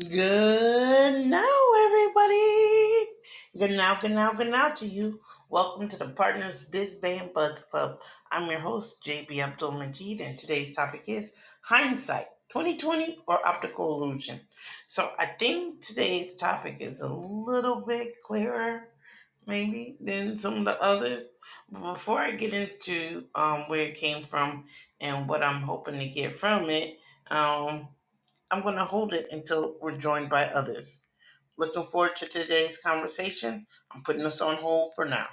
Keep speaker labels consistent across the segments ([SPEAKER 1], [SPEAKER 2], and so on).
[SPEAKER 1] Good now, everybody. Good now, good now, good now to you. Welcome to the Partners Biz Band Buds Club. I'm your host, JB Abdul Majid, and today's topic is hindsight 2020 or optical illusion. So I think today's topic is a little bit clearer, maybe, than some of the others. But before I get into um, where it came from and what I'm hoping to get from it, um, I'm going to hold it until we're joined by others. Looking forward to today's conversation. I'm putting this on hold for now.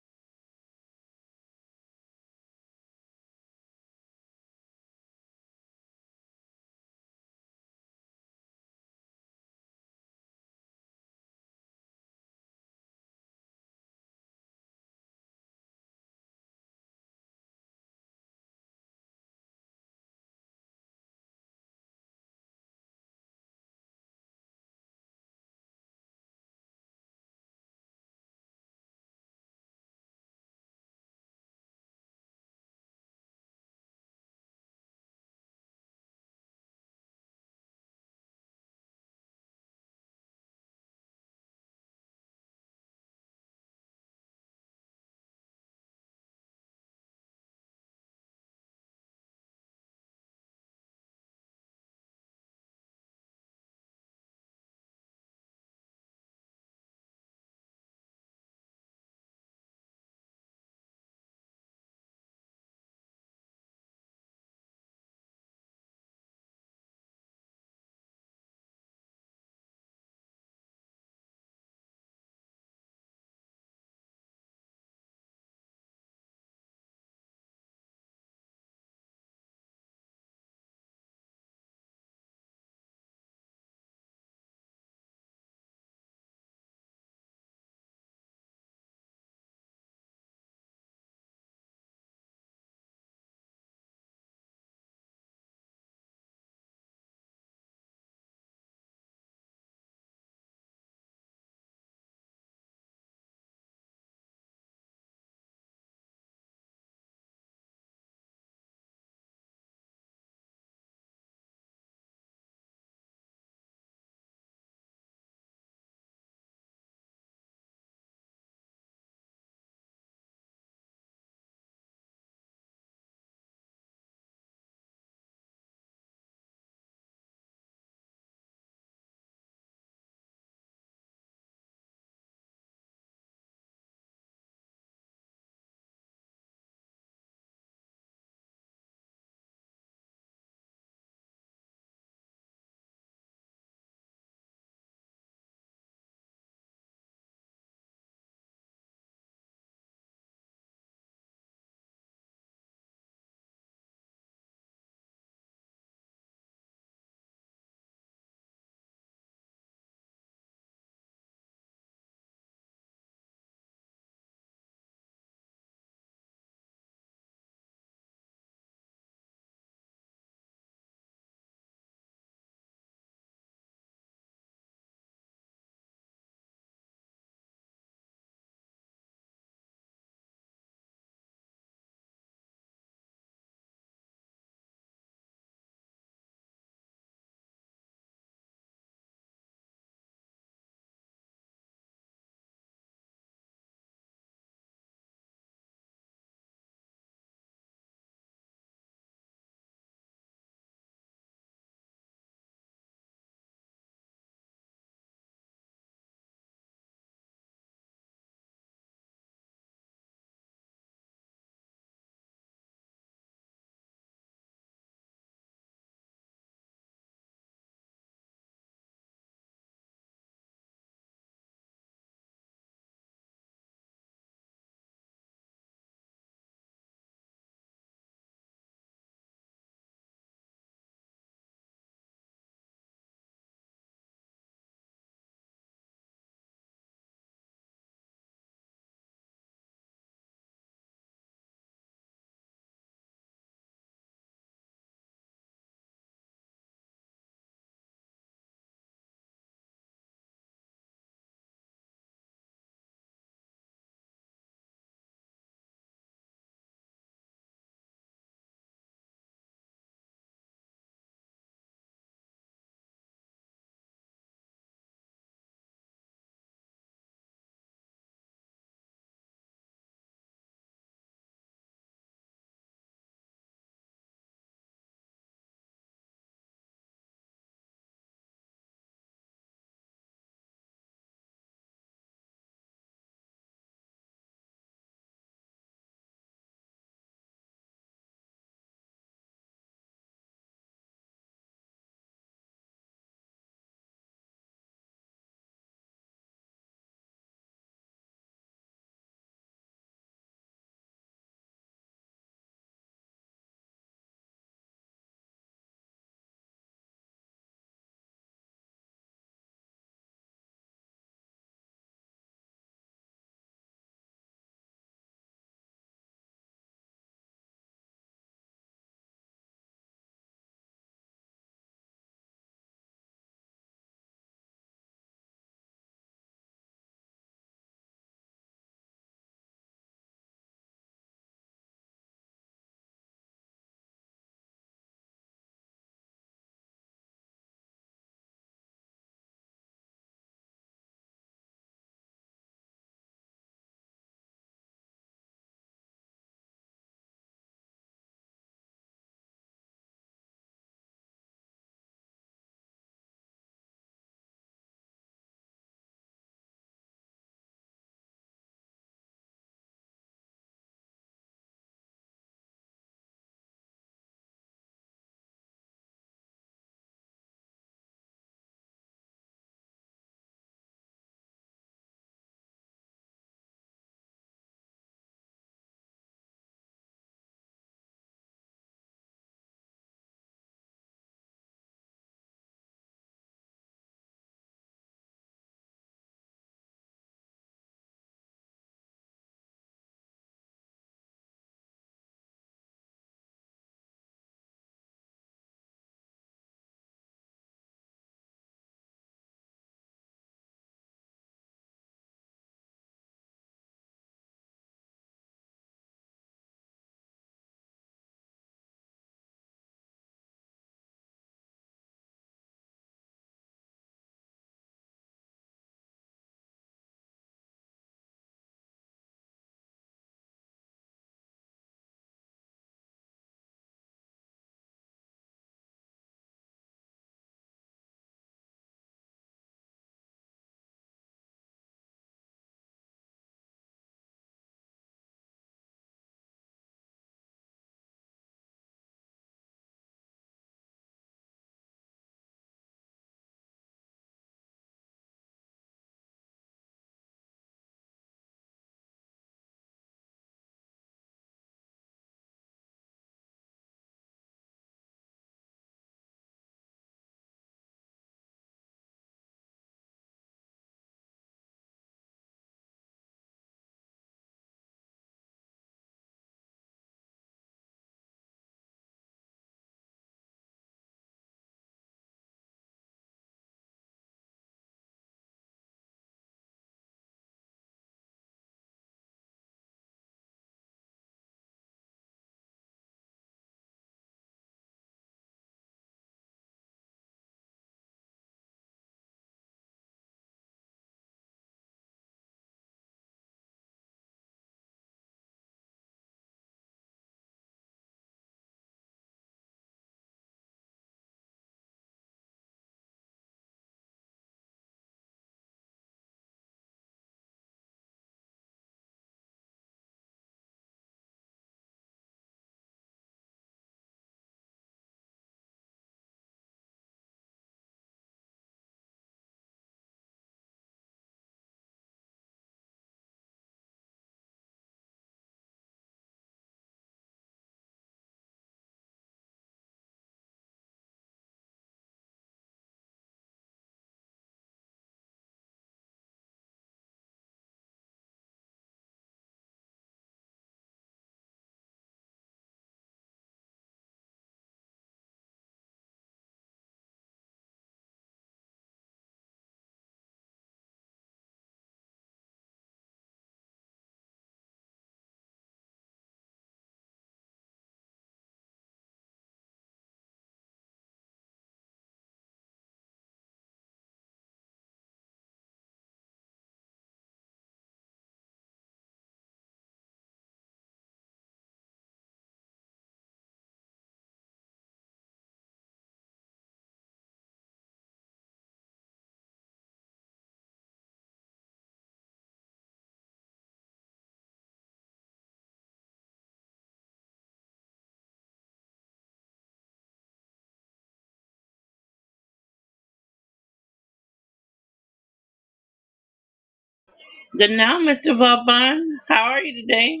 [SPEAKER 1] Good now, Mr. Vaughn. How are you today?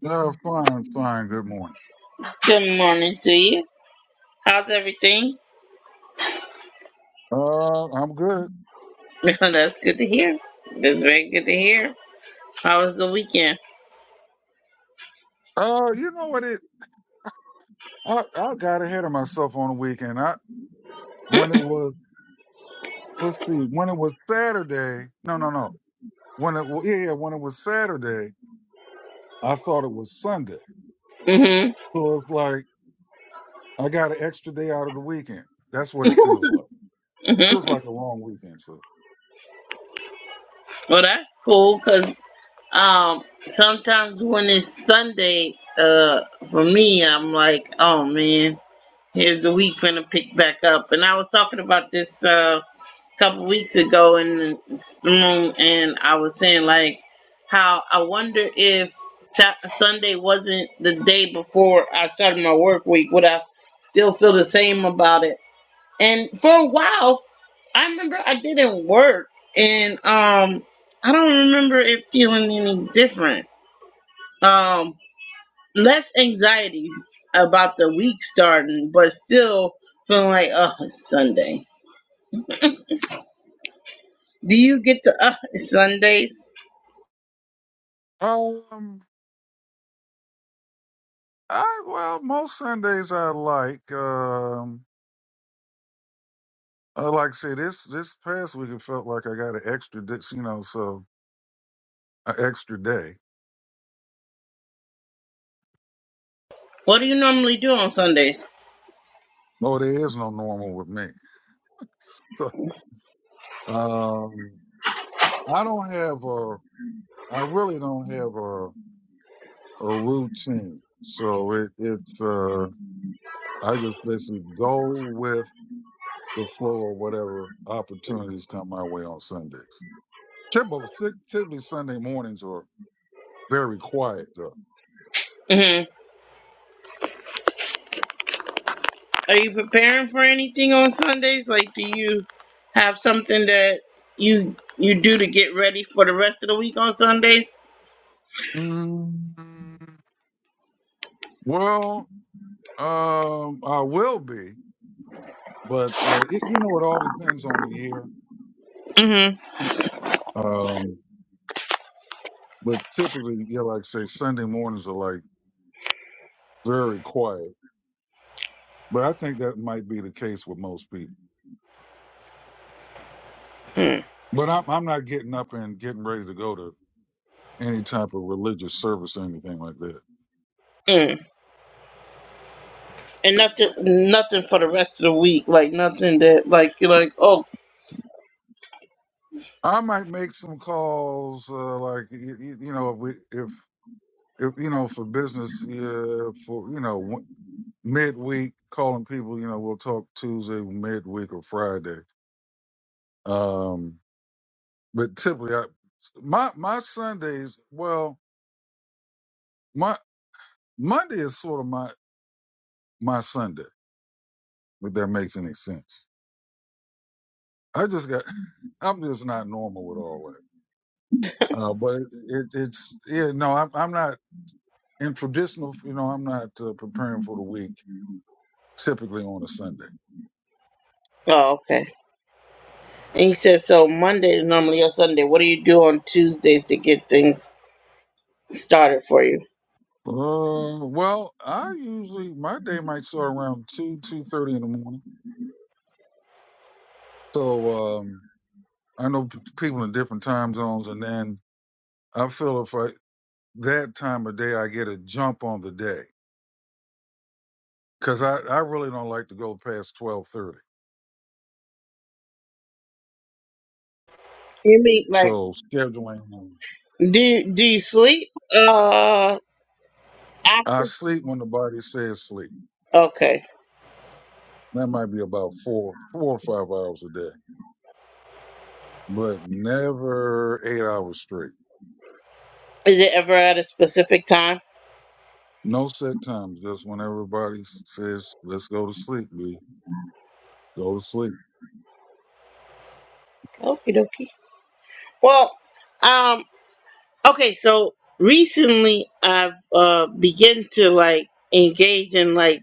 [SPEAKER 2] No, fine, fine. Good morning.
[SPEAKER 1] Good morning to you. How's everything?
[SPEAKER 2] Uh, I'm good.
[SPEAKER 1] That's good to hear. That's very good to hear. How was the weekend?
[SPEAKER 2] Uh, you know what? It I, I got ahead of myself on the weekend. I when it was let's see when it was Saturday. No, no, no. When it wa- yeah yeah when it was Saturday, I thought it was Sunday.
[SPEAKER 1] Mm-hmm.
[SPEAKER 2] So it's like I got an extra day out of the weekend. That's what it feels like.
[SPEAKER 1] mm-hmm.
[SPEAKER 2] Feels like a long weekend. So
[SPEAKER 1] Well, that's cool because um, sometimes when it's Sunday, uh, for me, I'm like, oh man, here's the week gonna pick back up. And I was talking about this. Uh, couple weeks ago in this room, and I was saying like how I wonder if Sa- Sunday wasn't the day before I started my work week, would I still feel the same about it? And for a while, I remember I didn't work, and um, I don't remember it feeling any different. Um, less anxiety about the week starting, but still feeling like, oh, it's Sunday. Do you get the uh, Sundays?
[SPEAKER 2] um, I well most Sundays I like um. Uh, like I said, this this past week it felt like I got an extra, di- you know. So an extra day.
[SPEAKER 1] What do you normally do on Sundays?
[SPEAKER 2] No, there is no normal with me. So, um, I don't have a, I really don't have a, a routine. So it, it's, uh, I just basically go with the flow of whatever opportunities come my way on Sundays. Typically, typically Sunday mornings are very quiet though.
[SPEAKER 1] hmm Are you preparing for anything on Sundays? Like, do you have something that you you do to get ready for the rest of the week on Sundays?
[SPEAKER 2] Mm, well, um, I will be, but, uh, it, you know, it all depends on the year.
[SPEAKER 1] hmm
[SPEAKER 2] Um, But typically, yeah, like I say, Sunday mornings are like very quiet. But I think that might be the case with most people.
[SPEAKER 1] mm
[SPEAKER 2] But I'm I'm not getting up and getting ready to go to any type of religious service or anything like that.
[SPEAKER 1] Mm. And nothing, nothing for the rest of the week. Like nothing that, like you're like, oh,
[SPEAKER 2] I might make some calls, uh, like you, you know, if, we, if if you know for business, yeah, for you know w- midweek calling people, you know, we'll talk Tuesday, midweek, or Friday. Um, but typically, I my my Sundays, well. my Monday is sort of my my Sunday, if that makes any sense. I just got I'm just not normal with all that. Uh, but it, it, it's yeah, no, I'm I'm not in traditional. You know, I'm not uh, preparing for the week typically on a Sunday.
[SPEAKER 1] oh, okay. And he said, so Monday is normally your Sunday. What do you do on Tuesdays to get things started for you?
[SPEAKER 2] Uh, well, I usually my day might start around two two thirty in the morning. So um, I know p- people in different time zones, and then I feel if I that time of day I get a jump on the day. because I, I really don't like to go past twelve thirty.
[SPEAKER 1] You mean like,
[SPEAKER 2] So scheduling, um,
[SPEAKER 1] do do you sleep? Uh,
[SPEAKER 2] I
[SPEAKER 1] after.
[SPEAKER 2] sleep when the body says sleep.
[SPEAKER 1] Okay.
[SPEAKER 2] That might be about four four or five hours a day, but never eight hours straight.
[SPEAKER 1] Is it ever at a specific time?
[SPEAKER 2] No set times, just when everybody says let's go to sleep, B, go to sleep.
[SPEAKER 1] Okie dokie. Well, um, okay, so recently I've uh begun to like engage in like,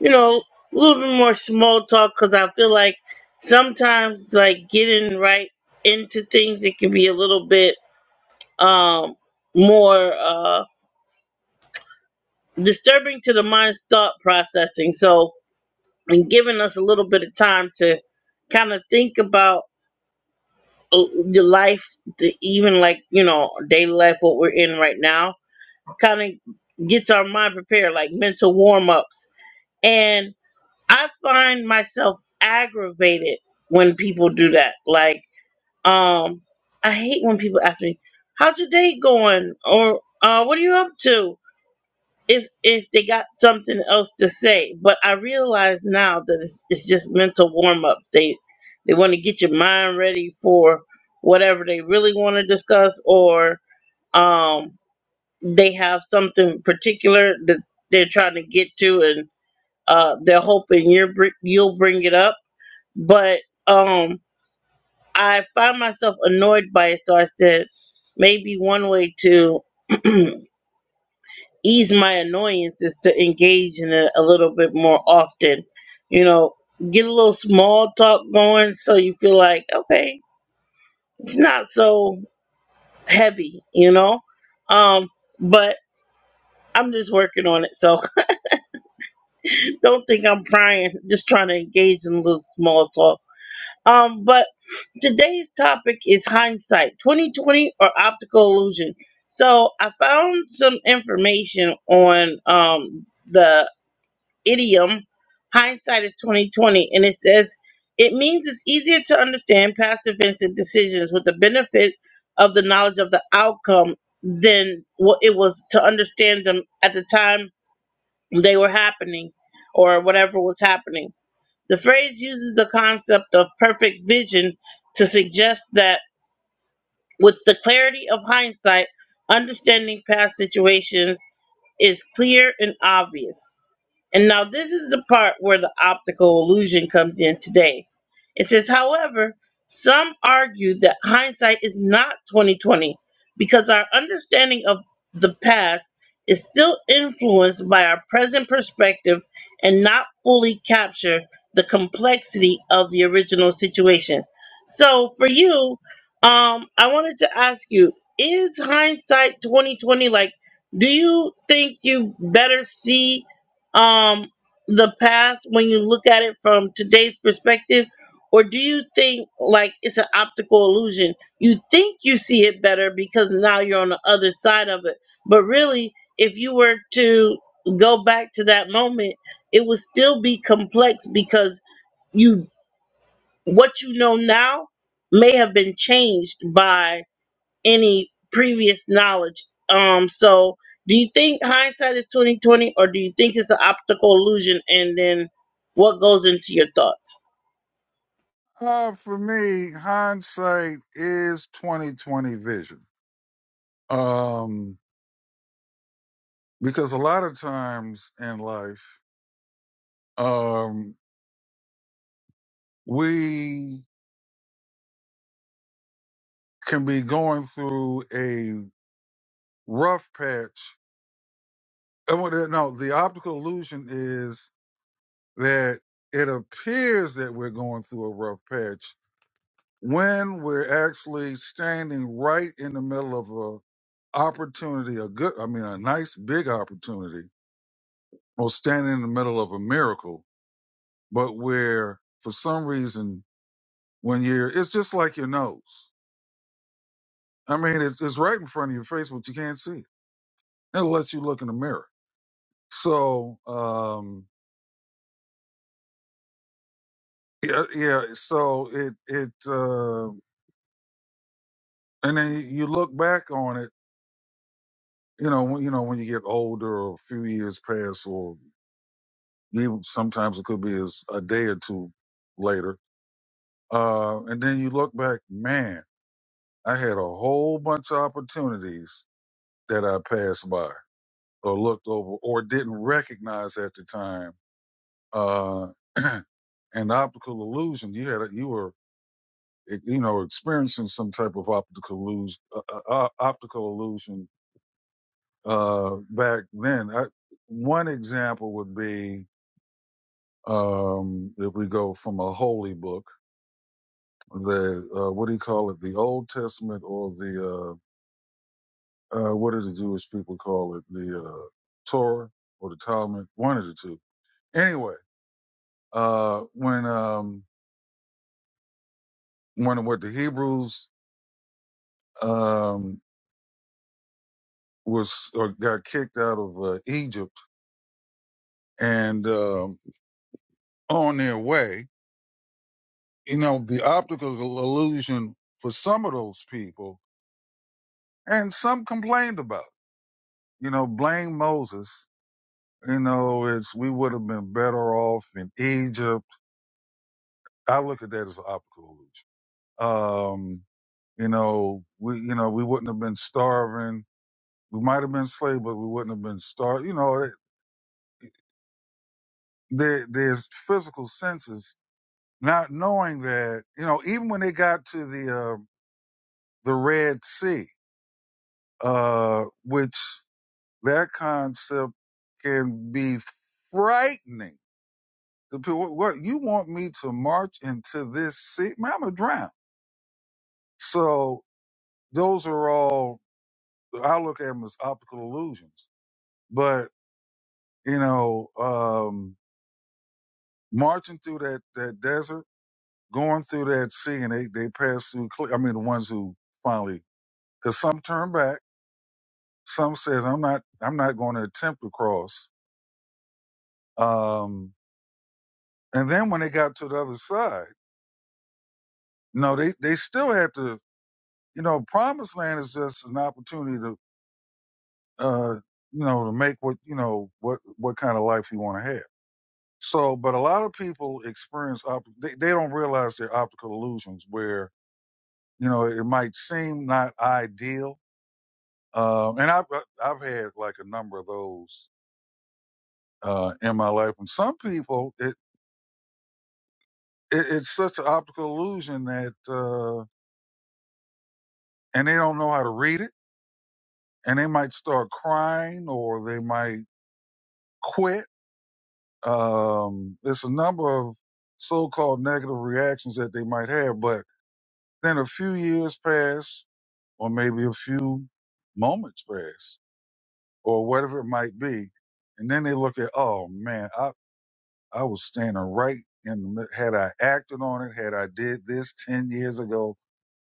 [SPEAKER 1] you know, a little bit more small talk because I feel like sometimes like getting right into things it can be a little bit um more uh disturbing to the mind's thought processing. So and giving us a little bit of time to kind of think about uh, the life, the even like you know daily life, what we're in right now, kind of gets our mind prepared, like mental warm ups. And I find myself aggravated when people do that. Like, um, I hate when people ask me, "How's your day going?" or uh, "What are you up to?" if if they got something else to say. But I realize now that it's, it's just mental warm up. They they want to get your mind ready for whatever they really want to discuss, or um, they have something particular that they're trying to get to, and uh, they're hoping you're br- you'll bring it up. But um, I find myself annoyed by it, so I said maybe one way to ease my annoyance is to engage in it a little bit more often. You know, get a little small talk going so you feel like, okay, it's not so heavy, you know? Um, but I'm just working on it. So don't think I'm prying, just trying to engage in a little small talk. Um, but today's topic is hindsight 2020 or optical illusion. So I found some information on um, the idiom hindsight is 2020 and it says it means it's easier to understand past events and decisions with the benefit of the knowledge of the outcome than what it was to understand them at the time they were happening or whatever was happening the phrase uses the concept of perfect vision to suggest that with the clarity of hindsight understanding past situations is clear and obvious and now this is the part where the optical illusion comes in today. It says, however, some argue that hindsight is not 2020 because our understanding of the past is still influenced by our present perspective and not fully capture the complexity of the original situation. So for you, um, I wanted to ask you, is hindsight 2020 like do you think you better see um the past when you look at it from today's perspective or do you think like it's an optical illusion you think you see it better because now you're on the other side of it but really if you were to go back to that moment it would still be complex because you what you know now may have been changed by any previous knowledge. Um, so do you think hindsight is twenty twenty, or do you think it's an optical illusion? And then what goes into your thoughts?
[SPEAKER 2] Uh, for me, hindsight is twenty twenty vision. Um, because a lot of times in life, um, we can be going through a rough patch. And what- No, the optical illusion is that it appears that we're going through a rough patch when we're actually standing right in the middle of a opportunity, a good, I mean, a nice big opportunity, or standing in the middle of a miracle, but where for some reason, when you're, it's just like your nose. I mean, it's, it's right in front of your face, but you can't see it unless you look in the mirror So um yeah, yeah. So it it uh, and then you look back on it, you know, when you know when you get older, or a few years pass, or even sometimes it could be as a day or two later, uh, and then you look back, man, I had a whole bunch of opportunities that I passed by or looked over or didn't recognize at the time. Uh, and optical illusion, you had a, you were e- you know, experiencing some type of optical illusion, uh, uh, uh, optical illusion uh, back then. I, one example would be um, if we go from a holy book, the uh, what do you call it, the Old Testament or the uh, uh, what do the Jewish people call it, the uh, Torah or the Talmud, one of the two. Anyway, uh, when um, when what the Hebrews um, was or got kicked out of uh, Egypt and uh, on their way. You know, the optical illusion for some of those people, and some complained about. it. You know, blame Moses. You know, it's we would have been better off in Egypt. I look at that as an optical illusion. Um, you know, we you know we wouldn't have been starving. We might have been slaves, but we wouldn't have been starved. You know, there there's physical senses not knowing that. You know, even when they got to the uh, the Red Sea, uh, which that concept can be frightening. The people, what you want me to march into this sea? Man, I'm a drown. So those are all I look at them as optical illusions. But you know, um, marching through that that desert, going through that sea, and they they pass through. cle- I mean, the ones who finally, because some turn back, some says I'm not I'm not going to attempt to cross. Um, And then when they got to the other side, you know, they, they still had to, you know, promised land is just an opportunity to, uh, you know, to make what, you know, what, what kind of life you want to have. So, but a lot of people experience, op- they, they don't realize their optical illusions where, you know, it might seem not ideal. Um, and I've, I've had like a number of those, uh, in my life. And some people, it, it it's such an optical illusion that, uh, and they don't know how to read it and they might start crying or they might quit. Um, there's a number of so-called negative reactions that they might have, but then a few years pass or maybe a few moments pass or whatever it might be. And then they look at, oh man, I, I was standing right in the mid- had I acted on it, had I did this 10 years ago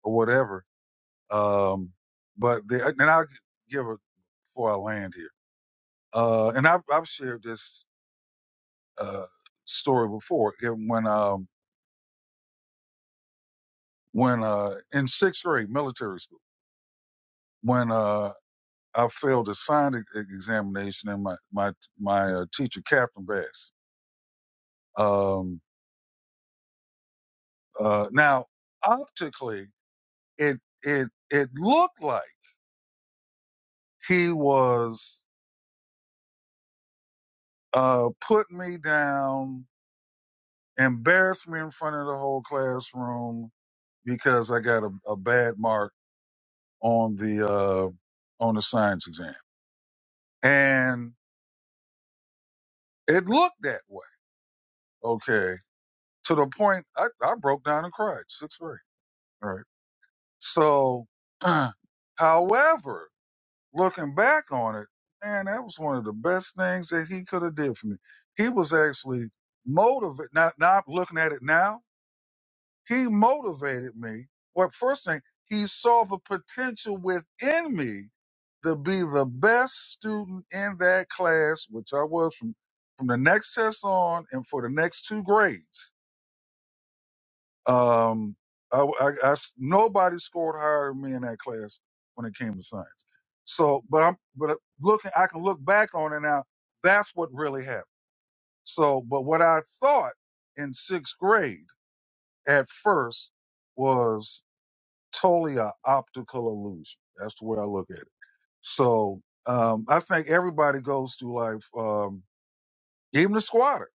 [SPEAKER 2] or whatever. Um, but they, and I'll give it before I land here. Uh, and I've, I've shared this uh, story before. It, when um, when uh, in sixth grade military school, when uh, I failed a science e- examination, and my my my uh, teacher Captain Bass. Um, uh, now optically, it it it looked like he was uh, putting me down, embarrassed me in front of the whole classroom because I got a, a bad mark on the uh, on the science exam, and It looked that way. Okay. To the point I, I broke down and cried, sixth grade. Right. So, however, looking back on it, man, that was one of the best things that he could have did for me. He was actually motivated. Not, not looking at it now. He motivated me. Well, first thing, he saw the potential within me to be the best student in that class, which I was from, from the next test on and for the next two grades Um, I, I, I s- nobody scored higher than me in that class when it came to science. So, but I'm, but uh, looking, I can look back on it now. That's what really happened. So, but what I thought in sixth grade at first was totally a optical illusion. That's the way I look at it. So, um, I think everybody goes through life, um, even the squatter,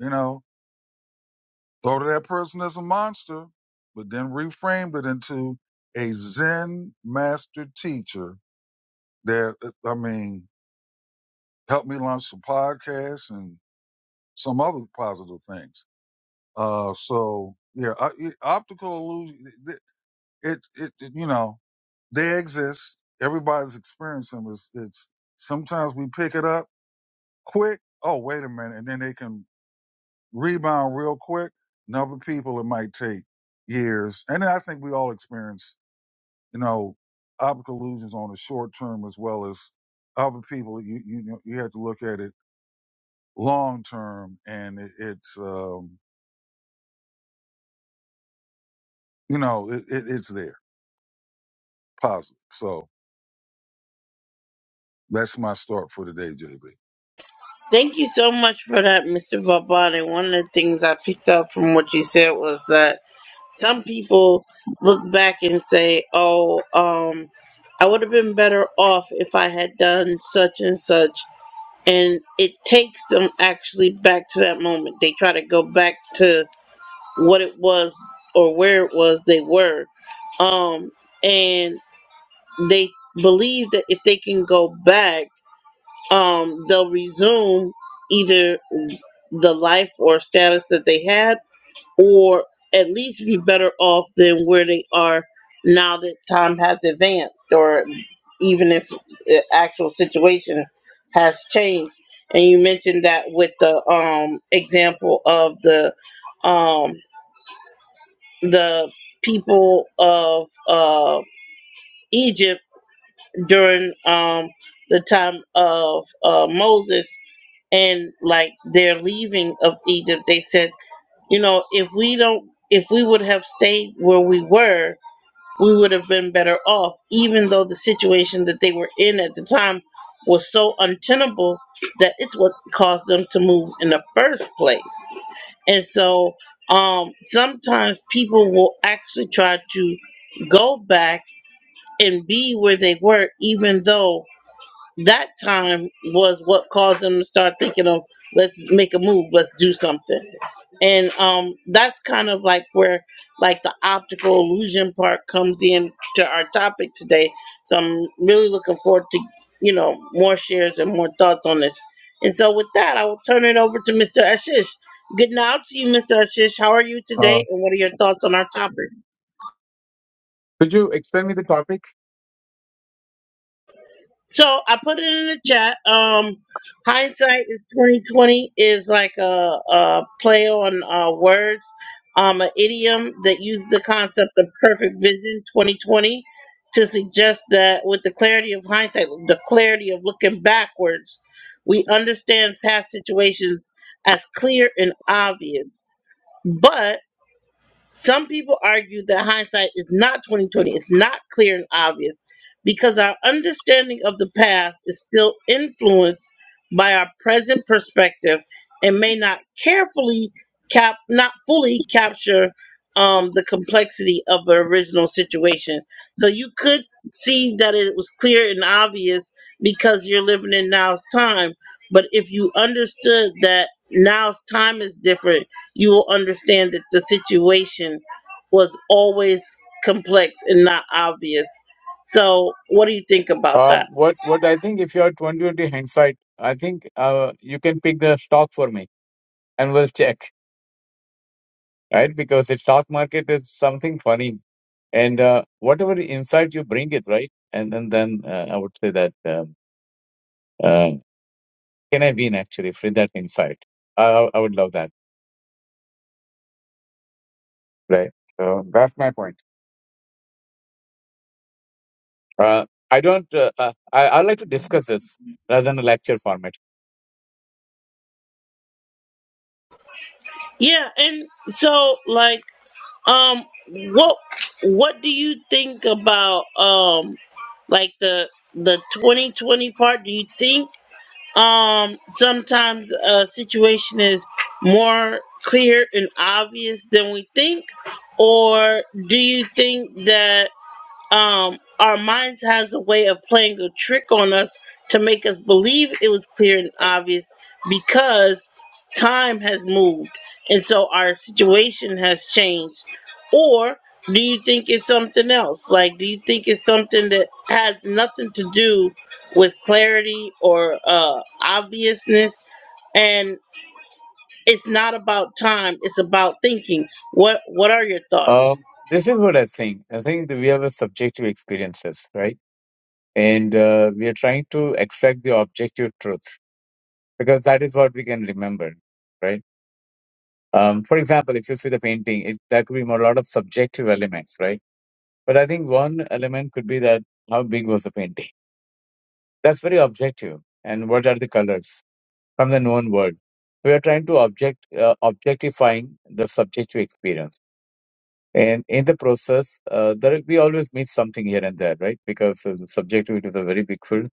[SPEAKER 2] you know, thought of that person as a monster, but then reframed it into a Zen master teacher that, uh, I mean, helped me launch some podcasts and some other positive things. Uh, so yeah, I, it, optical illusion, it, it, it, it, you know, they exist. Everybody's experiencing them. It's, it's sometimes we pick it up quick. Oh, wait a minute. And then they can rebound real quick. And other people, it might take years. And then I think we all experience you know, optical illusions on the short term as well as other people. You you know, you have to look at it long term, and it, it's um, you know it, it, it's there positive. So that's my start for today, JB.
[SPEAKER 1] Thank you so much for that, Mr. Vabani. One of the things I picked up from what you said was that some people look back and say, "Oh, um, I would have been better off if I had done such and such." and it takes them actually back to that moment. They try to go back to what it was or where it was they were. Um, and they believe that if they can go back, um, they'll resume either the life or status that they had or at least be better off than where they are now that time has advanced or even if the actual situation has changed and you mentioned that with the um example of the um the people of uh Egypt during um the time of uh Moses and like their leaving of Egypt they said. you know, if we don't, if we would have stayed where we were, we would have been better off, even though the situation that they were in at the time was so untenable that it's what caused them to move in the first place. And so um, sometimes people will actually try to go back and be where they were, even though that time was what caused them to start thinking of, let's make a move, let's do something and um that's kind of like where like the optical illusion part comes in to our topic today so i'm really looking forward to you know more shares and more thoughts on this and so with that i will turn it over to mr ashish good night to you mr ashish how are you
[SPEAKER 3] Uh,
[SPEAKER 1] today and what are your thoughts on our topic
[SPEAKER 3] could you explain me the topic?
[SPEAKER 1] So I put it in the chat. Um, hindsight is twenty twenty is like a, a play on uh, words, um, an idiom that uses the concept of perfect vision twenty twenty to suggest that with the clarity of hindsight, the clarity of looking backwards, we understand past situations as clear and obvious, but some people argue that hindsight is not 2020, it's not clear and obvious because our understanding of the past is still influenced by our present perspective and may not carefully cap not fully capture um, the complexity of the original situation. So you could see that it was clear and obvious because you're living in now's time. But if you understood that now's time is different you will understand that the situation was always complex and not obvious. So, what do you think about
[SPEAKER 3] Uh,
[SPEAKER 1] that?
[SPEAKER 3] what what I think if you are 2020 hindsight, I think uh, you can pick the stock for me and we'll check, right? Because the stock market is something funny, and uh, whatever insight you bring it, right? And then then uh, I would say that um, uh, can I win actually for that insight? Uh, I would love that, right? So that's my point. Uh, I don't. Uh, uh, I I like to discuss this rather than a lecture format.
[SPEAKER 1] Yeah, and so like um what what do you think about um like the the 2020 part? Do you think um sometimes a situation is more clear and obvious than we think or do you think that um, our minds has a way of playing a trick on us to make us believe it was clear and obvious because time has moved and so our situation has changed or do you think it's something else like do you think it's something that has nothing to do with clarity or uh, obviousness and it's not about time it's about thinking what what are your thoughts
[SPEAKER 3] Um, this is what I think. I think that we have a subjective experiences, right? And uh, we are trying to extract the objective truth because that is what we can remember, right? Um, for example, if you see the painting, it, that could be more, a lot of subjective elements, right? But I think one element could be that how big was the painting? That's very objective. And what are the colors from the known world? We are trying to object uh, objectifying the subjective experience And in the process, uh, there we always miss something here and there, right? Because uh, subjectivity is a very big field,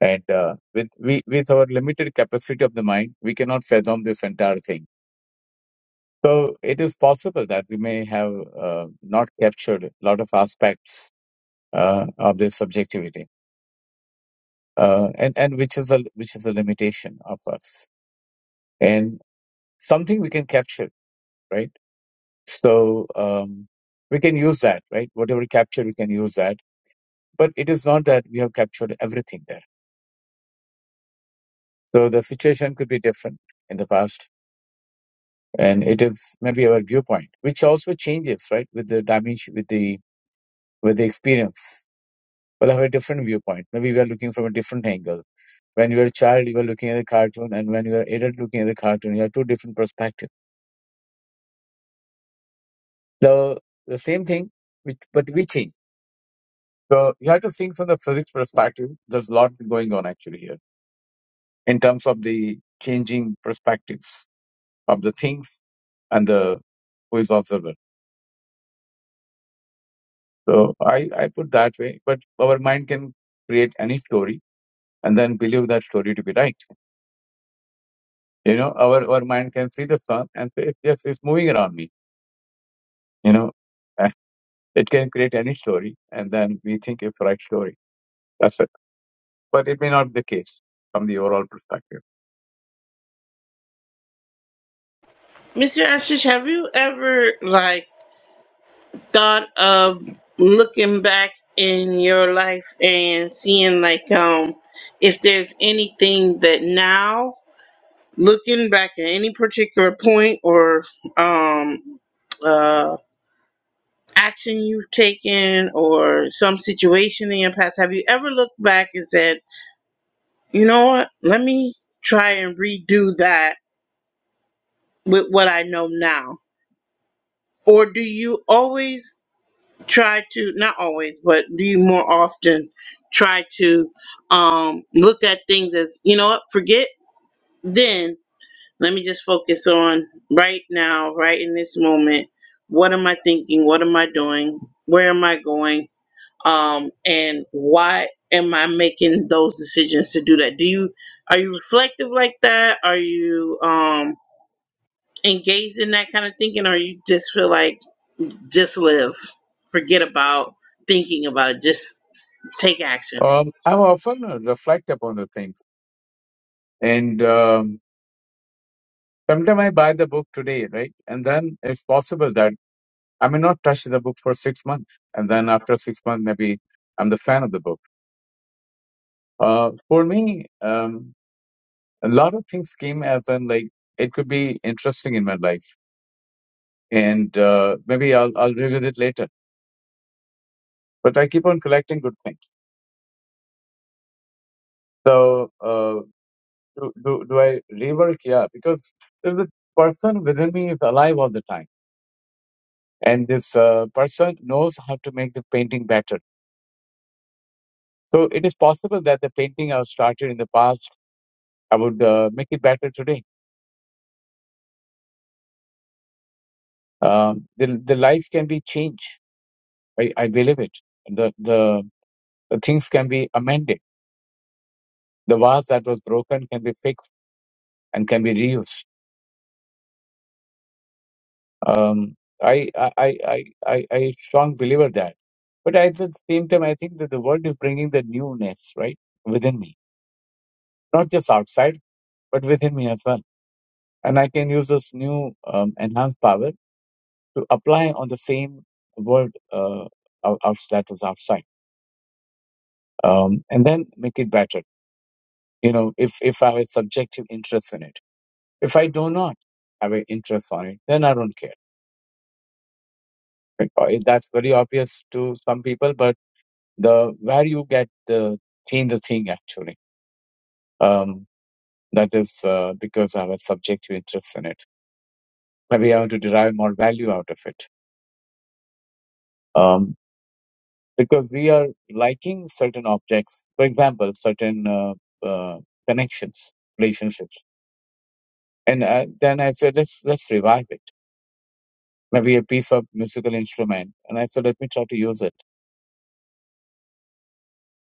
[SPEAKER 3] and uh, with we with our limited capacity of the mind, we cannot fathom this entire thing. So it is possible that we may have uh, not captured a lot of aspects uh, of this subjectivity, uh, and and which is a which is a limitation of us, and something we can capture, right? So um, we can use that, right? Whatever we capture, we can use that But it is not that we have captured everything there. So the situation could be different in the past, and it is maybe our viewpoint, which also changes, right, with the dimension, with the with the experience. We'll have a different viewpoint. Maybe we are looking from a different angle. When you were a child, you were looking at the cartoon, and when you are adult, looking at the cartoon, you have two different perspectives. The the same thing, which, but we change. So you have to think from the physics perspective. There's a lot going on actually here in terms of the changing perspectives of the things and the who is observer. So I, I put that way, but our mind can create any story and then believe that story to be right. You know, our, our mind can see the sun and say, yes, it's moving around me. You know, Uh, it can create any story and then we think it's right story. That's it. But it may not be the case from the overall perspective.
[SPEAKER 1] mr ashish have you ever like thought of looking back in your life and seeing like um if there's anything that now looking back at any particular point or um uh action you've taken or some situation in your past have you ever looked back and said you know what let me try and redo that with what i know now or do you always try to not always but do you more often try to um look at things as you know what forget then let me just focus on right now right in this moment what am i thinking what am i doing where am i going um and why am i making those decisions to do that do you are you reflective like that are you um engaged in that kind of thinking or you just feel like just live. Forget about thinking about it. Just take action.
[SPEAKER 3] Um, I often uh, reflect upon the things and um, sometimes I buy the book today, right? And then it's possible that I may not touch the book for six months, and then after six months, maybe I'm the fan of the book. Uh, for me, um, a lot of things came as in like it could be interesting in my life, and uh, maybe I'll I'll revisit it later. But I keep on collecting good things. So uh, do, do do I rework? Yeah, because there's a person within me is alive all the time, and this uh, person knows how to make the painting better. So it is possible that the painting I started in the past, I would uh, make it better today Um, the the life can be changed. I, I believe it. The, the the things can be amended. The vase that was broken can be fixed and can be reused. Um, I I I I I I strong believer that. But at the same time, I think that the world is bringing the newness right within me, not just outside, but within me as well. And I can use this new um, enhanced power to apply on the same world uh, out, out- that was outside, um, and then make it better you know if if i have a subjective interest in it if i do not have an interest on it then i don't care Right? Uh, that's very obvious to some people but the where you get the thing the thing actually um that is uh, because i have a subjective interest in it maybe i want to derive more value out of it um because we are liking certain objects for example certain uh, uh, connections relationships and uh, then i say let's let's revive it maybe a piece of musical instrument. And I said, let me try to use it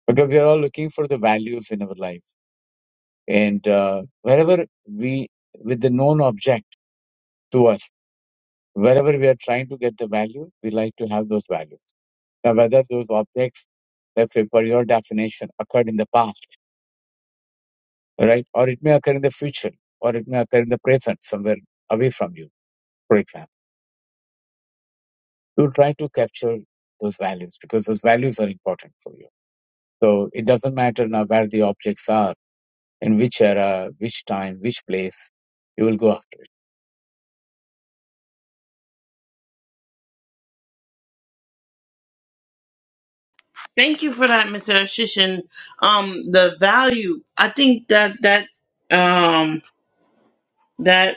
[SPEAKER 3] because we are all looking for the values in our life. And uh, wherever we, with the known object to us, wherever we are trying to get the value, we like to have those values. Now, whether those objects, let's say, for your definition, occurred in the past, right? Or it may occur in the future, or it may occur in the present, somewhere away from you, for example. You try to capture those values because those values are important for you. So it doesn't matter now where the objects are in which era, which time, which place you will go after it.
[SPEAKER 1] Thank you for that, Mr. Ashish. And um, the value, I think that that um, that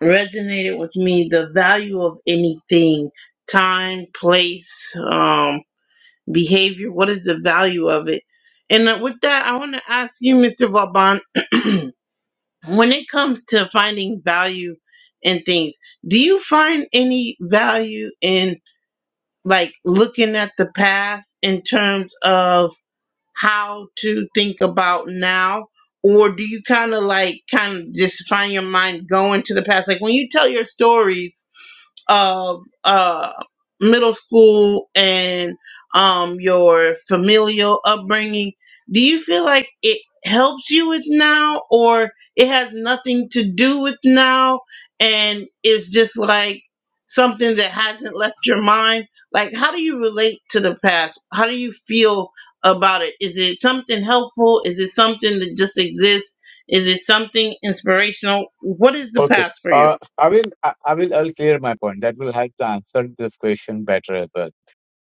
[SPEAKER 1] resonated with me. The value of anything, time, place. um, behavior? What is the value of it? And uh, with that, I want to ask you, Mr. Vauban, when it comes to finding value in things, do you find any value in like looking at the past in terms of how to think about now or do you kind of like kind of just find your mind going to the past like when you tell your stories of uh middle school and um your familial upbringing do you feel like it helps you with now or it has nothing to do with now and it's just like something that hasn't left your mind like how do you relate to the past how do you feel about it. Is it something helpful? Is it something that just exists? Is it something inspirational? What is the
[SPEAKER 3] Okay,
[SPEAKER 1] past for you?
[SPEAKER 3] uh, I will I, I will I'll clear my point. That will help to answer this question better as well.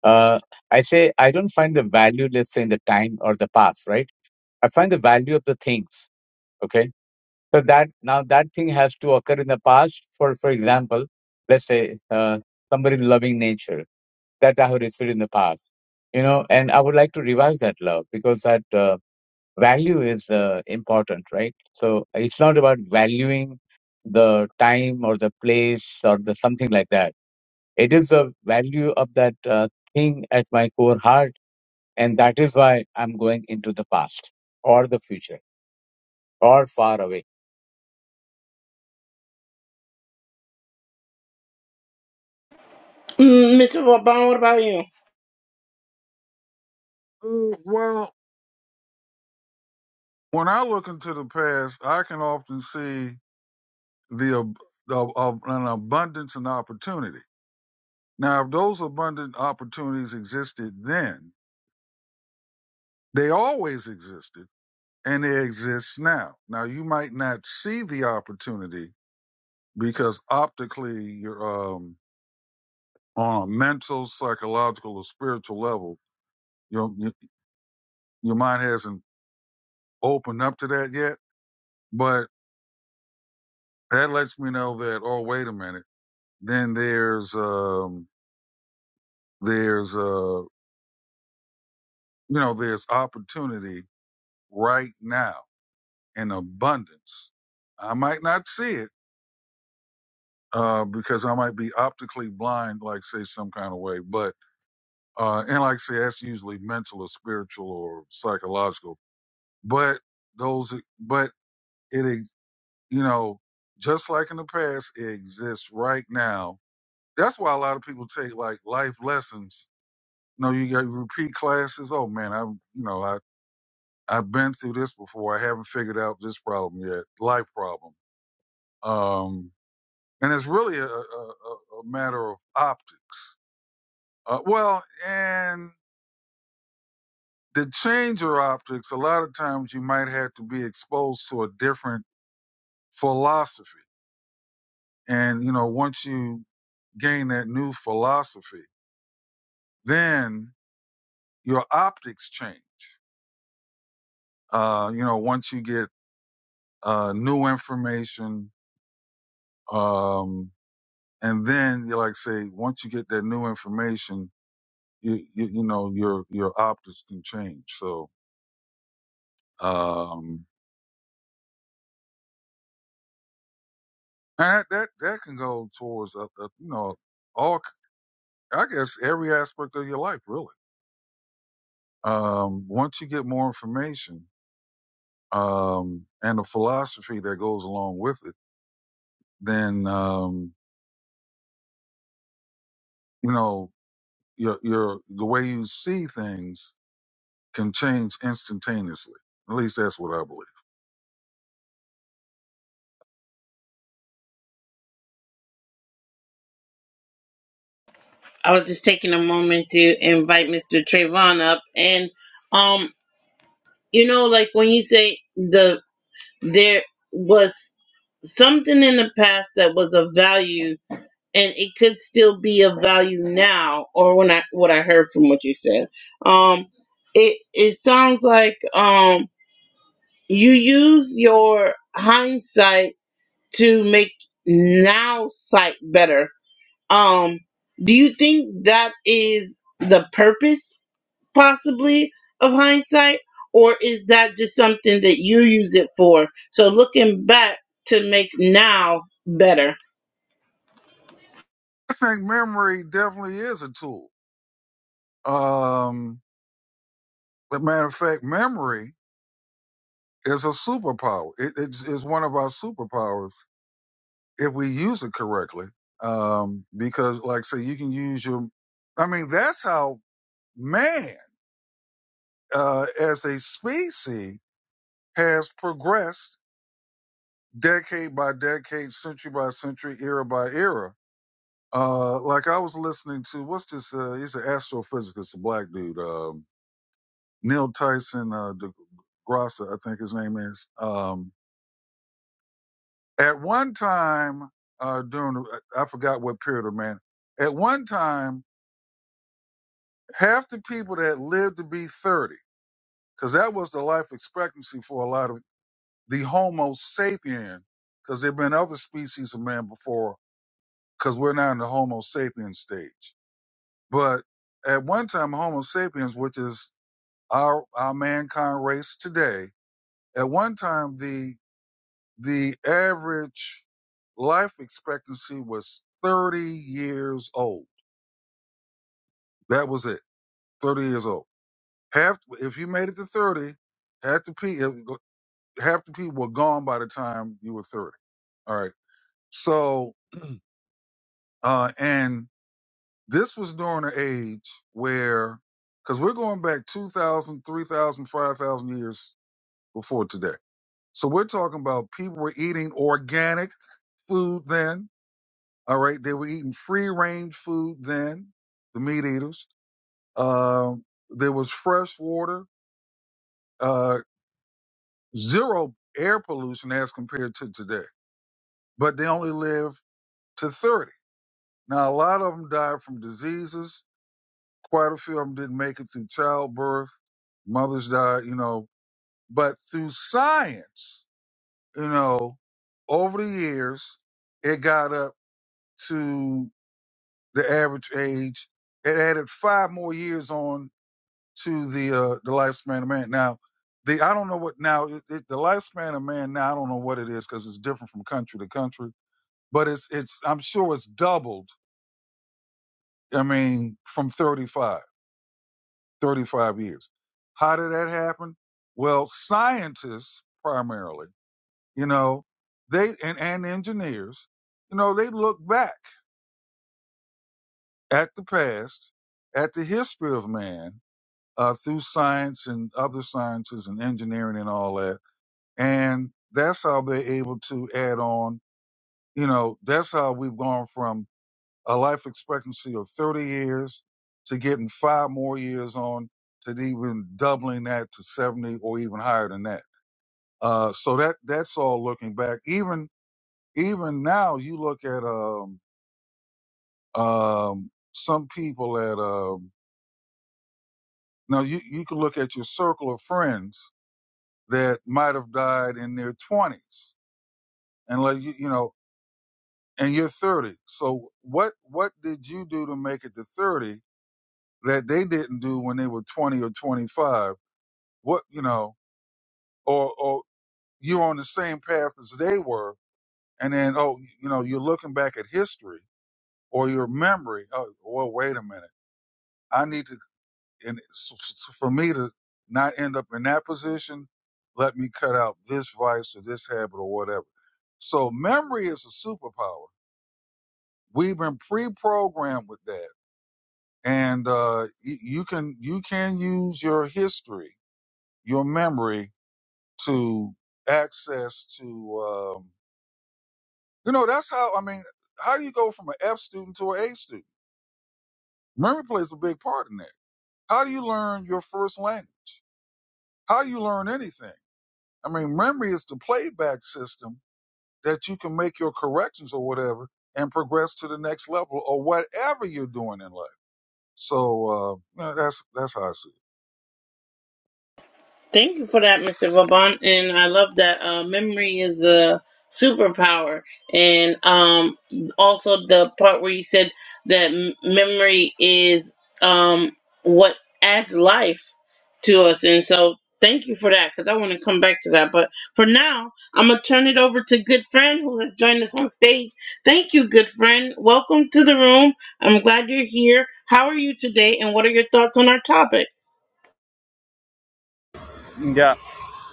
[SPEAKER 3] Uh, I say I don't find the value, let's say, in the time or the past, right? I find the value of the things. Okay, so that now that thing has to occur in the past. For for example, let's say uh, somebody loving nature that I have received in the past, you know, and I would like to revive that love because that. uh, value is uh, important, right? So it's not about valuing the time or the place or the something like that. It is the value of that uh, thing at my core heart, and that is why I'm going into the past or the future or far away
[SPEAKER 1] Mm, Mr. Vaughn, what about you?
[SPEAKER 2] Mm, Well, when I look into the past, I can often see the ab- of, of an abundance and opportunity. Now, if those abundant opportunities existed then, they always existed and it exists now. Now you might not see the opportunity because optically you're um, on a mental, psychological, or spiritual level. Your your mind hasn't opened up to that yet, but that lets me know that oh wait a minute. Then there's um, there's uh, you know there's opportunity right now in abundance. I might not see it uh, because I might be optically blind, like say some kind of way, but Uh, and like I say, that's usually mental or spiritual or psychological. But those, but it, ex- you know, just like in the past, it exists right now. That's why a lot of people take like life lessons. You know, you got repeat classes. Oh man, I, am you know, I, I've been through this before. I haven't figured out this problem yet. Life problem. Um, and it's really a, a, a a matter of optics. Uh, well, and to change your optics, a lot of times you might have to be exposed to a different philosophy. And, you know, once you gain that new philosophy, then your optics change. Uh, you know, once you get uh, new information, um, and then you like say, once you get that new information, you you, you know your your optics can change. So um, and that, that that can go towards uh, uh, you know all I guess every aspect of your life, really. Um, once you get more information um, and the philosophy that goes along with it, then um, you know your your the way you see things can change instantaneously. At least that's what I believe.
[SPEAKER 1] I was just taking a moment to invite Mr. Trayvon up and um you know like when you say the there was something in the past that was of value and it could still be of value now or when I what I heard from what you said. Um it it sounds like um you use your hindsight to make now sight better. Um, do you think that is the purpose possibly of hindsight, or is that just something that you use it for? So looking back to make now better.
[SPEAKER 2] I think memory definitely is a tool. Um, but matter of fact, memory is a superpower. It, it's, it's one of our superpowers if we use it correctly. Um, because like say you can use your, I mean, that's how man, uh, as a species has progressed decade by decade, century by century, era by era. Uh, like I was listening to, what's this, uh, he's an astrophysicist, a black dude, um, Neil Tyson, uh, DeGrasse, I think his name is. Um, at one time, uh, during, I forgot what period of man, at one time, half the people that lived to be 30, because that was the life expectancy for a lot of the Homo sapien, because there have been other species of man before, because we're now in the Homo sapien stage. But at one time, Homo sapiens, which is our, our mankind race today, at one time, the, the average life expectancy was 30 years old. That was it. 30 years old. Half, if you made it to 30, had to pee. half the people were gone by the time you were 30. All right. So, uh, and this was during an age where, because we're going back 2,000, 3,000, 5,000 years before today. So we're talking about people were eating organic food then. All right. They were eating free range food then, the meat eaters. Um, there was fresh water, uh, zero air pollution as compared to today, but they only lived to 30. Now, a lot of them died from diseases. Quite a few of them didn't make it through childbirth. Mothers died, you know. But through science, you know, over the years, it got up to the average age. It added five more years on to the uh, the lifespan of man. Now, the I don't know what now it, it, the lifespan of man. Now I don't know what it is because it's different from country to country. But it's it's I'm sure it's doubled. I mean, from 35. 35 years. How did that happen? Well, scientists primarily, you know, they and, and engineers, you know, they look back at the past, at the history of man uh, through science and other sciences and engineering and all that. And that's how they're able to add on, you know, that's how we've gone from a life expectancy of 30 years to getting five more years on to even doubling that to 70 or even higher than that. Uh, so that that's all looking back. Even even now, you look at um, um, some people at um, now you you can look at your circle of friends that might have died in their 20s and like you, you know and you're 30. So what what did you do to make it to 30 that they didn't do when they were 20 or 25? What you know, or or you're on the same path as they were, and then oh, you know, you're looking back at history or your memory. Oh, well, wait a minute. I need to, and s- s- for me to not end up in that position, let me cut out this vice or this habit or whatever. So memory is a superpower. We've been pre-programmed with that, and uh, y- you can you can use your history, your memory to access to. Um, You know, that's how I mean, how do you go from an F student to an A student? Memory plays a big part in that. How do you learn your first language? How do you learn anything? I mean, memory is the playback system that you can make your corrections or whatever and progress to the next level or whatever you're doing in life. So uh, yeah, that's that's how I see it.
[SPEAKER 1] Thank you for that, Mr. Vauban. And I love that uh, memory is a superpower. And um, also the part where you said that m- memory is um, what adds life to us. And so thank you for that because I want to come back to that. But for now, I'm going to turn it over to good friend who has joined us on stage. Thank you, good friend. Welcome to the room. I'm glad you're here. How are you today? And what are your thoughts on our topic?
[SPEAKER 4] Yeah,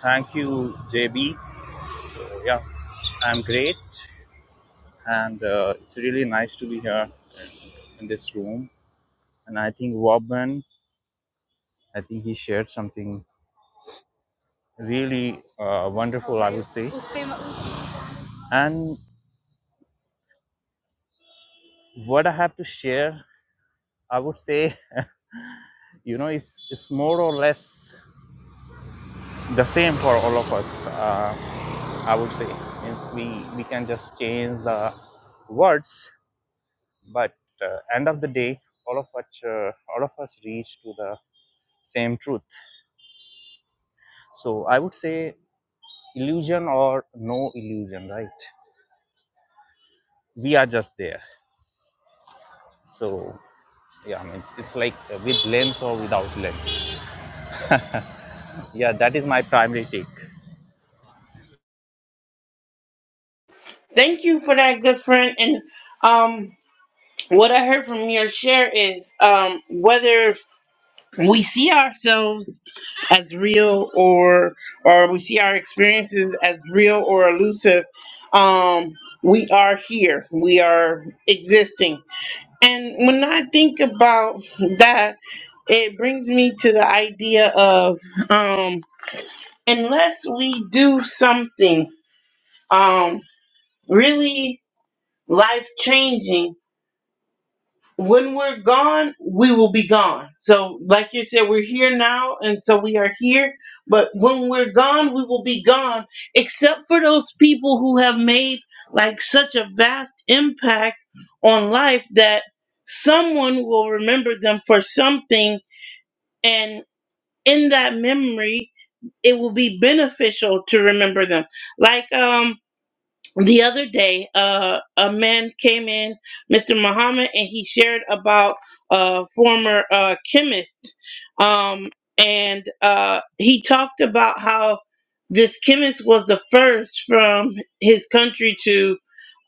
[SPEAKER 4] thank you, JB. Yeah, I'm great, and uh, it's really nice to be here in this room. And I think Robin, I think he shared something really uh, wonderful, I would say. And what I have to share, I would say, you know, it's it's more or less the same for all of us. Uh, I would say, means we we can just change the words but uh, end of the day all of us uh, all of us reach to the same truth so i would say illusion or no illusion right we are just there so yeah I mean, it's, it's like uh, with lens or without lens yeah that is my primary take
[SPEAKER 1] Thank you for that, good friend. And um, what I heard from your share is um, whether we see ourselves as real or or we see our experiences as real or elusive, um, we are here. We are existing. And when I think about that, it brings me to the idea of um, unless we do something um, really life changing when we're gone, we will be gone. So, like you said, we're here now, and so we are here. But when we're gone, we will be gone, except for those people who have made like such a vast impact on life that someone will remember them for something, and in that memory, it will be beneficial to remember them. Like, um, the other day uh, a man came in mr muhammad and he shared about a former uh, chemist um, and uh, he talked about how this chemist was the first from his country to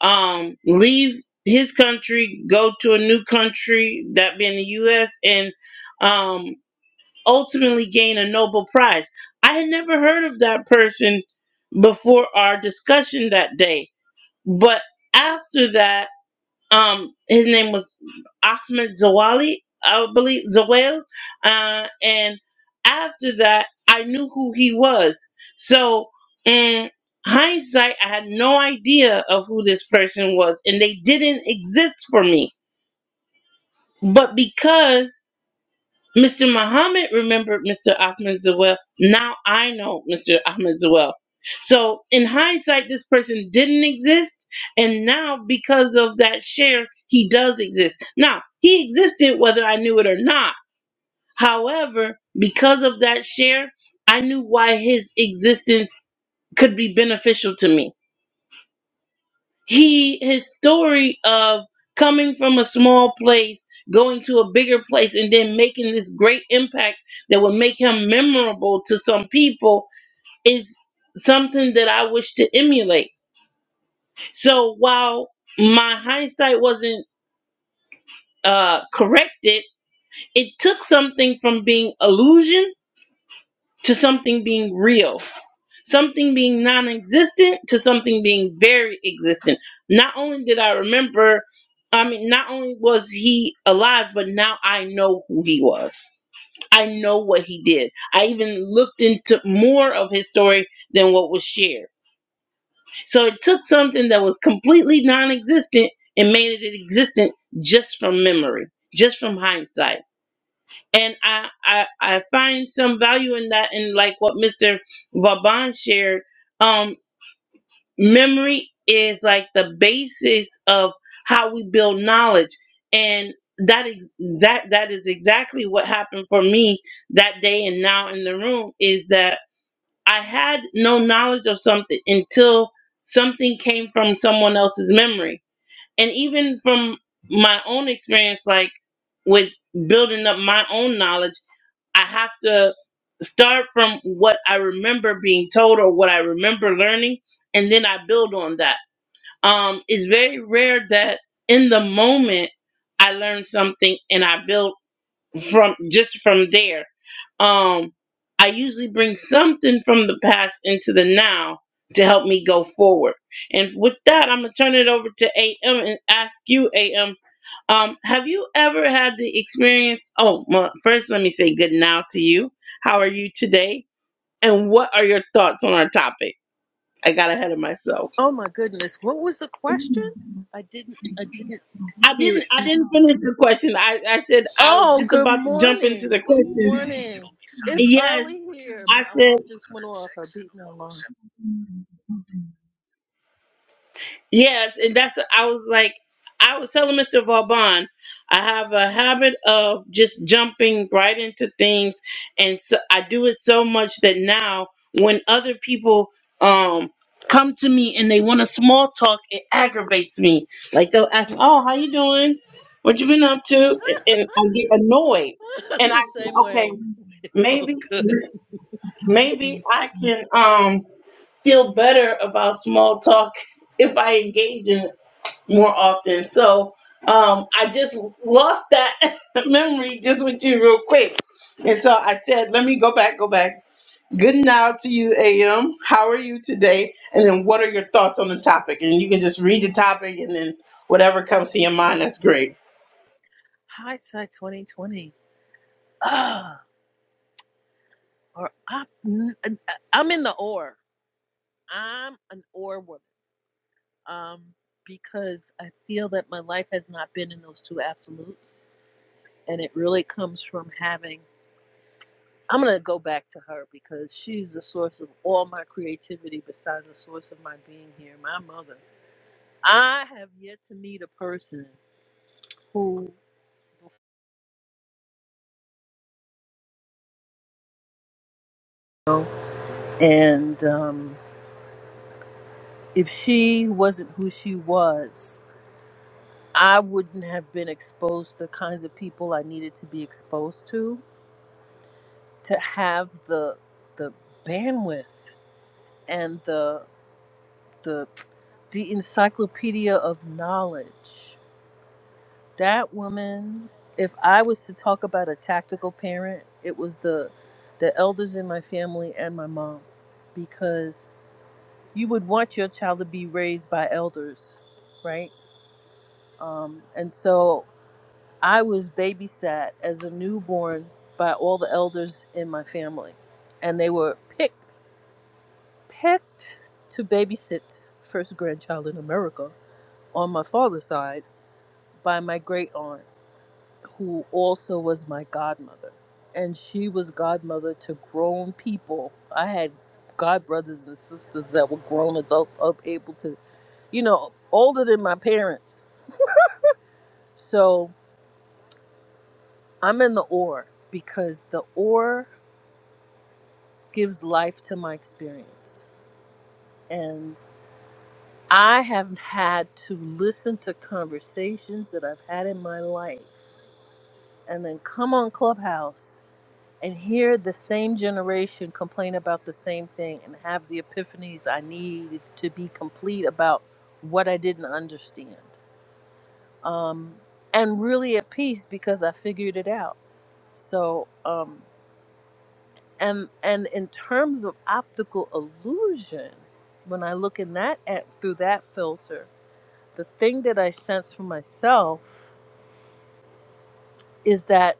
[SPEAKER 1] um, leave his country go to a new country that being the us and um, ultimately gain a nobel prize i had never heard of that person before our discussion that day but after that, um, his name was Ahmed Zawali, I believe Zawel. Uh, and after that, I knew who he was. So in hindsight, I had no idea of who this person was, and they didn't exist for me. But because Mr. Muhammad remembered Mr. Ahmed Zawel. Now I know Mr. Ahmed Zawel. So in hindsight, this person didn't exist, and now because of that share, he does exist. Now he existed whether I knew it or not. However, because of that share, I knew why his existence could be beneficial to me he his story of coming from a small place going to a bigger place and then making this great impact that would make him memorable to some people is something that i wish to emulate so while my hindsight wasn't uh corrected it took something from being illusion to something being real something being non existent to something being very existent. Not only did I remember, I mean, not only was he alive, but now I know who he was. I know what he did. I even looked into more of his story than what was shared. So it took something that was completely non existent and made it existent just from memory, just from hindsight. And I, I, I find some value in that, and like what Mr. Vaban shared. um memory is like the basis of how we build knowledge and that ex- that that is exactly what happened for me that day and now in the room is that I had no knowledge of something until something came from someone else's memory and even from my own experience like with building up my own knowledge I have to start from what I remember being told or what I remember learning and then I build on that um, it's very rare that in the moment I learn something and I build from just from there. Um, I usually bring something from the past into the now to help me go forward. And with that, I'm gonna turn it over to AM and ask you, AM, um, have you ever had the experience? Oh, well, first let me say good now to you. How are you today? And what are your thoughts on our topic? I got ahead of myself.
[SPEAKER 5] Oh my goodness, what was the question? I didn't I didn't
[SPEAKER 1] I
[SPEAKER 5] hear
[SPEAKER 1] didn't. I
[SPEAKER 5] it.
[SPEAKER 1] didn't finish the question. I, I said I was
[SPEAKER 5] Oh,
[SPEAKER 1] just
[SPEAKER 5] good
[SPEAKER 1] about to jump into
[SPEAKER 5] morning.
[SPEAKER 1] the
[SPEAKER 5] Good
[SPEAKER 1] question.
[SPEAKER 5] morning. It's
[SPEAKER 1] Yes,
[SPEAKER 5] early here.
[SPEAKER 1] I
[SPEAKER 5] My
[SPEAKER 1] said.
[SPEAKER 5] alarm just went off. I beat my alarm.
[SPEAKER 1] Yes, and that's I was like I was telling Mr. Vauban, I have a habit of just jumping right into things, and so I do it so much that now when other people um come to me and they want a small talk, it aggravates me. Like they'll ask me, "Oh, how you doing? What you been up to?" And and I get annoyed,
[SPEAKER 5] I'm
[SPEAKER 1] and I
[SPEAKER 5] the
[SPEAKER 1] say,
[SPEAKER 5] same
[SPEAKER 1] "Okay,
[SPEAKER 5] way. It's all
[SPEAKER 1] maybe
[SPEAKER 5] good.
[SPEAKER 1] maybe I can um feel better about small talk if I engage in more often. So um, I just lost that memory just with you real quick. And so I said, let me go back, go back. Good now to you, AM. How are you today? And then what are your thoughts on the topic? And you can just read the topic and then whatever comes to your mind, that's great.
[SPEAKER 5] Hindsight 2020. Ah, or I, I'm in the or. I'm an or woman. Um, because I feel that my life has not been in those two absolutes, and it really comes from having I'm gonna go back to her because she's the source of all my creativity besides the source of my being here, my mother. I have yet to meet a person who and um, if she wasn't who she was, I wouldn't have been exposed to the kinds of people I needed to be exposed to to have the the bandwidth and the the the encyclopedia of knowledge that woman if i was to talk about a tactical parent it was the the elders in my family and my mom because you would want your child to be raised by elders right um, and so i was babysat as a newborn by all the elders in my family and they were picked picked to babysit first grandchild in america on my father's side by my great aunt who also was my godmother. And she was godmother to grown people. I had god brothers and sisters that were grown adults up able to, you know, older than my parents. So I'm in the or because the or gives life to my experience. And I have had to listen to conversations that I've had in my life and then come on Clubhouse and hear the same generation complain about the same thing and have the epiphanies I need to be complete about what I didn't understand. Um, and really at peace because I figured it out. So, um, and and in terms of optical illusion, when I look in that at through that filter, the thing that I sense for myself is that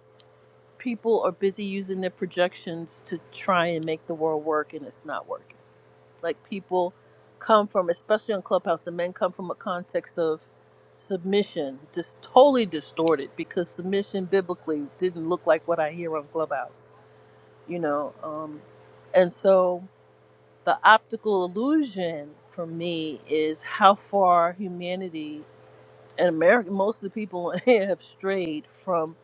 [SPEAKER 5] people are busy using their projections to try and make the world work, and it's not working like people come from especially on clubhouse the men come from a context of submission just totally distorted because submission biblically didn't look like what i hear on clubhouse you know um and so the optical illusion for me is how far humanity and america most of the people have strayed from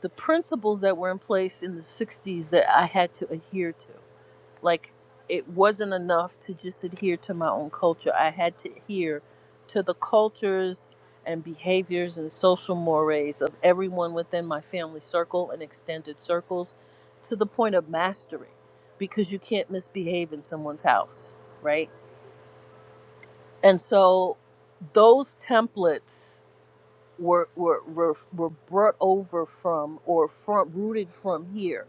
[SPEAKER 5] the principles that were in place in the 60s that i had to adhere to like it wasn't enough to just adhere to my own culture i had to adhere to the cultures and behaviors and social mores of everyone within my family circle and extended circles to the point of mastery because you can't misbehave in someone's house right and so those templates were were were, were brought over from or from rooted from here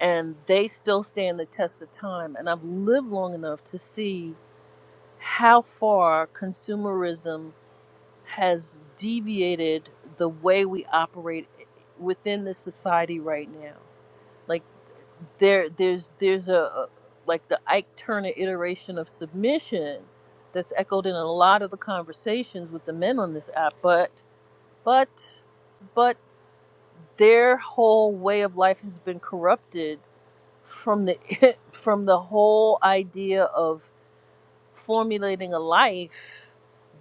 [SPEAKER 5] and they still stand the test of time. And I've lived long enough to see how far consumerism has deviated the way we operate within this society right now. Like there, there's there's a a- like the Ike Turner iteration of submission that's echoed in a lot of the conversations with the men on this app, but but but their whole way of life has been corrupted from the from the whole idea of formulating a life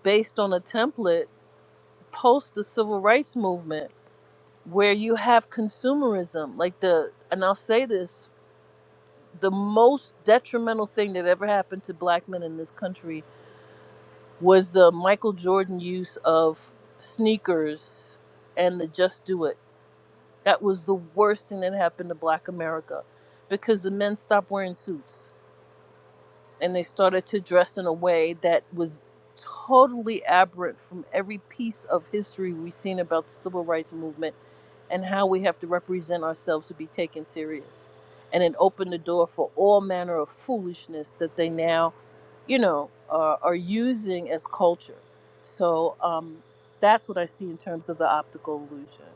[SPEAKER 5] based on a template post the civil rights movement where you have consumerism like the and I'll say this the most detrimental thing that ever happened to black men in this country was the Michael Jordan use of sneakers and the just do it that was the worst thing that happened to black america because the men stopped wearing suits and they started to dress in a way that was totally aberrant from every piece of history we've seen about the civil rights movement and how we have to represent ourselves to be taken serious. And it opened the door for all manner of foolishness that they now, you know, are are using as culture. So um, that's what I see in terms of the optical illusion.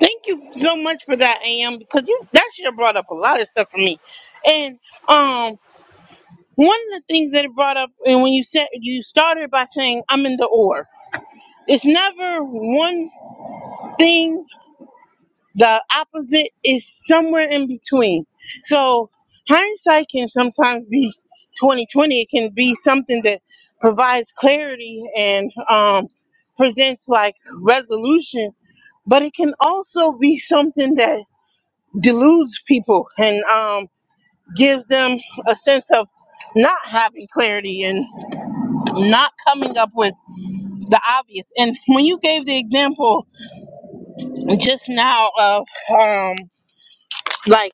[SPEAKER 1] Thank you so much for that, AM, because you that should have brought up a lot of stuff for me. And um one of the things that it brought up and when you said you started by saying I'm in the or. It's never one thing The opposite is somewhere in between. So hindsight can sometimes be 2020. It can be something that provides clarity and um, presents like resolution, but it can also be something that deludes people and um, gives them a sense of not having clarity and not coming up with the obvious. And when you gave the example just now of um, like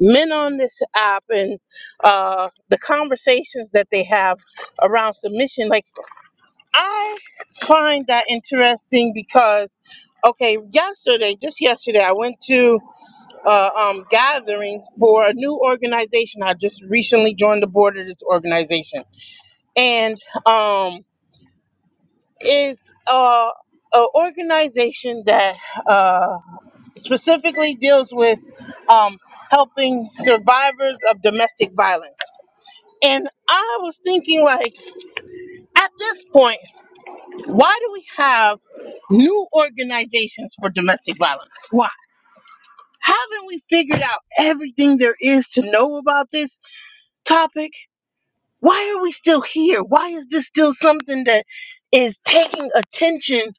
[SPEAKER 1] men on this app and uh, the conversations that they have around submission, like I find that interesting because, okay, yesterday, just yesterday, I went to uh, um, gathering for a new organization. I just recently joined the board of this organization, and um, it's uh, an organization that uh, specifically deals with um, helping survivors of domestic violence And I was thinking, like, at this point, why do we have new organizations for domestic violence? Why? Haven't we figured out everything there is to know about this topic? Why are we still here? Why is this still something that is taking attention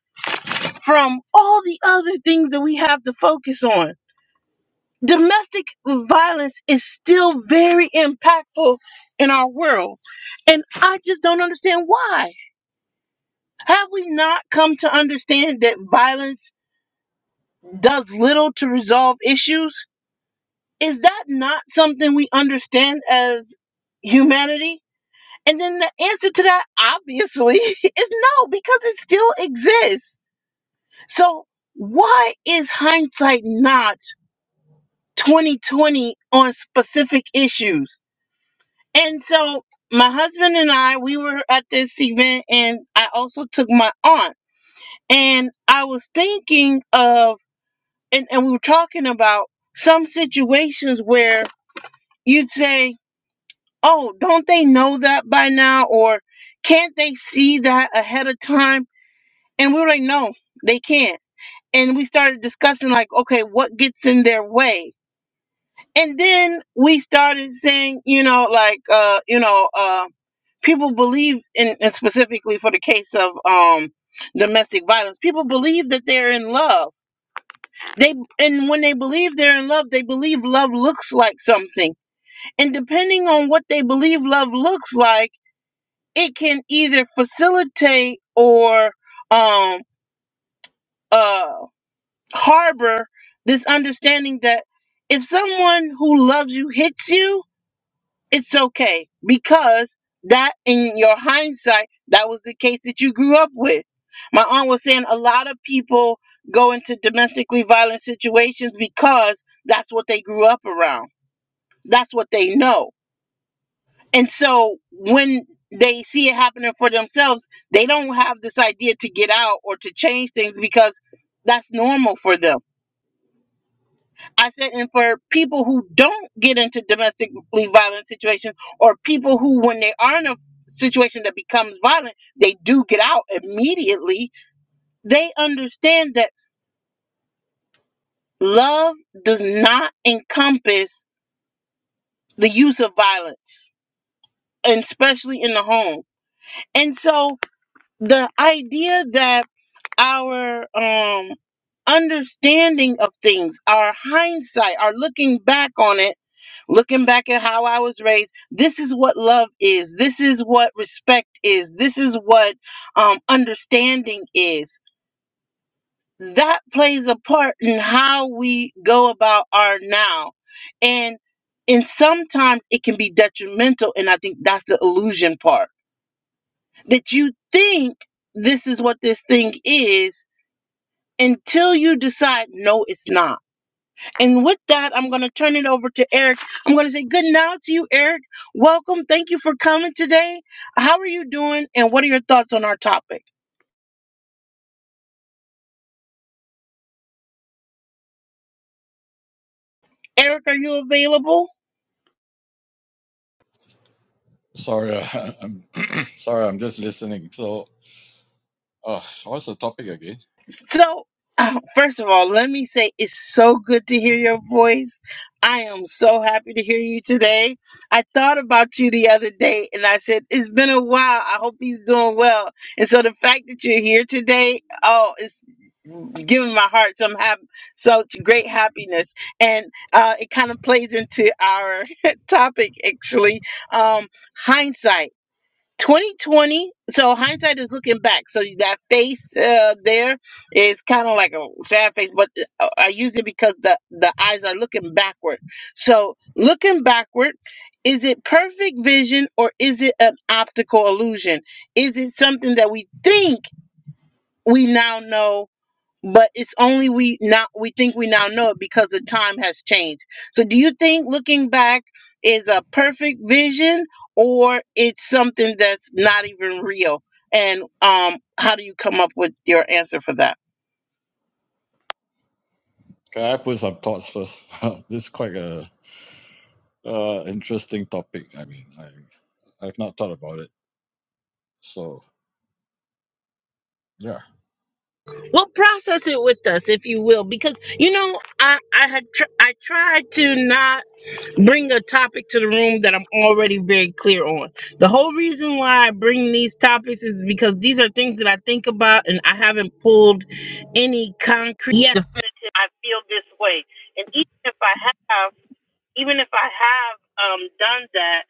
[SPEAKER 1] from all the other things that we have to focus on? Domestic violence is still very impactful in our world, and I just don't understand why. Have we not come to understand that violence does little to resolve issues? Is that not something we understand as humanity? And then the answer to that, obviously, is no, because it still exists. So why is hindsight not 2020 on specific issues? And so my husband and I, we were at this event, and I also took my aunt. And I was thinking of and, and we were talking about some situations where you'd say, Oh, don't they know that by now? Or can't they see that ahead of time? And we were like, No, they can't. And we started discussing, like, okay, what gets in their way? And then we started saying, you know, like, uh, you know, uh, people believe, in, and specifically for the case of um, domestic violence, people believe that they're in love they and when they believe they're in love they believe love looks like something and depending on what they believe love looks like it can either facilitate or um uh harbor this understanding that if someone who loves you hits you it's okay because that in your hindsight that was the case that you grew up with my aunt was saying a lot of people go into domestically violent situations because that's what they grew up around that's what they know and so when they see it happening for themselves they don't have this idea to get out or to change things because that's normal for them I said, and for people who don't get into domestically violent situations, or people who, when they are in a situation that becomes violent, they do get out immediately, they understand that love does not encompass the use of violence, and especially in the home. And so the idea that our um, understanding of things, our hindsight, our looking back on it, looking back at how I was raised, this is what love is. This is what respect is. This is what um, understanding is. That plays a part in how we go about our now. And and sometimes it can be detrimental. And I think that's the illusion part that you think this is what this thing is until you decide no, it's not And with that, I'm going to turn it over to Eric. I'm going to say good night to you, Eric. Welcome. Thank you for coming today. How are you doing? And what are your thoughts on our topic? Eric, are you available?
[SPEAKER 6] Sorry, I- I'm sorry. I'm just listening. So, uh, what's the topic again?
[SPEAKER 1] So, uh, first of all, let me say it's so good to hear your voice. I am so happy to hear you today. I thought about you the other day and I said, It's been a while. I hope he's doing well. And so the fact that you're here today, oh, it's giving my heart some hap- such great happiness. And uh, it kind of plays into our topic, actually um, hindsight. 2020. So hindsight is looking back. So you got face uh, there. is kind of like a sad face, but uh, I use it because the the eyes are looking backward. So looking backward, is it perfect vision or is it an optical illusion? Is it something that we think we now know? but it's only we now we think we now know it because the time has changed so do you think looking back is a perfect vision or it's something that's not even real and um how do you come up with your answer for that
[SPEAKER 6] Can I put some thoughts first? this is quite a uh, interesting topic. I mean, I I've not thought about it. So, yeah,
[SPEAKER 1] Well, process it with us, if you will, because you know I I had tr- I tried to not bring a topic to the room that I'm already very clear on. The whole reason why I bring these topics is because these are things that I think about, and I haven't pulled any concrete. Yes, Way. And even if I have even if I've um done that,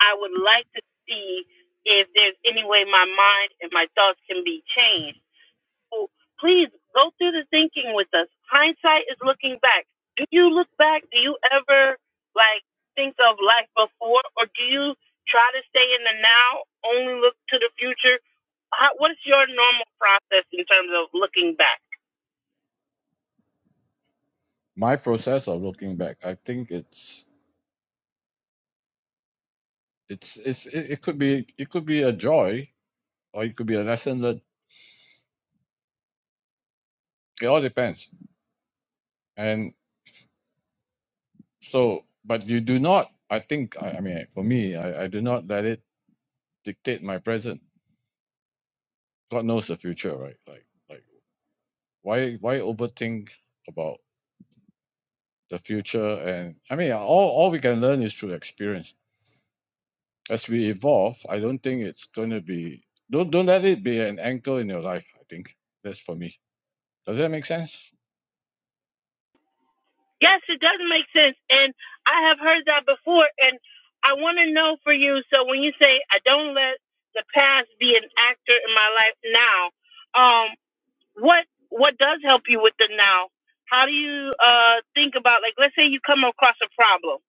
[SPEAKER 1] I would see if my thought be changed. So please go with us. Hindsight is looking back. Do your like thank you. I'll only look to the future. How, what is your normal process in terms of looking back?
[SPEAKER 6] my process of looking back, I think it's it's it's it, it could be it could be a joy or it could be a lesson learned. It all depends. And so, but you do not. I think. I, I mean, for me, I, I do not let it dictate my present. God knows the future, right? Like Like. why why overthink about the future and i mean all, all we can learn is through experience as we evolve i don't think it's going to be don't don't let it be an anchor in your life i think that's for me does that make sense
[SPEAKER 1] Yes, it doesn't make sense. And I have heard that before. And I want to know for you. So when you say, I don't let the past be an actor in my life now, um, what, what does help you with the now? How do you uh, think about, like, let's say you come across a problem.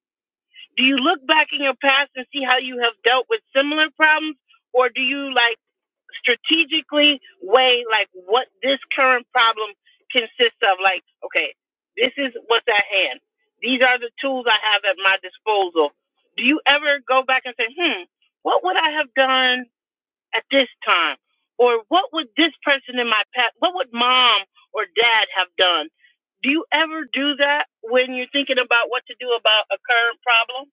[SPEAKER 1] Do you look back in your past and see how you have dealt with similar problems? Or do you, like, strategically weigh like what this current problem consists of. Like, okay, this is what's at hand. These are the tools I have at my disposal. Do you ever go back and say, hmm, what would I have done at this time? Or what would this person in my past, what would mom or dad have done? Do you ever do that when you're thinking about what to do about a current problem?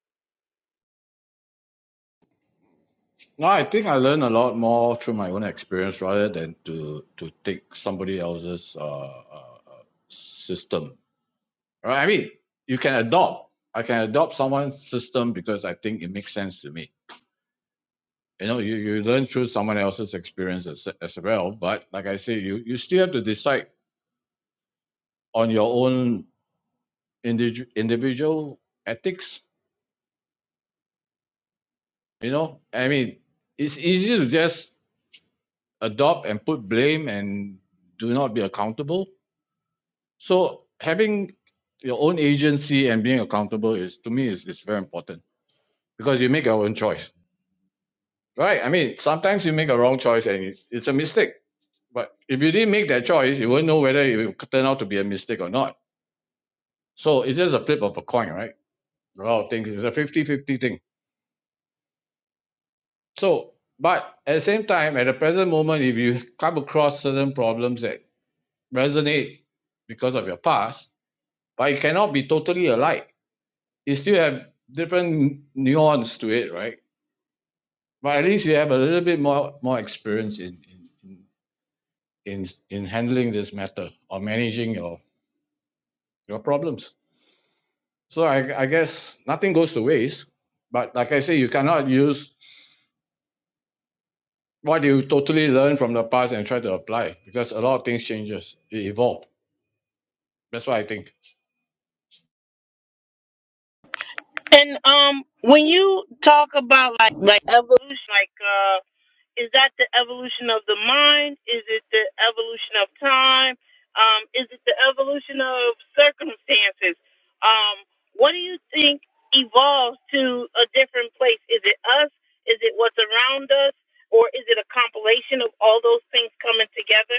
[SPEAKER 6] no i think i learn a lot more through my own experience rather than to to take somebody else's uh, uh uh, system right i mean you can adopt i can adopt someone's system because i think it makes sense to me you know you, you learn through someone else's experience as, as well but like i say you you still have to decide on your own individual individual ethics you know i mean it's easy to just adopt and put blame and do not be accountable so having your own agency and being accountable is to me is, is very important because you make your own choice right i mean sometimes you make a wrong choice and it's, it's a mistake but if you didn't make that choice you won't know whether it will turn out to be a mistake or not So it's just a flip of a coin, right? A lot of things. It's a fifty-fifty thing. So, but at the same time, at the present moment, if you come across certain problems that resonate because of your past, but it cannot be totally alike, you still have different nuance to it, right? But at least you have a little bit more more experience in in, in in handling this matter or managing your your problems. So I, I guess nothing goes to waste. But like I say, you cannot use what you totally learn from the past and try to apply because a lot of things changes it evolves. that's what i think
[SPEAKER 1] And um, when you talk about like like evolution, like is that the evolution of the mind? Is it the evolution of time? Um, is it the evolution of circumstances? Um, what do you think evolves to a different place? Is it us? Is it what's around us? Or is it a compilation of all those things coming together?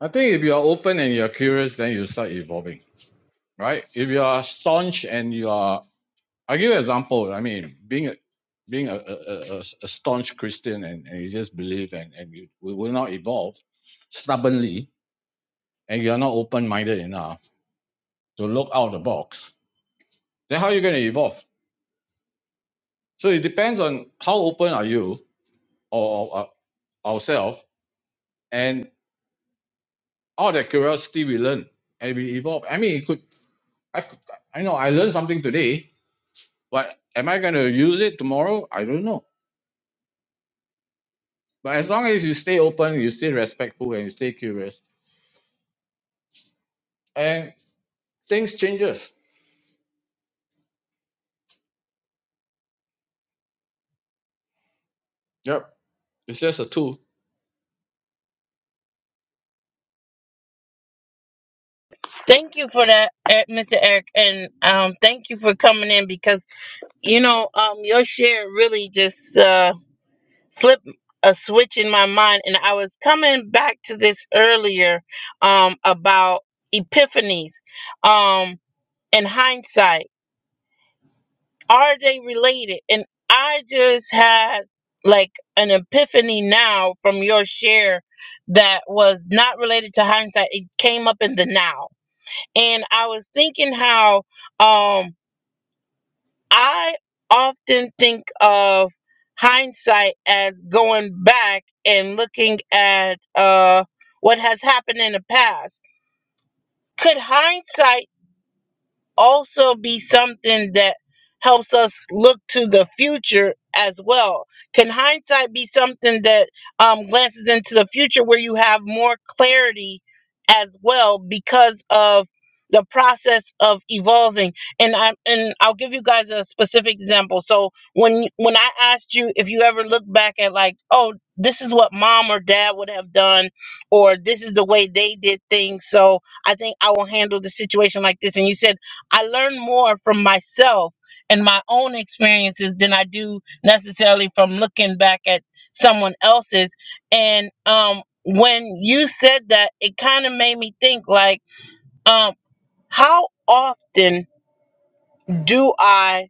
[SPEAKER 6] i think if you are open and you're curious then you start evolving right if you are staunch and you are i give you an example i mean being a being a, a, a, a- staunch christian and, and you just believe and, and you will not evolve stubbornly and you're not open-minded enough to look out of the box then how are you going to evolve so it depends on how open are you or, or or ourselves and all that curiosity we learn and we evolve. I mean, it could I could, I know I learned something today, but am I going to use it tomorrow? I don't know. But as long as you stay open, you stay respectful, and you stay curious, and things changes. Yep, it's just a tool.
[SPEAKER 1] Thank you for that, eh, Mr. Eric, and um, thank you for coming in because you know um, your share really just. Uh, flip a switch in my mind and i was coming back to this earlier um about epiphanies um and hindsight are they related and i just had like an epiphany now from your share that was not related to hindsight it came up in the now and i was thinking how um I often think of hindsight as going back and looking at uh, what has happened in the past. Could hindsight also be something that helps us look to the future as well? Can hindsight be something that um, glances into the future where you have more clarity as well because of the process of evolving? And I and I'll give you guys a specific example. So when you- when I asked you if you ever look back at like, oh, this is what mom or dad would have done, or this is the way they did things, so I think I will handle the situation like this. And you said I learn more from myself and my own experiences than I do necessarily from looking back at someone else's. And um, when you said that, it kind of made me think like, um, how often do I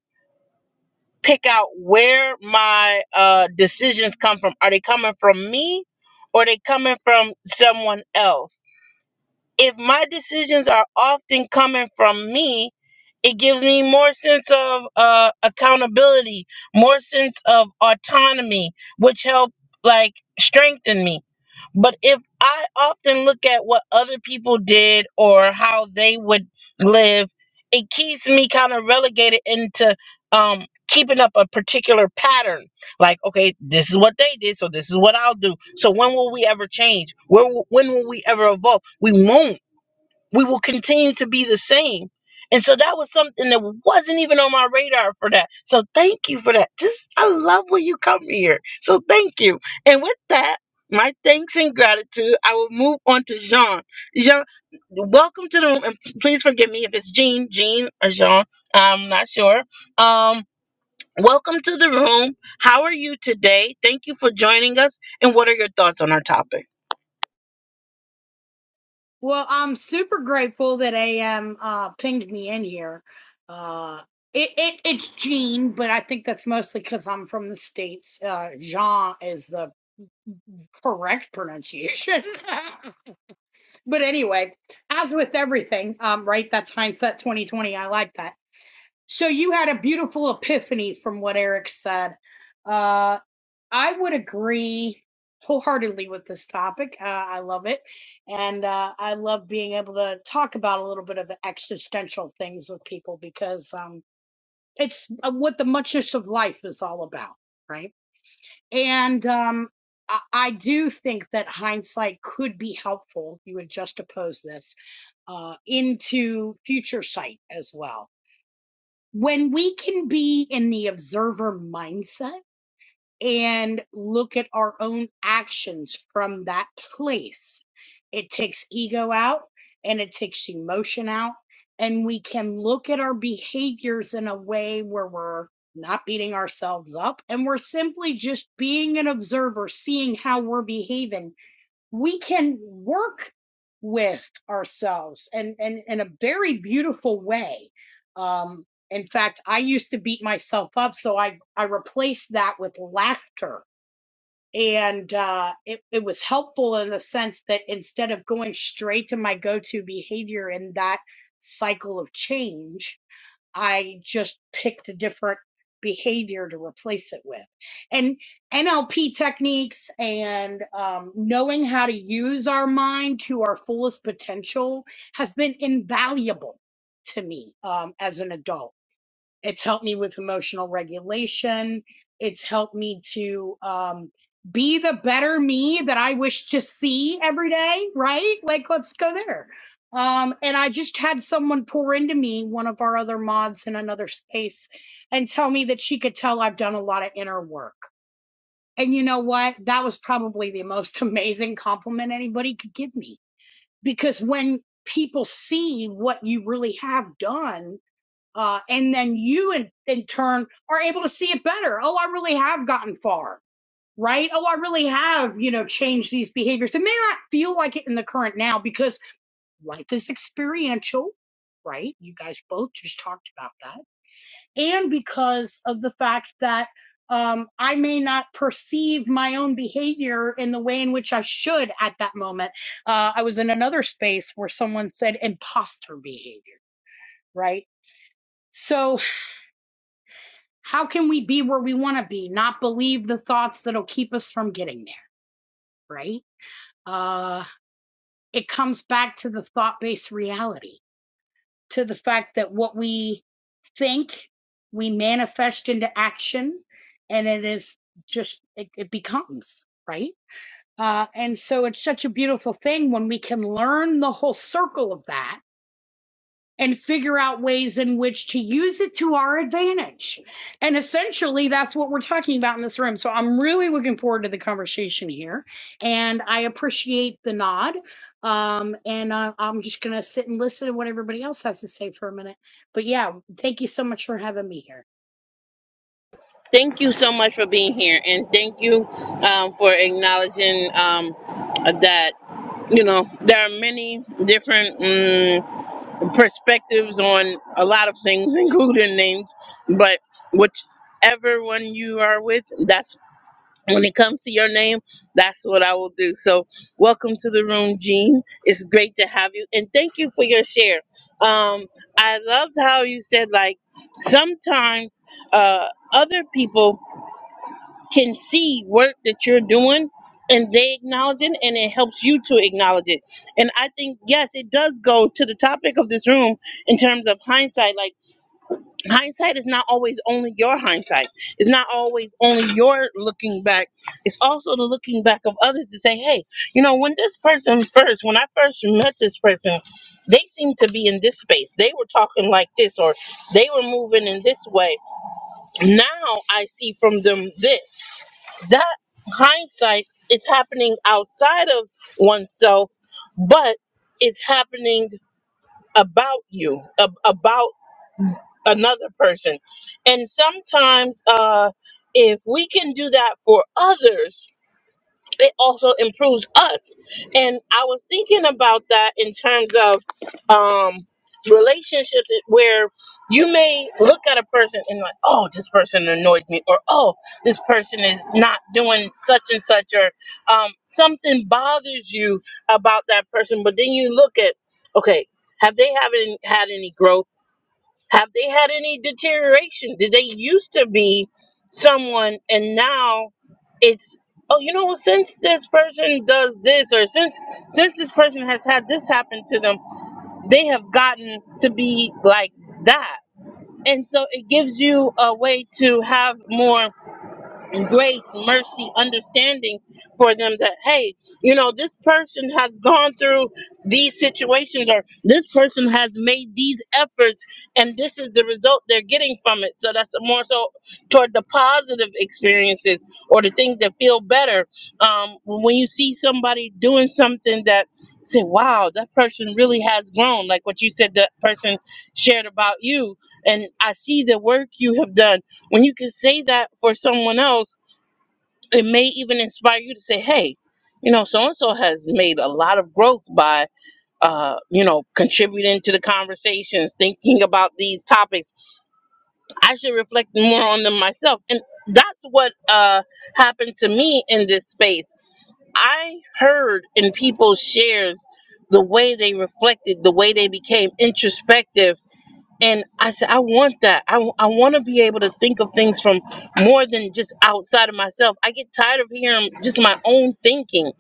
[SPEAKER 1] pick out where my uh, decisions come from? Are they coming from me or are they coming from someone else? If my decisions are often coming from me, it gives me more sense of uh, accountability more sense of autonomy which help like strengthen me but if i often look at what other people did or how they would live it keeps me kind of relegated into um keeping up a particular pattern like okay this is what they did so this is what i'll do so when will we ever change where will- when will we ever evolve we won't we will continue to be the same. And so that was something that wasn't even on my radar for that. So thank you for that. Just I love when you come here. So thank you. And with that, my thanks and gratitude. I will move on to Jean. Jean, welcome to the room, and please forgive me if it's Jean, Jean or Jean. I'm not sure. Um, welcome to the room. How are you today? Thank you for joining us. And what are your thoughts on our topic?
[SPEAKER 7] Well, I'm super grateful that AM uh, pinged me in here. Uh, it, it it's Jean, but I think that's mostly because I'm from the states. Uh, Jean is the correct pronunciation. but anyway, as with everything, um, right? That's hindsight 2020. I like that. So you had a beautiful epiphany from what Eric said. Uh, I would agree wholeheartedly with this topic. Uh, I love it. And uh, I love being able to talk about a little bit of the existential things with people because um, it's uh, what the muchness of life is all about, right? And um, I, I do think that hindsight could be helpful. You would just oppose this uh, into future sight as well. When we can be in the observer mindset and look at our own actions from that place. It takes ego out and it takes emotion out. And we can look at our behaviors in a way where we're not beating ourselves up and we're simply just being an observer, seeing how we're behaving we can work with ourselves and, and in a very beautiful way. Um, in fact, I used to beat myself up, so I, I replaced that with laughter. And uh, it, it was helpful in the sense that instead of going straight to my go to behavior in that cycle of change, I just picked a different behavior to replace it with. And NLP techniques and um, knowing how to use our mind to our fullest potential has been invaluable to me um, as an adult. It's helped me with emotional regulation. It's helped me to um, be the better me that I wish to see every day, right? Like, let's go there. Um, and I just had someone pour into me, one of our other mods in another space, and tell me that she could tell I've done a lot of inner work. And you know what? That was probably the most amazing compliment anybody could give me because when people see what you really have done, uh, and then you in, in turn are able to see it better. Oh, I really have gotten far, right? Oh, I really have, you know, changed these behaviors. It may not feel like it in the current now because life is experiential, right? You guys both just talked about that. And because of the fact that um, I may not perceive my own behavior in the way in which I should at that moment. Uh, I was in another space where someone said imposter behavior, right? So, how can we be where we want to be not believe the thoughts that'll keep us from getting there right uh it comes back to the thought-based reality to the fact that what we think we manifest into action and it is just it, it becomes right uh and so it's such a beautiful thing when we can learn the whole circle of that and figure out ways in which to use it to our advantage. And essentially, that's what we're talking about in this room. So I'm really looking forward to the conversation here. And I appreciate the nod. Um, and uh, I'm just going to sit and listen to what everybody else has to say for a minute. But yeah, thank you so much for having me here.
[SPEAKER 1] Thank you so much for being here, and thank you um, for acknowledging um, that you know there are many different um, perspectives on a lot of things, including names. But whichever one you are with, that's when it comes to your name, that's what I will do. So, welcome to the room, Jean. It's great to have you, and thank you for your share. Um, I loved how you said like sometimes uh, other people can see work that you're doing and they acknowledge it and it helps you to acknowledge it. And I think, yes, it does go to the topic of this room in terms of hindsight. Like, hindsight is not always only your hindsight, it's not always only your looking back. It's also the looking back of others to say, hey, you know, when this person first, when I first met this person, they seemed to be in this space. They were talking like this, or they were moving in this way. Now I see from them this that hindsight is happening outside of oneself, but it's happening about you, ab- about another person. And sometimes, uh, if we can do that for others, it also improves us. And I was thinking about that in terms of um, relationships where you may look at a person and like, oh, this person annoys me, or oh, this person is not doing such and such, or um, something bothers you about that person. But then you look at, okay, have they haven't had any growth? Have they had any deterioration? Did they used to be someone and now it's oh you know since this person does this or since since this person has had this happen to them, they have gotten to be like that. And so it gives you a way to have more grace, mercy, understanding for them that, hey, you know, this person has gone through these situations or this person has made these efforts and this is the result they're getting from it. So that's more so toward the positive experiences or the things that feel better. Um, when you see somebody doing something that say, wow, that person really has grown, like what you said, that person shared about you. And I see the work you have done. When you can say that for someone else, it may even inspire you to say, hey, you know, so and so has made a lot of growth by, uh, you know, contributing to the conversations, thinking about these topics. I should reflect more on them myself. And that's what uh, happened to me in this space. I heard in people's shares the way they reflected, the way they became introspective and I said, I want that. I, want to be able to think of things from more than just outside of myself. I get tired of hearing just my own thinking.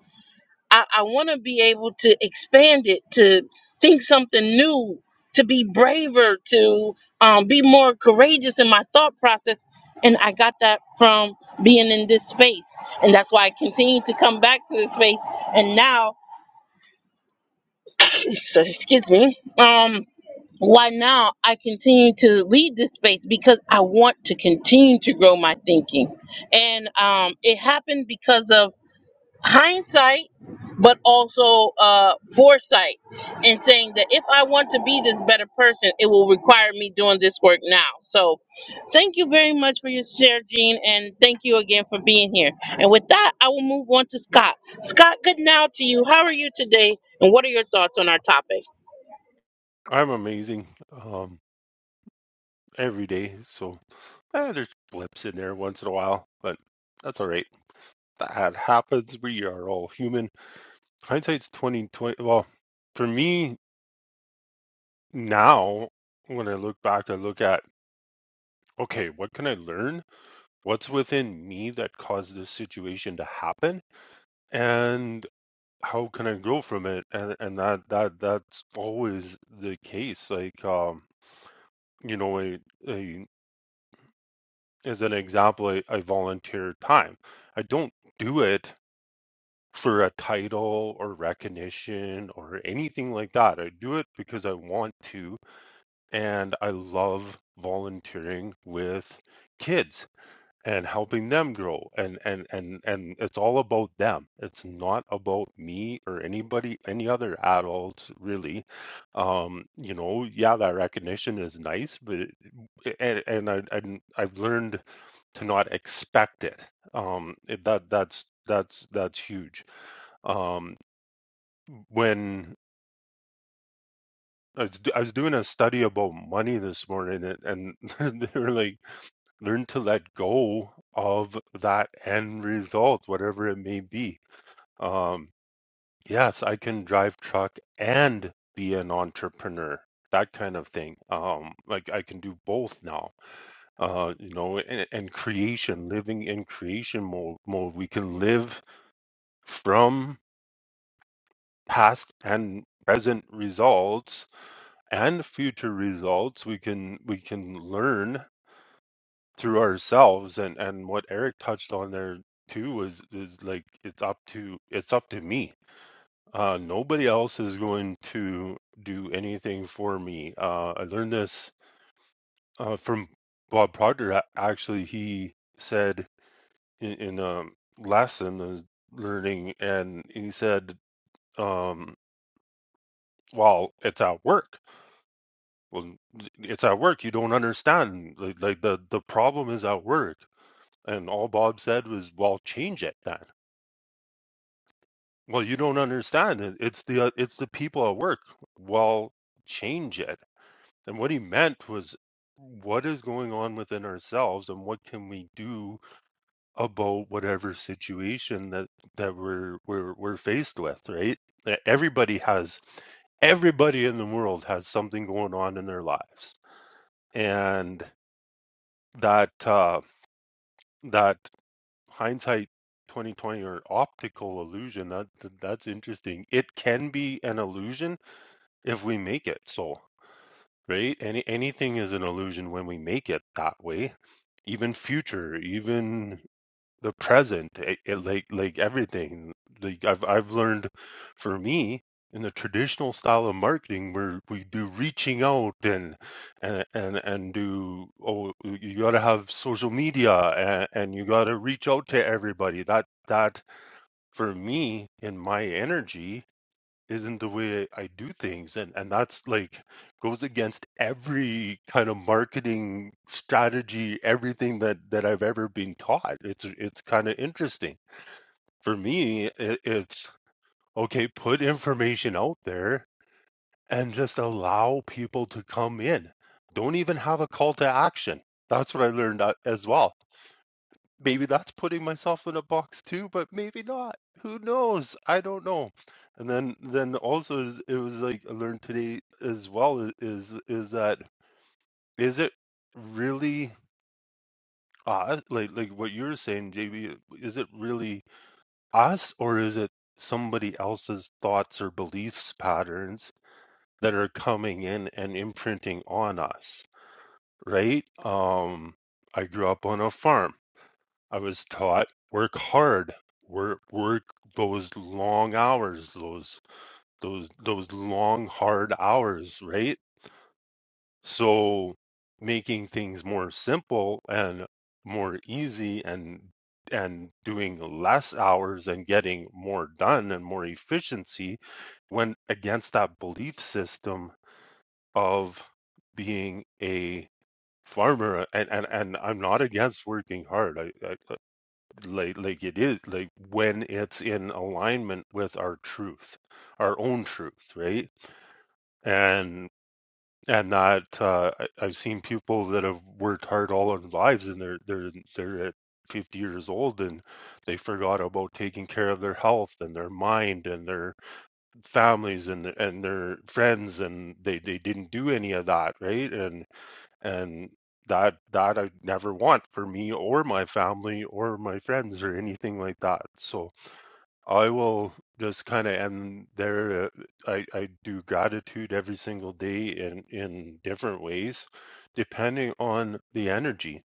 [SPEAKER 1] I, I want to be able to expand it, to think something new, to be braver, to um, be more courageous in my thought process. And I got that from being in this space. And that's why I continue to come back to this space. And now, so excuse me. Um, why now I continue to lead this space because I want to continue to grow my thinking. And um, it happened because of hindsight, but also uh, foresight, and saying that if I want to be this better person, it will require me doing this work now. So thank you very much for your share, Jean, and thank you again for being here. And with that, I will move on to Scott. Scott, good now to you. How are you today? And what are your thoughts on our topic?
[SPEAKER 8] I'm amazing um, every day. So eh, there's blips in there once in a while, but that's all right. That happens. We are all human. Hindsight's 2020. Well, for me now, when I look back, I look at okay, what can I learn? What's within me that caused this situation to happen? And how can I grow from it? And and that that that's always the case. Like um, you know, I, I as an example, I, I volunteer time. I don't do it for a title or recognition or anything like that. I do it because I want to, and I love volunteering with kids and helping them grow and and and and it's all about them it's not about me or anybody any other adult really um you know yeah that recognition is nice but it, and, and I, and i've learned to not expect it. Um, it that that's that's that's huge. Um, when I was, I was doing a study about money this morning, and, and they were like, learn to let go of that end result, whatever it may be. Um, yes, I can drive truck and be an entrepreneur. That kind of thing. Um, like I can do both now. Uh, you know, and, and creation, living in creation mode. Mode. We can live From past and present results and future results, we can we can learn through ourselves. And and what Eric touched on there too was is like it's up to it's up to me. Uh, nobody else is going to do anything for me. Uh, I learned this uh, from Bob Proctor. A- Actually, he said in, in a lesson is learning, and he said, um, "Well, it's at work. Well, it's at work. You don't understand. Like, like the the problem is at work, and all Bob said was, "Well, change it then." Well, you don't understand. It, it's the uh, it's the people at work. Well, change it. And what he meant was, what is going on within ourselves, and what can we do about whatever situation that that we're we're we're faced with, right? E- Everybody has, everybody in the world has something going on in their lives, and that uh, that hindsight 2020 or optical illusion that that- that's interesting it can be an illusion if we make it so right any anything is an illusion when we make it that way even future even the present it, it, like like everything like i've i've learned for me in the traditional style of marketing where we do reaching out and and and, and do oh you got to have social media and, and you got to reach out to everybody that that for me in my energy isn't the way I do things and and that's like goes against every kind of marketing strategy everything that that I've ever been taught it's it's kind of interesting for me it, it's okay put information out there and just allow people to come in don't even have a call to action that's what I learned a- as well maybe that's putting myself in a box too but maybe not who knows i don't know and then then also is- it was like i learned today as well i- is is that is it really us like like what you're saying jb is it really us or is it somebody else's thoughts or beliefs patterns that are coming in and imprinting on us right um i grew up on a farm I was taught work hard, work work those long hours, those those those long hard hours, right? So making things more simple and more easy and and doing less hours and getting more done and more efficiency went against that belief system of being a farmer and and, and I'm not against working hard. I, I like like it is like when it's in alignment with our truth our own truth right and and not uh I, i've seen people that have worked hard all their lives and they're they're they're at 50 years old and they forgot about taking care of their health and their mind and their families and and their friends and they they didn't do any of that right and and that that I never want for me or my family or my friends or anything like that. So I will just kind of end there. Uh, I I do gratitude every single day in in different ways, depending on the energy.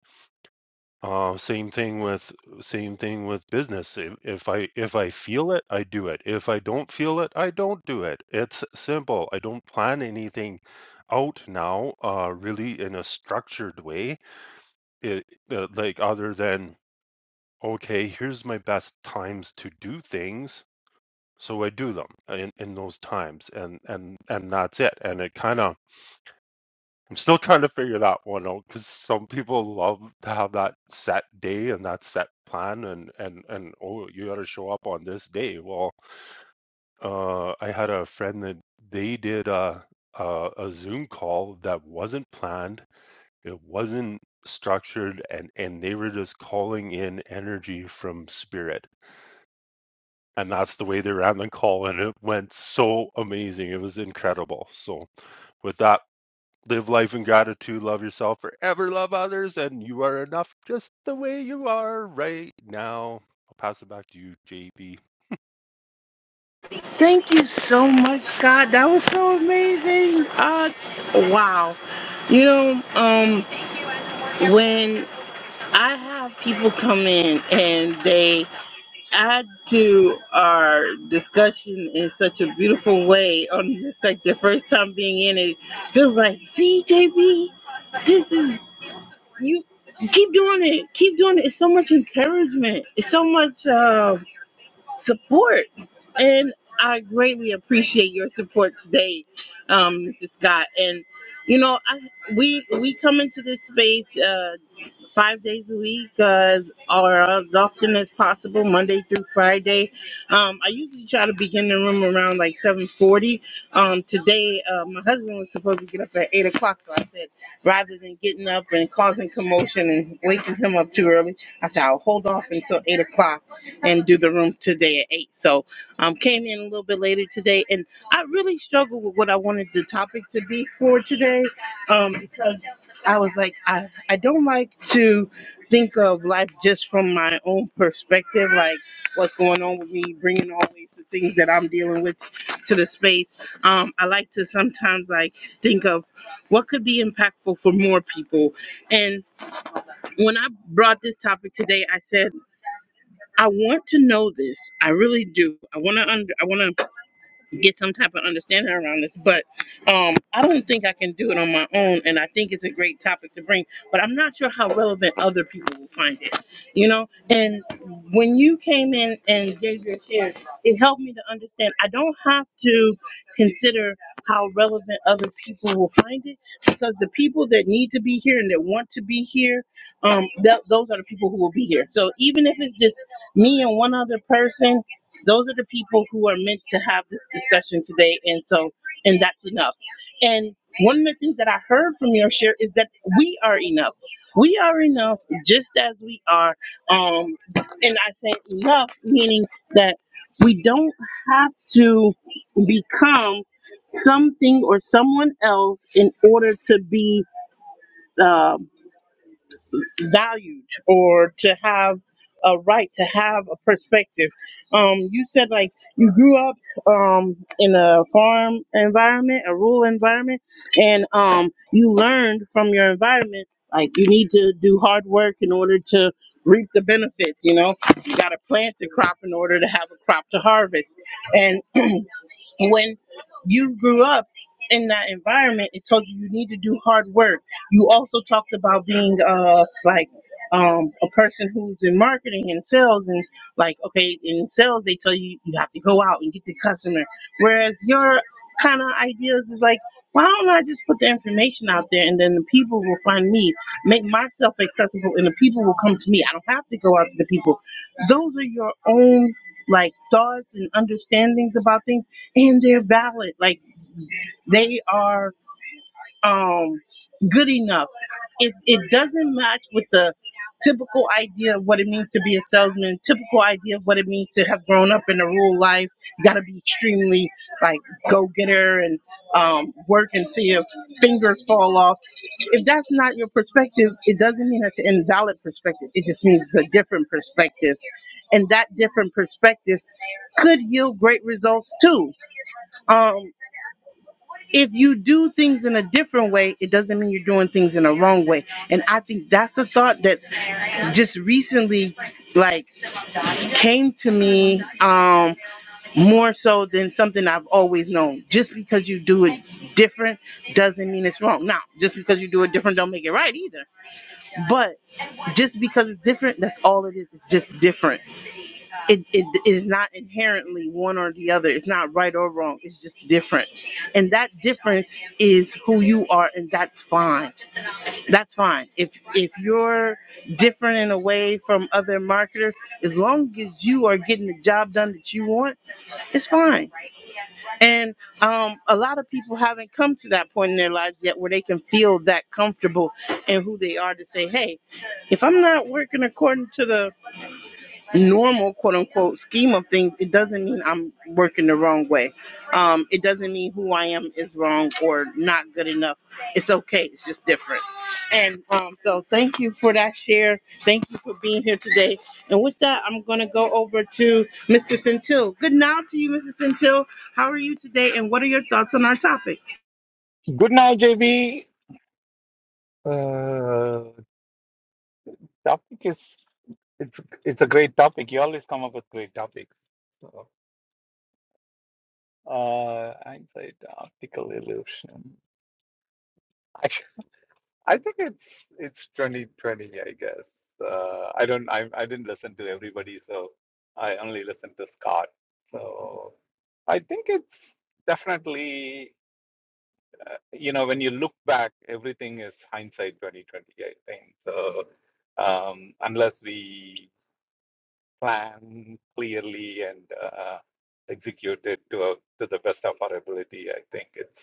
[SPEAKER 8] Uh, same thing with same thing with business. If, if I if I feel it, I do it. If I don't feel it, I don't do it. It's simple. I don't plan anything out now, uh, really in a structured way it, uh, like other than okay here's my best times to do things so i do them in, in those times and and and that's it and it kind of i'm still trying to figure that one out because some people love to have that set day and that set plan and and and oh you got to show up on this day well uh i had a friend that they did a a, a zoom call that wasn't planned It wasn't structured and and they were just calling in energy from spirit. And that's the way they ran the call and it went so amazing. It was incredible. So with that, live life in gratitude, love yourself forever, love others, and you are enough just the way you are right now. I'll pass it back to you, JB.
[SPEAKER 1] Thank you so much, Scott. That was so amazing. Uh, wow. You know, um, when I have people come in and they add to our discussion in such a beautiful way, on just like the first time being in it, feels like, see, JB, this is you. Keep doing it. Keep doing it. It's so much encouragement. It's so much. Uh, support. And I greatly appreciate your support today, um, Mrs. Scott. And you know, I we we come into this space uh, five days a week, uh, as- or as often as possible, Monday through Friday. Um, I usually try to begin the room around like seven forty. Um, today, uh, my husband was supposed to get up at eight o'clock, so I said rather than getting up and causing commotion and waking him up too early, I said I'll hold off until eight o'clock and do the room today at eight. So um came in a little bit later today and I really struggled with what I wanted the topic to be for today. Um because I was like I, I don't like to think of life just from my own perspective, like what's going on with me, bringing always the things that I'm dealing with to the space. Um, I like to sometimes like think of what could be impactful for more people. And when I brought this topic today, I said. I want to know this. I really do. I want to. Under, I want to get some type of understanding around this. But um, I don't think I can do it on my own, and I think it's a great topic to bring. But I'm not sure how relevant other people will find it. You know, and when you came in and gave your share, it helped me to understand. I don't have to consider how relevant other people will find it because the people that need to be here and that want to be here, um, th- those are the people who will be here. So even if it's just me and one other person those are the people who are meant to have this discussion today, and so and that's enough. And one of the things that I heard from your share is that we are enough. We are enough just as we are. Um, and I say enough meaning that we don't have to become something or someone else in order to be uh, valued or to have a right to have a perspective. Um, you said like you grew up um, in a farm environment, a rural environment, and um, you learned from your environment like you need to do hard work in order to reap the benefits. You know, you got to plant the crop in order to have a crop to harvest, and when you grew up in that environment, it told you you need to do hard work. You also talked about being uh like um a person who's in marketing and sales and like okay in sales they tell you you have to go out and get the customer. Whereas your kind of ideas is like why don't I just put the information out there and then the people will find me, make myself accessible and the people will come to me. I don't have to go out to the people. Those are your own like thoughts and understandings about things and they're valid. Like they are um good enough. It it doesn't match with the typical idea of what it means to be a salesman, typical idea of what it means to have grown up in a rural life. You gotta be extremely like go getter and um work until your fingers fall off. If that's not your perspective, it doesn't mean that's an invalid perspective. It just means it's a different perspective. And that different perspective could yield great results too. Um, if you do things in a different way, it doesn't mean you're doing things in a wrong way. And I think that's a thought that just recently like came to me um more so than something I've always known. Just because you do it different doesn't mean it's wrong. Now, just because you do it different don't make it right either. But just because it's different, that's all it is. It's just different it, it is not inherently one or the other. It's not right or wrong. It's just different. And that difference is who you are and that's fine. That's fine. If if you're different in a way from other marketers, as long as you are getting the job done that you want, it's fine. And um a lot of people haven't come to that point in their lives yet where they can feel that comfortable in who they are to say, "Hey, if I'm not working according to the normal quote unquote scheme of things it doesn't mean i'm working the wrong way um it doesn't mean who i am is wrong or not good enough it's okay it's just different and um so thank you for that share thank you for being here today and with that i'm going to go over to mr centil good now to you mr centil how are you today and what are your thoughts on our topic
[SPEAKER 9] Good night, JB. Uh, topic is it's it's a great topic. You always come up with great topics. So, uh, hindsight, optical illusion. I I think it's it's 2020, I guess. Uh, I don't I I didn't listen to everybody, so I only listened to Scott. So I think it's definitely. uh, you know, when you look back, everything is hindsight 2020, I think. So um, unless we plan clearly and uh, execute it to, a, to the best of our ability, I think it's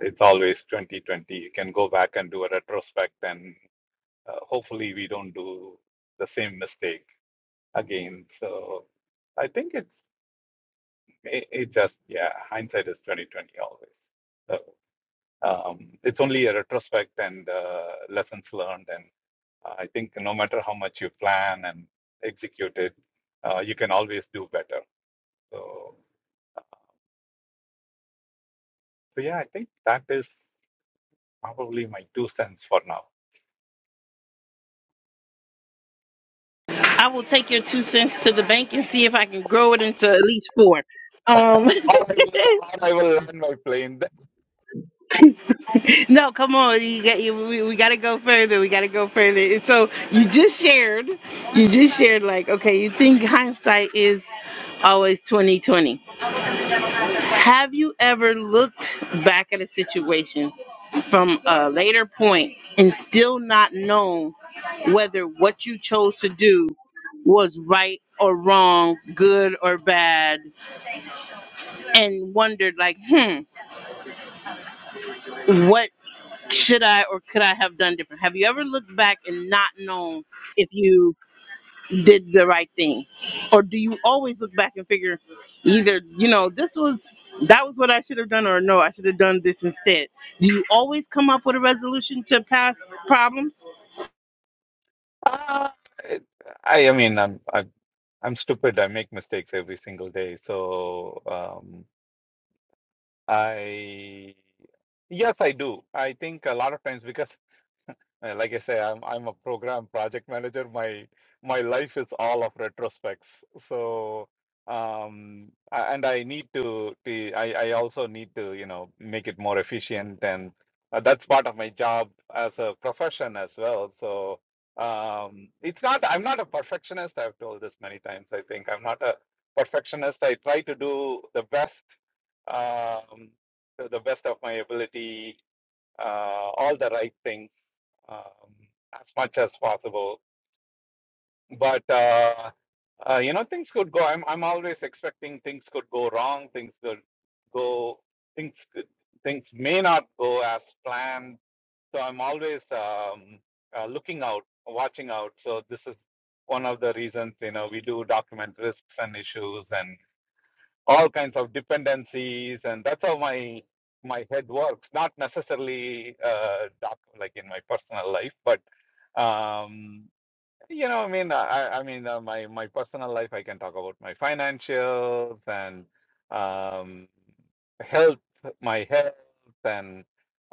[SPEAKER 9] it's always 2020. You can go back and do a retrospect, and uh, hopefully we don't do the same mistake again. So I think it's it, it just yeah, hindsight is 2020 always. So, um, it's only a retrospect and uh, lessons learned. And I think no matter how much you plan and execute it, uh, you can always do better. So, so yeah, I think that is probably my two cents for now.
[SPEAKER 1] i will take your two cents to the bank and see if i can grow it into at least four um
[SPEAKER 9] Or I will, or I will land my plane.
[SPEAKER 1] No, come on. You got you, we, we got to go further. We got to go further. So you just shared, you just shared like, okay, you think hindsight is always 2020. Have you ever looked back at a situation from a later point and still not known whether what you chose to do was right or wrong, good or bad, and wondered like, hmm, what? should I or could I have done different? Have you ever looked back and not known if you did the right thing? Or do you always look back and figure either, you know, this was that was what I should have done or no, I should have done this instead. Do you always come up with a resolution to past problems?
[SPEAKER 9] Ah, it- I, I mean, I'm, I'm, I'm stupid. I make mistakes every single day. So, um, I, yes, I do. I think a lot of times because And like I say, I'm I'm a program project manager. My my life is all of retrospects. So um a- and I need to, to I, I also need to, you know, make it more efficient and uh, that's part of my job as a profession as well. So um it's not I'm not a perfectionist. I've told this many times, I think. I'm not a perfectionist. I try to do the best um to the best of my ability uh, all the right things um, as much as possible. But uh, uh, you know, things could go. I'm I'm always expecting things could go wrong. Things could go. Things could, things may not go as planned. So I'm always um, uh, looking out, watching out. So this is one of the reasons you know we do document risks and issues and all kinds of dependencies and that's how my my head works not necessarily uh doc, like in my personal life but um you know, I mean, I, I mean, uh, my my personal life, I can talk about my financials and um, health, my health, and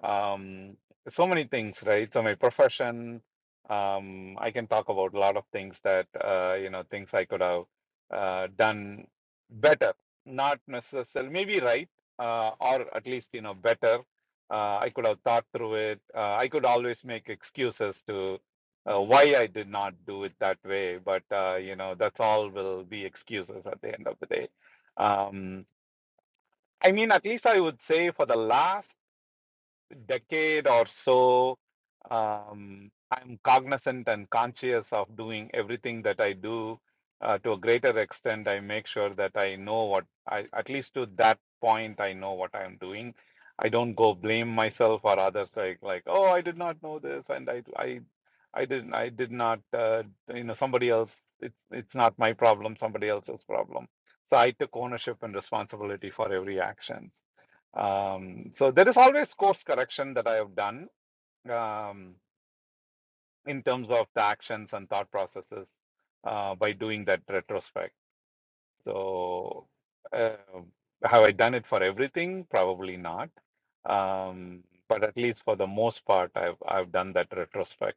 [SPEAKER 9] um, so many things, right? So my profession, um, I can talk about a lot of things that uh, you know, things I could have uh, done better, not necessarily, maybe right, uh, or at least you know, better. Uh, I could have thought through it. Uh, I could always make excuses to uh, why I did not do it that way, but uh, you know, that's all will be excuses at the end of the day. Um, I mean, at least I would say for the last decade or so, um, I'm cognizant and conscious of doing everything that I do. Uh, to a greater extent, I make sure that I know what I, at least to that point, I know what I'm doing. I don't go blame myself or others like like, oh, I did not know this, and I I I didn't I did not uh, you know somebody else. It's it's not my problem, somebody else's problem. So I took ownership and responsibility for every action. Um, so there is always course correction that I have done um, in terms of the actions and thought processes uh, by doing that retrospect. So uh, have I done it for everything? Probably not. Um, but at least for the most part, I've I've done that retrospect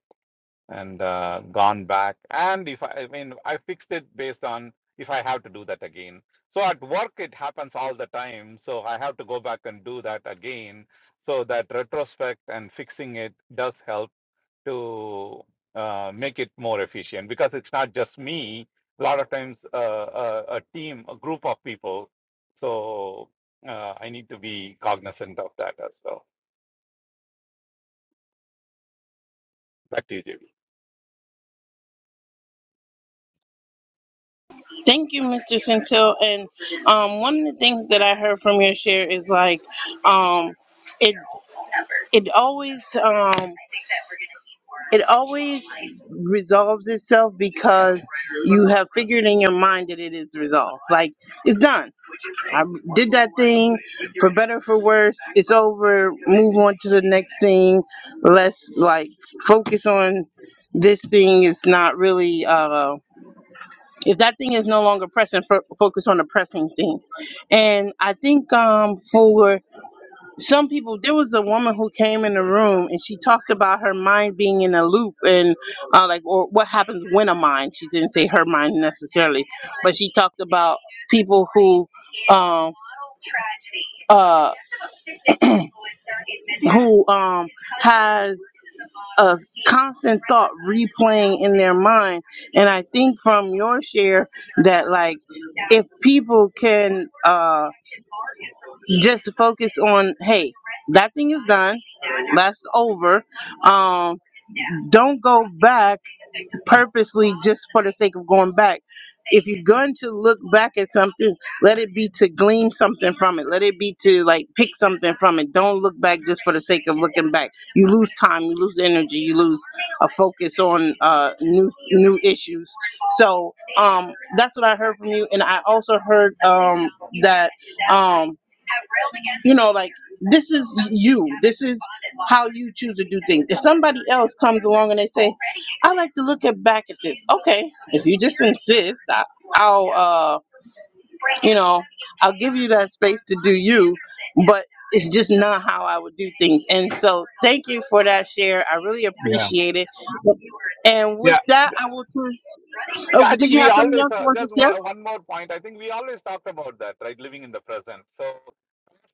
[SPEAKER 9] and uh, gone back. And if I, I mean, I fixed it based on if I have to do that again. So at work, it happens all the time. So I have to go back and do that again. So that retrospect and fixing it does help to uh, make it more efficient because it's not just me. A lot of times, uh, a, a team, a group of people. So uh, I need to be cognizant of that as well. Back to you, JB.
[SPEAKER 1] Thank you, Mr. Centil. And um, one of the things that I heard from your share is like um it it always um it always resolves itself because you have figured in your mind that it is resolved. Like it's done. I did that thing for better or for worse. It's over. Move on to the next thing. Let's like focus on this thing. It's not really. Uh, if that thing is no longer pressing, fo- focus on the pressing thing. And I think um, for some people there was a woman who came in the room and she talked about her mind being in a loop and uh, like or what happens when a mind she didn't say her mind necessarily but she talked about people who um uh who um has a constant thought replaying in their mind and i think from your share that like if people can uh just focus on hey that thing is done that's over um Don't go back purposely just for the sake of going back. If you're going to look back at something, let it be to glean something from it. Let it be to like pick something from it. Don't look back just for the sake of looking back. You lose time, you lose energy, you lose a focus on uh, new new issues. So um, that's what I heard from you, and I also heard um, that um, you know, like this is you. This is how you choose to do things. If somebody else comes along and they say, "I like to look at back at this," okay. If you just insist, I, I'll, uh, you know, I'll give you that space to do you. But it's just not how I would do things. And so, thank you for that share. I really
[SPEAKER 9] Yeah.
[SPEAKER 1] appreciate it. And with
[SPEAKER 9] Yeah.
[SPEAKER 1] that, I will. turn-
[SPEAKER 9] Yeah.
[SPEAKER 1] Oh,
[SPEAKER 9] I
[SPEAKER 1] did
[SPEAKER 9] think
[SPEAKER 1] you
[SPEAKER 9] we
[SPEAKER 1] have something
[SPEAKER 9] always,
[SPEAKER 1] else you
[SPEAKER 9] uh,
[SPEAKER 1] wanted
[SPEAKER 9] just
[SPEAKER 1] to share?
[SPEAKER 9] one, one more point. I think we always talked about that, right? Living in the present. So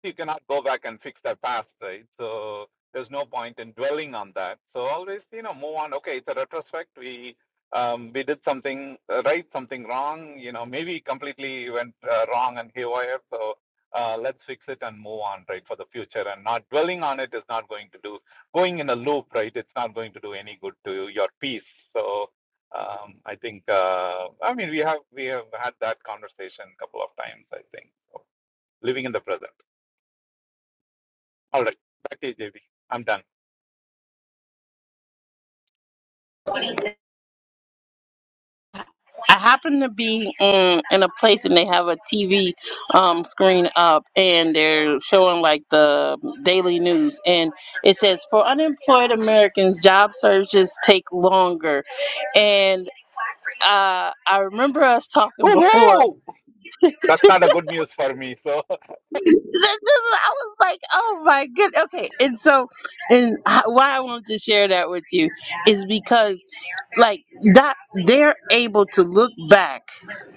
[SPEAKER 9] you cannot go back and fix that past, right? So there's no point in dwelling on that. So always, you know, move on. Okay, it's a retrospect. We um, we did something uh, right, something wrong. You know, maybe completely went uh, wrong and haywire. So uh, let's fix it and move on, right, for the future. And not dwelling on it is not going to do going in a loop, right? It's not going to do any good to your peace. So. Um, I think uh, I mean we have we have had that conversation a couple of times. I think so living in the present. All right, back to you, JB. am done.
[SPEAKER 1] I happen to be in in a place and they have a TV um, screen up and they're showing like the daily news and it says for unemployed Americans job searches take longer and uh, I remember us talking before
[SPEAKER 9] Woohoo! That's not a good news for me. So
[SPEAKER 1] That- that- I was like oh my good okay and so and h- why I wanted to share that with you is because like that they're able to look back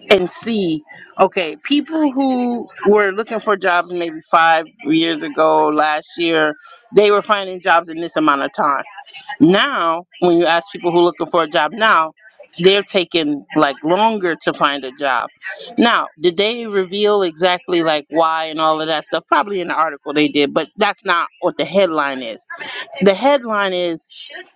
[SPEAKER 1] and see okay people who were looking for jobs maybe five years ago last year they were finding jobs in this amount of time now when you ask people who are looking for a job now they're taking like longer to find a job now did they reveal exactly like why and all of that stuff probably in the article they did but that's not what the headline is the headline is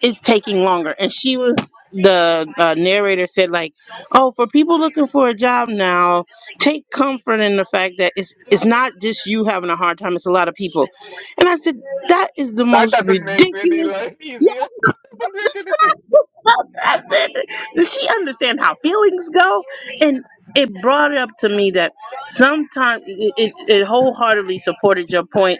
[SPEAKER 1] it's taking longer. And she was the uh, narrator said like, oh, for people looking for a job now, take comfort in the fact that it's it's not just you having a hard time. It's a lot of people. And I said that is the
[SPEAKER 9] that
[SPEAKER 1] most
[SPEAKER 9] doesn't make any
[SPEAKER 1] ridiculous.
[SPEAKER 9] life
[SPEAKER 1] Yeah,
[SPEAKER 9] easier. That doesn't make anything.
[SPEAKER 1] I said, does she understand how feelings go? And it brought it up to me that sometimes it, it, it wholeheartedly supported your point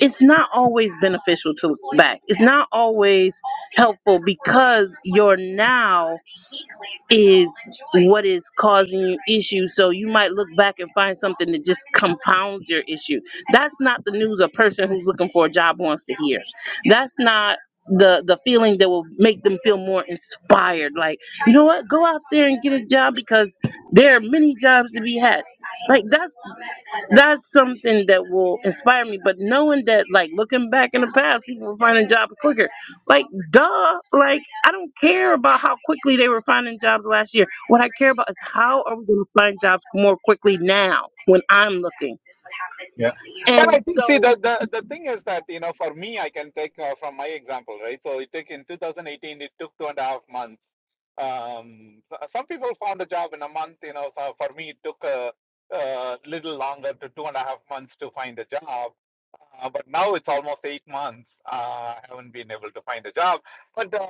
[SPEAKER 1] it's not always beneficial to look back. It's not always helpful because your now is what is causing you issues. So you might look back and find something that just compounds your issue. That's not the news a person who's looking for a job wants to hear. That's not the the feeling that will make them feel more inspired like you know what go out there and get a job because there are many jobs to be had like that's that's something that will inspire me. But knowing that, like looking back in the past, people were finding jobs quicker. Like, duh. Like, I don't care about how quickly they were finding jobs last year. What I care about is how are we going to find jobs more quickly now when I'm looking.
[SPEAKER 9] Yeah. But
[SPEAKER 1] And
[SPEAKER 9] I think, see,
[SPEAKER 1] so,
[SPEAKER 9] the, the, the thing is that, you know, for me, I can take uh, from my example, right? So it took in 2018, it took two and a half months. Um, s- some people found a job in a month, you know, so for me, it took a, a little longer to two and a half months to find a job. Uh, but now it's almost eight months. Uh, I haven't been able to find a job. But um,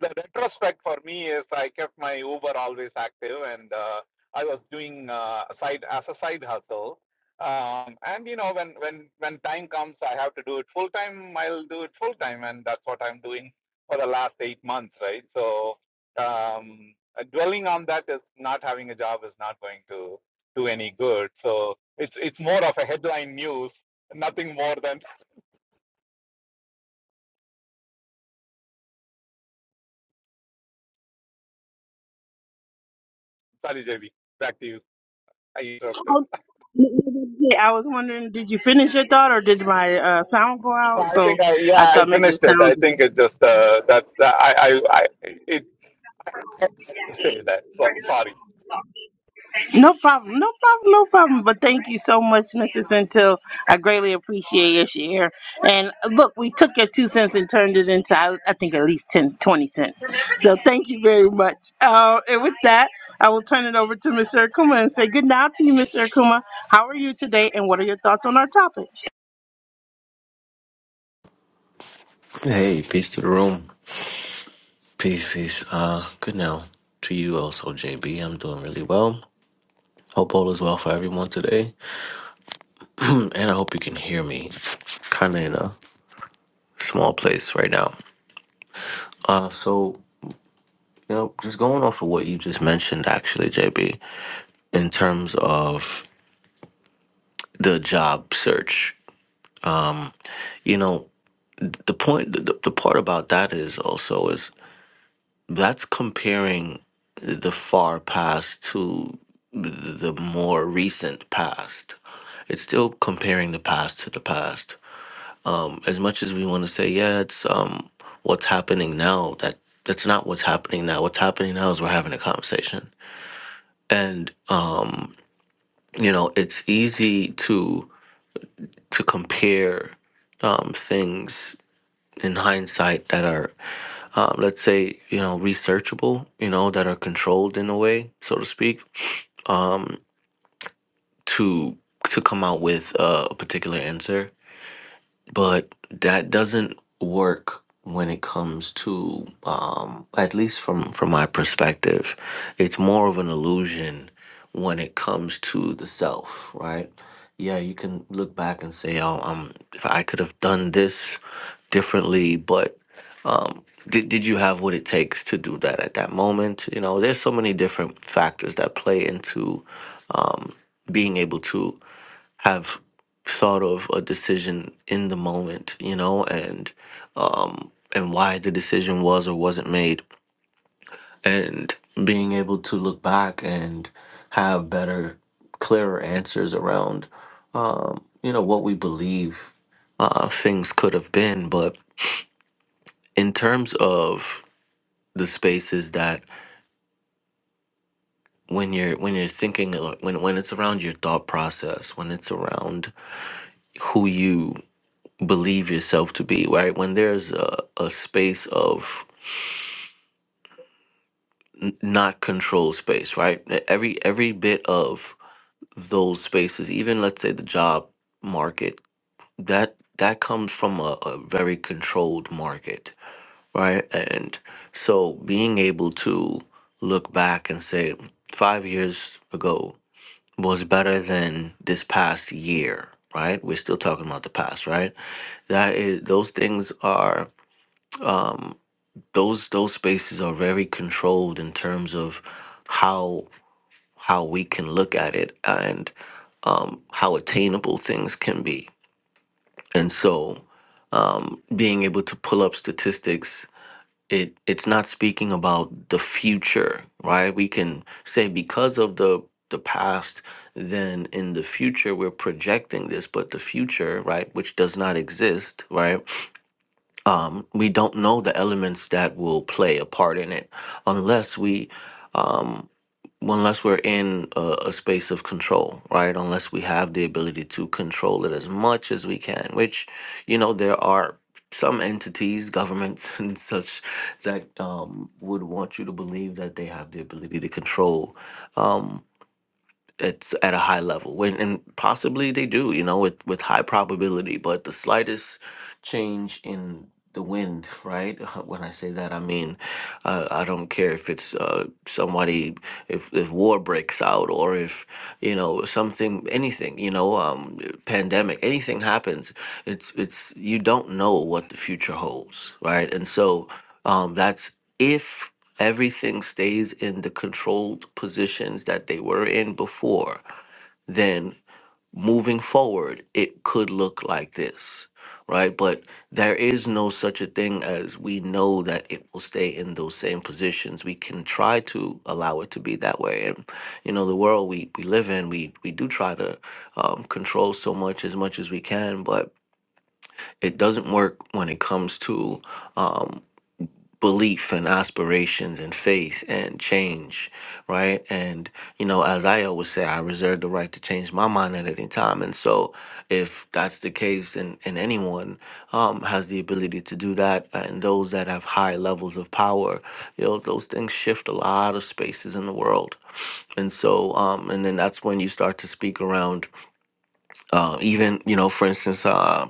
[SPEAKER 9] the retrospect for me is I kept my Uber always active and uh, I was doing uh, side as a side hustle um, and you know when when when time comes i have to do it full time i'll do it full time and that's what i'm doing for the last eight months right so um, uh, dwelling on that is not having a job is not going to do any good so it's it's more of a headline news nothing more than sorry jb back to you i interrupted
[SPEAKER 1] oh, I was wondering, did you finish your thought, or did my uh, sound go
[SPEAKER 9] No,
[SPEAKER 1] out?
[SPEAKER 9] i
[SPEAKER 1] So
[SPEAKER 9] think i
[SPEAKER 1] I
[SPEAKER 9] yeah i
[SPEAKER 1] thought maybe the
[SPEAKER 9] finished it i
[SPEAKER 1] sound.
[SPEAKER 9] think it just uh, that's i i i it I have to say that so, sorry
[SPEAKER 1] No problem, no problem, no problem. But thank you so much, Mrs. Until. I greatly appreciate your share. And uh, look, we took your two cents and turned it into, I, I think, at least 10, 20 cents. So thank you very much. Uh, and with that, I will turn it over to Mr. Akuma and say good night to you, Mr. Akuma. How are you today, and what are your thoughts on our topic?
[SPEAKER 10] Hey, peace to the room. Peace, peace. Uh, good now to you also, JB. I'm doing really well. Hope all is well for everyone today. Mm, And I hope you can hear me. Kind of in a small place right now. Uh, so, you know, just going off of what you just mentioned, actually, JB, in terms of the job search, you know, the point, the, the part about that is also is that's comparing the far past to the more recent past. It's still comparing the past to the past. Um, as much as we want to say, yeah, it's um, what's happening now. That that's not what's happening now. What's happening now is we're having a conversation, and um, you know, it's easy to to compare um, things in hindsight that are, um, let's say, you know, researchable, you know, that are controlled in a way, so to speak um, to to come out with uh, a particular answer, but that doesn't work when it comes to um, at least from from my perspective, it's more of an illusion when it comes to the self, right? Yeah, you can look back and say, "Oh, um, if I could have done this differently," but um, did did you have what it takes to do that at that moment? You know, there's so many different factors that play into being able to have thought of a decision in the moment, you know, and um and why the decision was or wasn't made and being able to look back and have better clearer answers around um you know what we believe uh things could have been but in terms of the spaces that when you're when you're thinking uh, when when it's around your thought process when it's around who you believe yourself to be, right? When there's a, a space of n- not control space, right? E- Every every bit of those spaces, even let's say the job market, that that comes from a, a very controlled market, right? And so being able to look back and say five years ago was better than this past year, right? We're still talking about the past, right? That is those things are um, those those spaces are very controlled in terms of how how we can look at it and um, how attainable things can be. And so, um, being able to pull up statistics, it it's not speaking about the future, right? We can say because of the the past, then in the future we're projecting this, but the future, right, which does not exist, right? um, we don't know the elements that will play a part in it unless we um, unless we're in a, a space of control right unless we have the ability to control it as much as we can which you know there are some entities governments and such that um, would want you to believe that they have the ability to control um, it's at a high level when, and possibly they do you know with, with high probability but the slightest change in the wind, right? When I say that, I mean uh, I don't care if it's uh, somebody, if if war breaks out, or if you know something, anything, you know, um, pandemic, anything happens. It's it's you don't know what the future holds, right? And so um, that's if everything stays in the controlled positions that they were in before, moving forward, it could look like this, right? But there is no such a thing as we know that it will stay in those same positions. We can try to allow it to be that way. And, you know, the world we, we live in, we, we do try to um, control so much as much as we can, but it doesn't work when it comes to um, belief and aspirations and faith and change, right? And you know, as I always say, I reserve the right to change my mind at any time. And so, if that's the case, and and anyone um, has the ability to do that, and those that have high levels of power, you know, those things shift a lot of spaces in the world. And so, um, and then that's when you start to speak around, uh, even you know, for instance. Uh,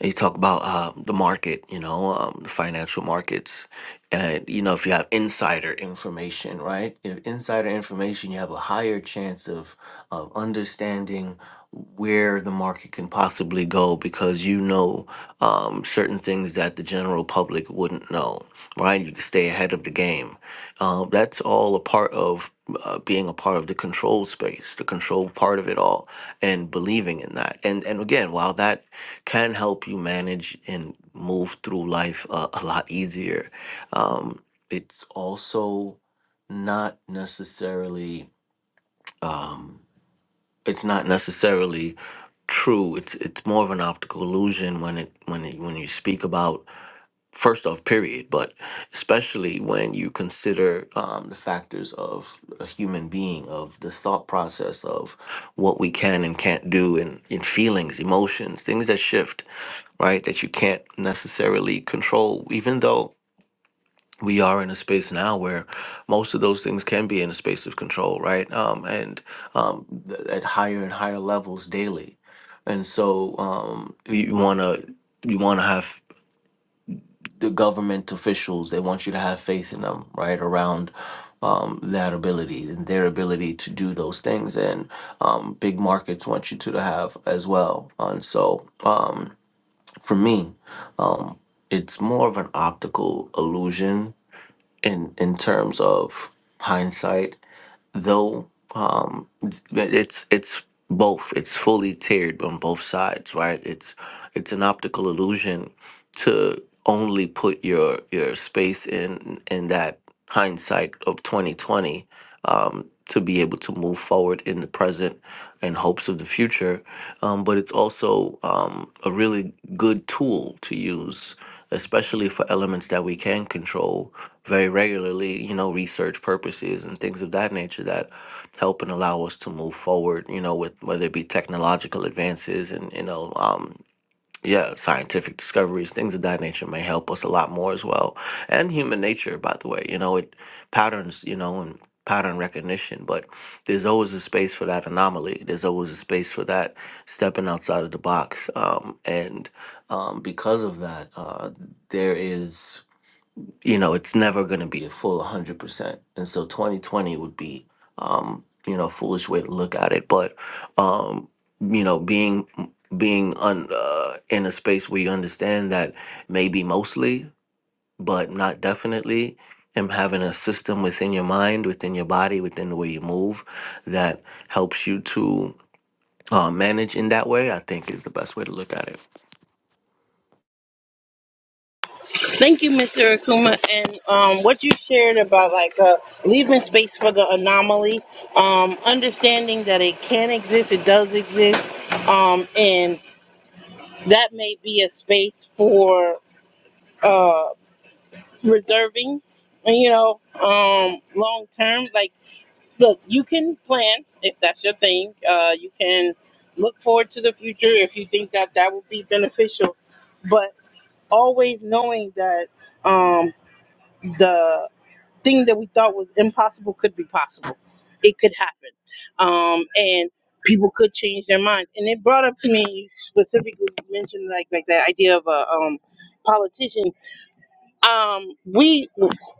[SPEAKER 10] you talk about uh, the market, you know, um, the financial markets. And, you know, if you have insider information, right? If insider information, you have a higher chance of, of understanding where the market can possibly go because you know um, certain things that the general public wouldn't know, right? You can stay ahead of the game. Uh, that's all a part of uh, being a part of the control space, the control part of it all, and believing in that. And and again, while that can help you manage and move through life uh, a lot easier. Um, it's also not necessarily um, it's not necessarily true. It's it's more of an optical illusion when it when it, when you speak about first off, period, but especially when you consider um, the factors of a human being, of the thought process of what we can and can't do, and, in feelings, emotions, things that shift, right? That you can't necessarily control, even though we are in a space now where most of those things can be in a space of control, right? Um, and um, th- at higher and higher levels daily. And so um, you want to you want to have the government officials they want you to have faith in them right around um, that ability and their ability to do those things and um, big markets want you to have as well and so um, for me it's more of an optical illusion in in terms of hindsight though um it's it's both it's fully tiered on both sides right it's it's an optical illusion to only put your your space in in that hindsight of 2020 um, to be able to move forward in the present and hopes of the future. Um, but it's also um, a really good tool to use, especially for elements that we can control very regularly, you know, research purposes and things of that nature that help and allow us to move forward, you know, with whether it be technological advances and, you know, um, yeah, scientific discoveries, things of that nature may help us a lot more as well. And human nature, by the way, you know, it patterns, you know, and pattern recognition, but there's always a space for that anomaly. There's always a space for that stepping outside of the box. Um, and um, because of that, uh, there is you know, it's never going to be a full 100%. And so 2020 would be, um, you know, a foolish way to look at it. But, um, you know, being being un, uh, in a space where you understand that maybe mostly, but not definitely, and having a system within your mind, within your body, within the way you move that helps you to uh, manage in that way, I think is the best way to look at it.
[SPEAKER 1] Thank you, Mr. Akuma. And um, what you shared about like uh, leaving space for the anomaly, um, understanding that it can exist, it does exist, um, and that may be a space for uh, reserving, you know, um, long term. Like, look, you can plan if that's your thing. Uh, you can look forward to the future if you think that that would be beneficial, but always knowing that um, the thing that we thought was impossible could be possible. It could happen. Um, and people could change their minds. And it brought up to me, you specifically mentioned like, like that idea of a um, politician. Um, we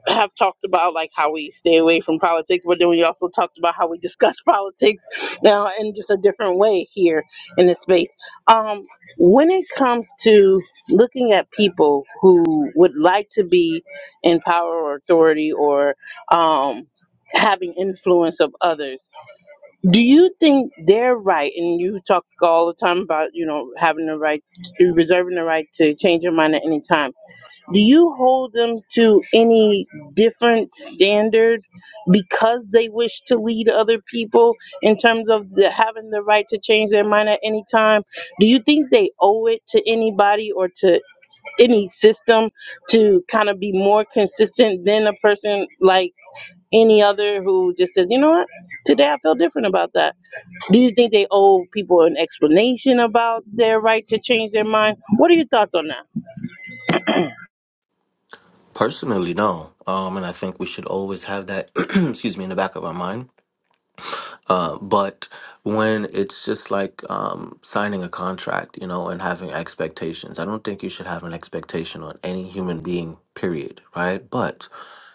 [SPEAKER 1] have talked about like how we stay away from politics, but then we also talked about how we discuss politics now in just a different way here in this space. Um, when it comes to looking at people who would like to be in power or authority or um, having influence of others, do you think they're right? And you talk all the time about you know having the right, reserving the right to change your mind at any time do you hold them to any different standard because they wish to lead other people in terms of the, having the right to change their mind at any time? Do you think they owe it to anybody or to any system to kind of be more consistent than a person like any other who just says, you know what, today I feel different about that? Do you think they owe people an explanation about their right to change their mind? What are your thoughts on that?
[SPEAKER 10] Personally, no. Um, and I think we should always have that, excuse me, in the back of our mind Uh, but when it's just like um, signing a contract, you know, and having expectations, I don't think you should have an expectation on any human being, period, right? But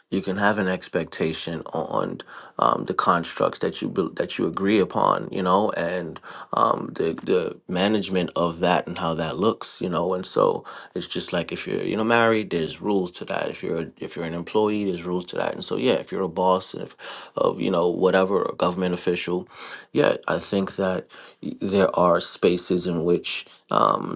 [SPEAKER 10] you can have an expectation on um, the constructs that you bel- that you agree upon, you know, and um, the the management of that and how that looks, you know. And so it's just like if you're you know married, there's rules to that. If you're a- if you're an employee, there's rules to that. And so yeah, if you're a boss of of you know whatever a government official, yeah, I think that y- there are spaces in which um,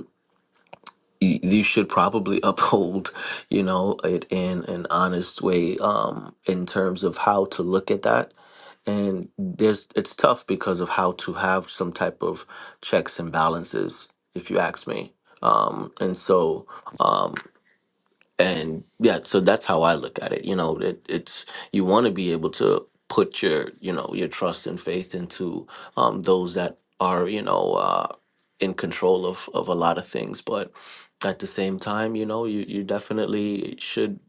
[SPEAKER 10] you, you should probably uphold you know it in an honest way um in terms of how to look at that and there's it's tough because of how to have some type of checks and balances if you ask me um and so um, and yeah so that's how i look at it you know it, it's you want to be able to put your you know your trust and faith into um those that are you know uh in control of of a lot of things but at the same time you know you you definitely should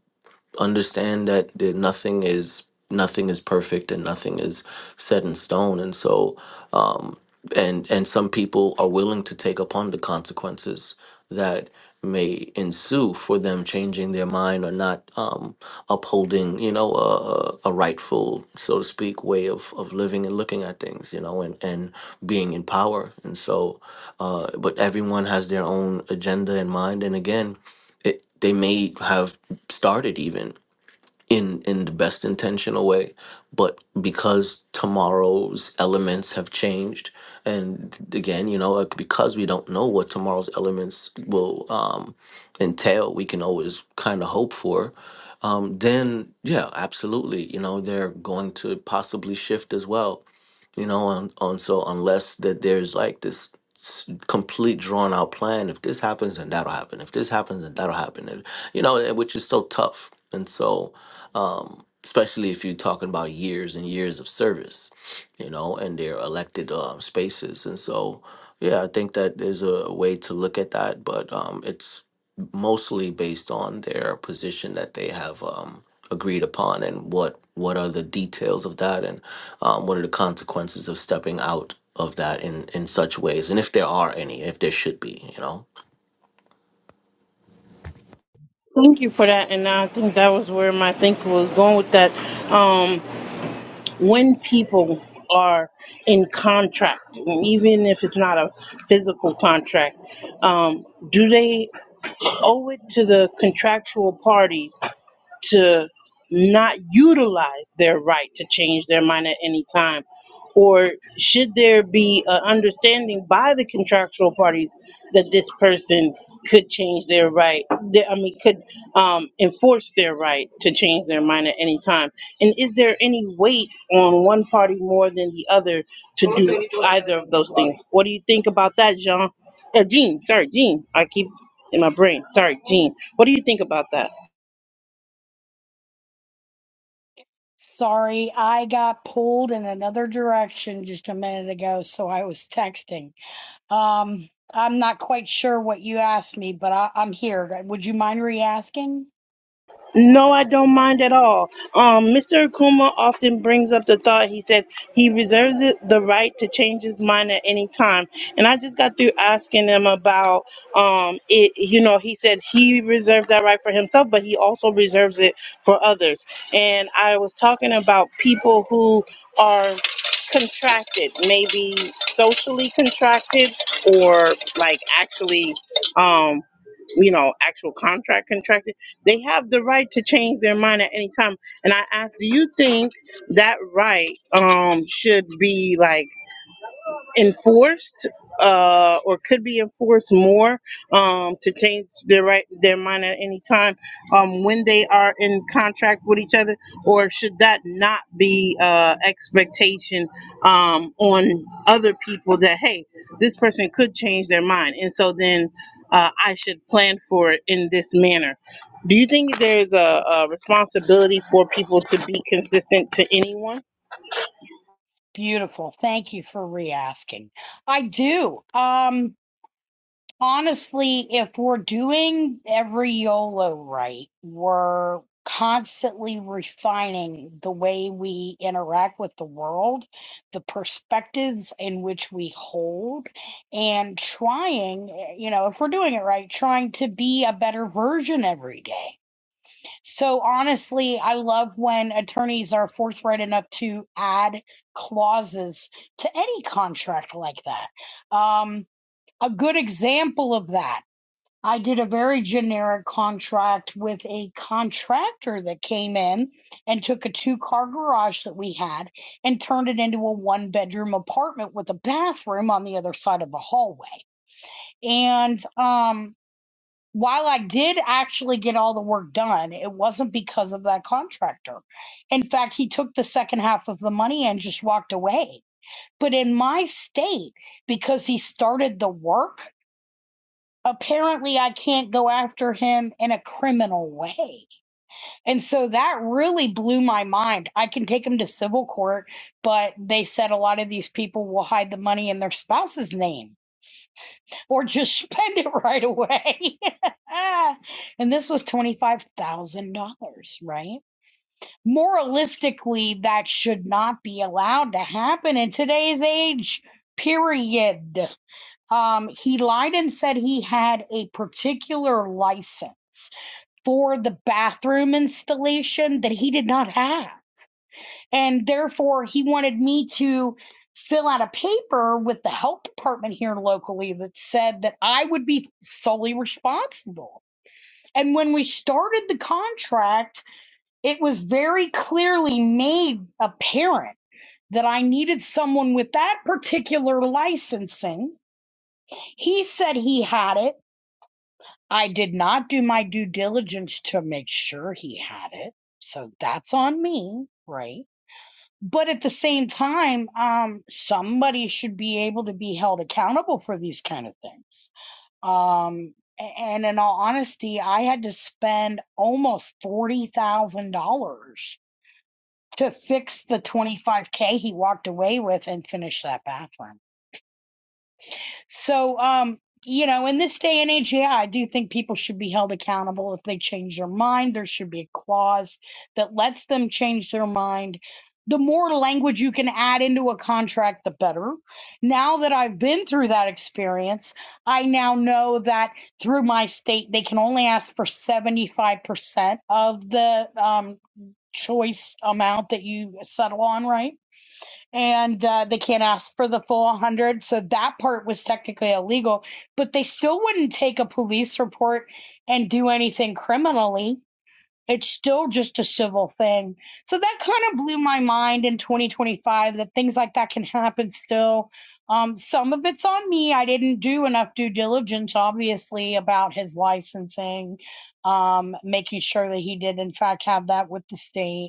[SPEAKER 10] understand that there, nothing is nothing is perfect and nothing is set in stone and so um and and some people are willing to take upon the consequences that may ensue for them changing their mind or not um upholding you know a, a a rightful so to speak way of of living and looking at things you know and and being in power and so uh but everyone has their own agenda in mind and again it, they may have started even in in the best intentional way but because tomorrow's elements have changed and again you know like, because we don't know what tomorrow's elements will um entail we can always kind of hope for um then yeah absolutely you know they're going to possibly shift as well you know on, on so unless that there's like this s- complete drawn out plan if this happens then that'll happen if this happens then that'll happen and, you know eh, which is so tough and so um, especially if you're talking about years and years of service, you know, and their elected uh, spaces. And so, yeah, I think that there's a way to look at that, but um, it's mostly based on their position that they have um, agreed upon and what what are the details of that and um, what are the consequences of stepping out of that in in such ways and if there are any if there should be you know
[SPEAKER 1] Thank you for that, and I think that was where my thinking was going with that. Um, when people are in contract, even if it's not a physical contract, um, do they owe it to the contractual parties to not utilize their right to change their mind at any time? Or should there be an understanding by the contractual parties that this person could change their right? th- I mean, could um, enforce their right to change their mind at any time? And is there any weight on one party more than the other to do either of those things? What do you think about that, Jean? Uh, Jean, sorry, Jean. I keep in my brain. Sorry, Jean. What do you think about that?
[SPEAKER 7] Sorry, I got pulled in another direction just a minute ago, so I was texting. Um, I'm not quite sure what you asked me, but I, I'm here. Would you mind re asking?
[SPEAKER 1] No, I don't mind at all. Um, Mr. Akuma often brings up the thought. He said he reserves it, the right to change his mind at any time. And I just got through asking him about um, it. You know, he said he reserves that right for himself, but he also reserves it for others. And I was talking about people who are contracted, maybe socially contracted, or like actually, um, you know, actual contract contracted they have the right to change their mind at any time. And I asked, do you think that right um should be like enforced uh, or could be enforced more um, to change their right their mind at any time um, when they are in contract with each other or should that not be uh, expectation um, on other people that hey this person could change their mind and so then uh, I should plan for it in this manner. Do you think there's a, a responsibility for people to be consistent to anyone?
[SPEAKER 7] Beautiful. Thank you for re-asking. I do. Um, honestly, if we're doing every YOLO right, we're constantly refining the way we interact with the world, the perspectives in which we hold, and trying, eh, you know, if we're doing it right, trying to be a better version every day. So honestly, I love when attorneys are forthright enough to add clauses to any contract like that. Um, a good example of that, I did a very generic contract with a contractor that came in and took a two car garage that we had and turned it into a one bedroom apartment with a bathroom on the other side of the hallway. And um, while I did actually get all the work done, it wasn't because of that contractor. In fact, he took the second half of the money and just walked away. But in my state, because he started the work, apparently I can't go after him in a criminal way. And so that really blew my mind. I can take him to civil court, but they said a lot of these people will hide the money in their spouse's name or just spend it right away. and this was $25,000, right? Moralistically, that should not be allowed to happen in today's age, period. Um, he lied and said he had a particular license for the bathroom installation that he did not have. And therefore, he wanted me to fill out a paper with the health department here locally that said that I would be solely responsible. And when we started the contract, it was very clearly made apparent that I needed someone with that particular licensing. He said he had it. I did not do my due diligence to make sure he had it. So that's on me, right? But at the same time, um, somebody should be able to be held accountable for these kind of things. Um, and in all honesty, I had to spend almost forty thousand dollars to fix the twenty five k he walked away with and finish that bathroom. So, um, you know, in this day and age, yeah, I do think people should be held accountable if they change their mind. There should be a clause that lets them change their mind. The more language you can add into a contract, the better. Now that I've been through that experience, I now know that through my state, they can only ask for 75% of the um, choice amount that you settle on, right? and uh, they can't ask for the full 100 so that part was technically illegal but they still wouldn't take a police report and do anything criminally it's still just a civil thing so that kind of blew my mind in 2025 that things like that can happen still um, some of it's on me i didn't do enough due diligence obviously about his licensing um, making sure that he did in fact have that with the state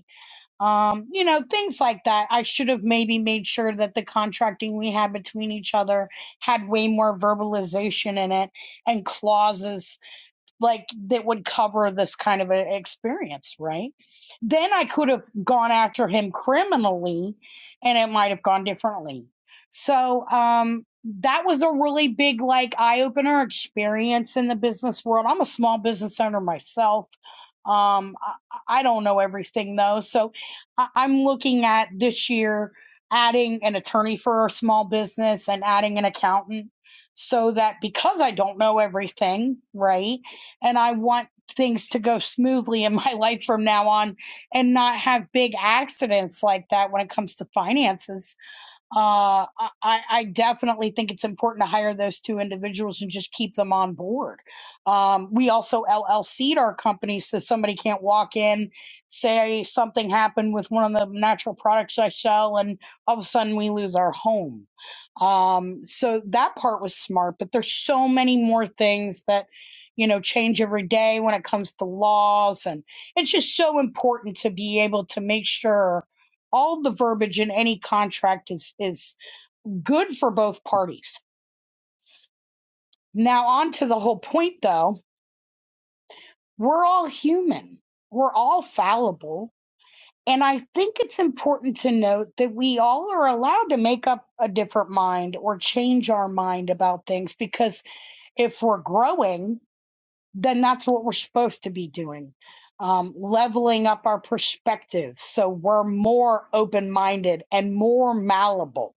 [SPEAKER 7] um, you know, things like that. I should have maybe made sure that the contracting we had between each other had way more verbalization in it and clauses like that would cover this kind of an experience, right? Then I could have gone after him criminally and it might have gone differently. So, um, that was a really big, like, eye opener experience in the business world. I'm a small business owner myself. Um, I, I don't know everything though. So I, I'm looking at this year adding an attorney for a small business and adding an accountant so that because I don't know everything, right? and I want things to go smoothly in my life from now on and not have big accidents like that when it comes to finances uh, I, I definitely think it's important to hire those two individuals and just keep them on board. Um, we also LLC'd our company so somebody can't walk in, say something happened with one of the natural products I sell, and all of a sudden we lose our home. Um, so that part was smart, but there's so many more things that you know change every day when it comes to laws and it's just so important to be able to make sure all the verbiage in any contract is is good for both parties. Now on to the whole point though, we're all human. We're all fallible. And I think it's important to note that we all are allowed to make up a different mind or change our mind about things because if we're growing, then that's what we're supposed to be doing. Um, leveling up our perspectives so we're more open minded and more malleable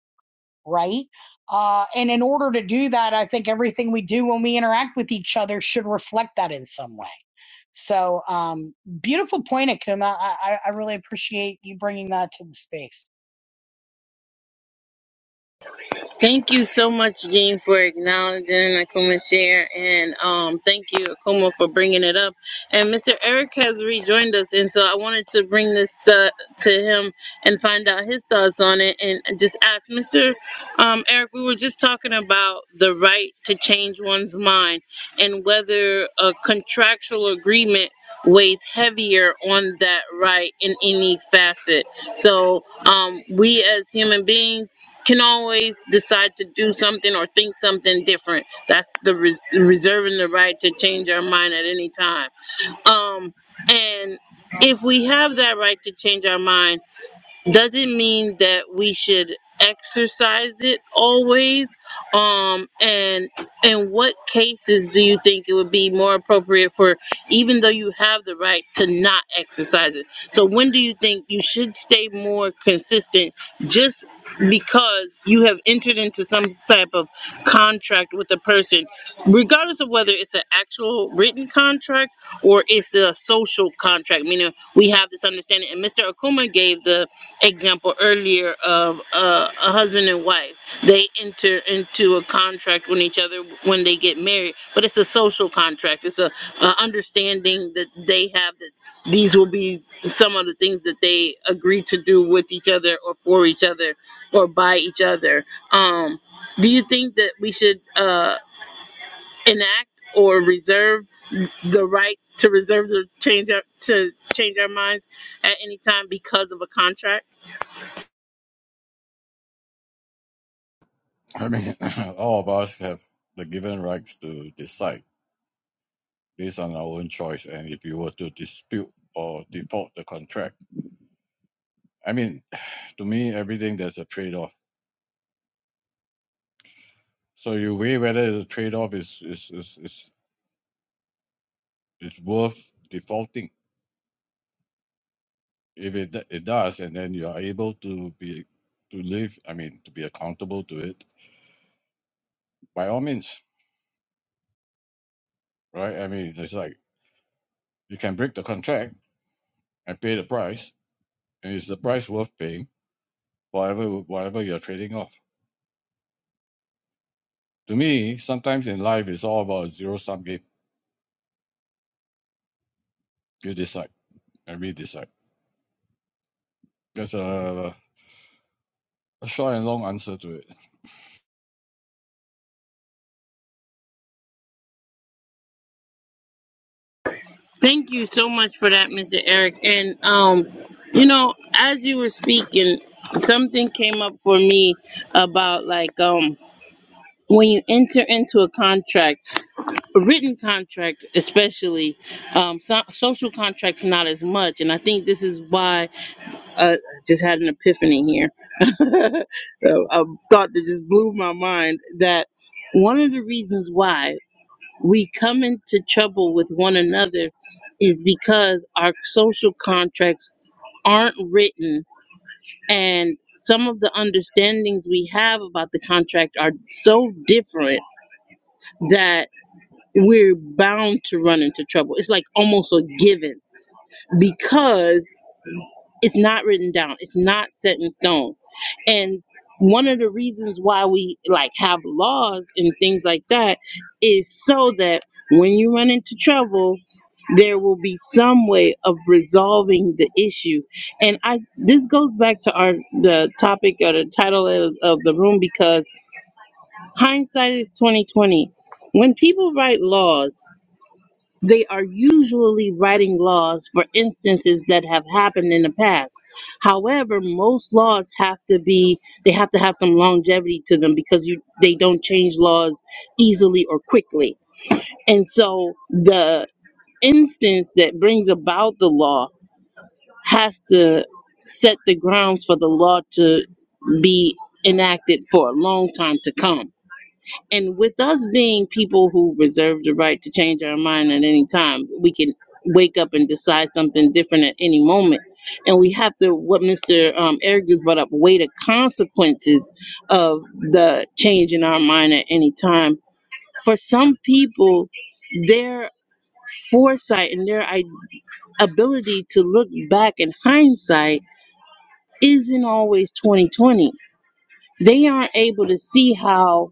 [SPEAKER 7] right? Uh, and in order to do that, I think everything we do when we interact with each other should reflect that in some way. So, um, beautiful point, Akuma. I, I really appreciate you bringing that to the space.
[SPEAKER 1] Thank you so much, Jean, for acknowledging Akuma's share, and um, thank you, Akuma, for bringing it up. And Mr. Eric has rejoined us, and so I wanted to bring this to, to him and find out his thoughts on it, and just ask Mr. Um, Eric. We were just talking about the right to change one's mind, and whether a contractual agreement weighs heavier on that right in any facet. So um, we as human beings can always decide to do something or think something different. That's the res- reserving the right to change our mind at any time. Um, and if we have that right to change our mind doesn't mean that we should exercise it always um and in what cases do you think it would be more appropriate for even though you have the right to not exercise it so when do you think you should stay more consistent just because you have entered into some type of contract with a person regardless of whether it's an actual written contract or it's a social contract meaning we have this understanding and mr akuma gave the example earlier of uh, a husband and wife. They enter into a contract with each other when they get married, but it's a social contract. It's a, a understanding that they have that these will be some of the things that they agree to do with each other or for each other or by each other. Um, do you think that we should uh, enact or reserve the right to reserve to change our, to change our minds at any time because of a contract?
[SPEAKER 6] I mean, all of us have the given rights to decide based on our own choice. And if you were to dispute or default the contract, I mean, to me, everything there's a trade off. So you weigh whether the trade off is, is, is, is it's worth defaulting. If it d- it does, and then you are able to be to live, I mean, to be accountable to it, by all means, right? I mean, it's like you can break the contract and pay the price, and is the price worth paying? Whatever whatever you're trading off. To me, sometimes in life, it's all about a zero sum game. You decide, and we decide. That's a, a short and long answer to it.
[SPEAKER 1] Thank you so much for that, Mr. Eric. And um, you know, as you were speaking, something came up for me about like um when you enter into a contract, a written contract especially, um, so- social contracts not as much. And I think this is why uh, I just had an epiphany here. a a thought that just blew my mind that one of the reasons why we come into trouble with one another is because our social contracts aren't written and some of the understandings we have about the contract are so different that we're bound to run into trouble. It's like almost a given because It's not written down. It's not set in stone. And one of the reasons why we like have laws and things like that is so that when you run into trouble, there will be some way of resolving the issue. And I this goes back to our the topic or the title of, of the room because hindsight is 2020. When people write laws they are usually writing laws for instances that have happened in the past. However, most laws have to be they have to have some longevity to them because you they don't change laws easily or quickly. And so the instance that brings about the law has to set the grounds for the law to be enacted for a long time to come and with us being people who reserve the right to change our mind at any time, we can wake up and decide something different at any moment. And we have to, what Mr. Um, Eric just brought up, weigh the consequences of the change in our mind at any time. For some people, their foresight and their i- ability to look back in hindsight isn't always 2020. They aren't able to see how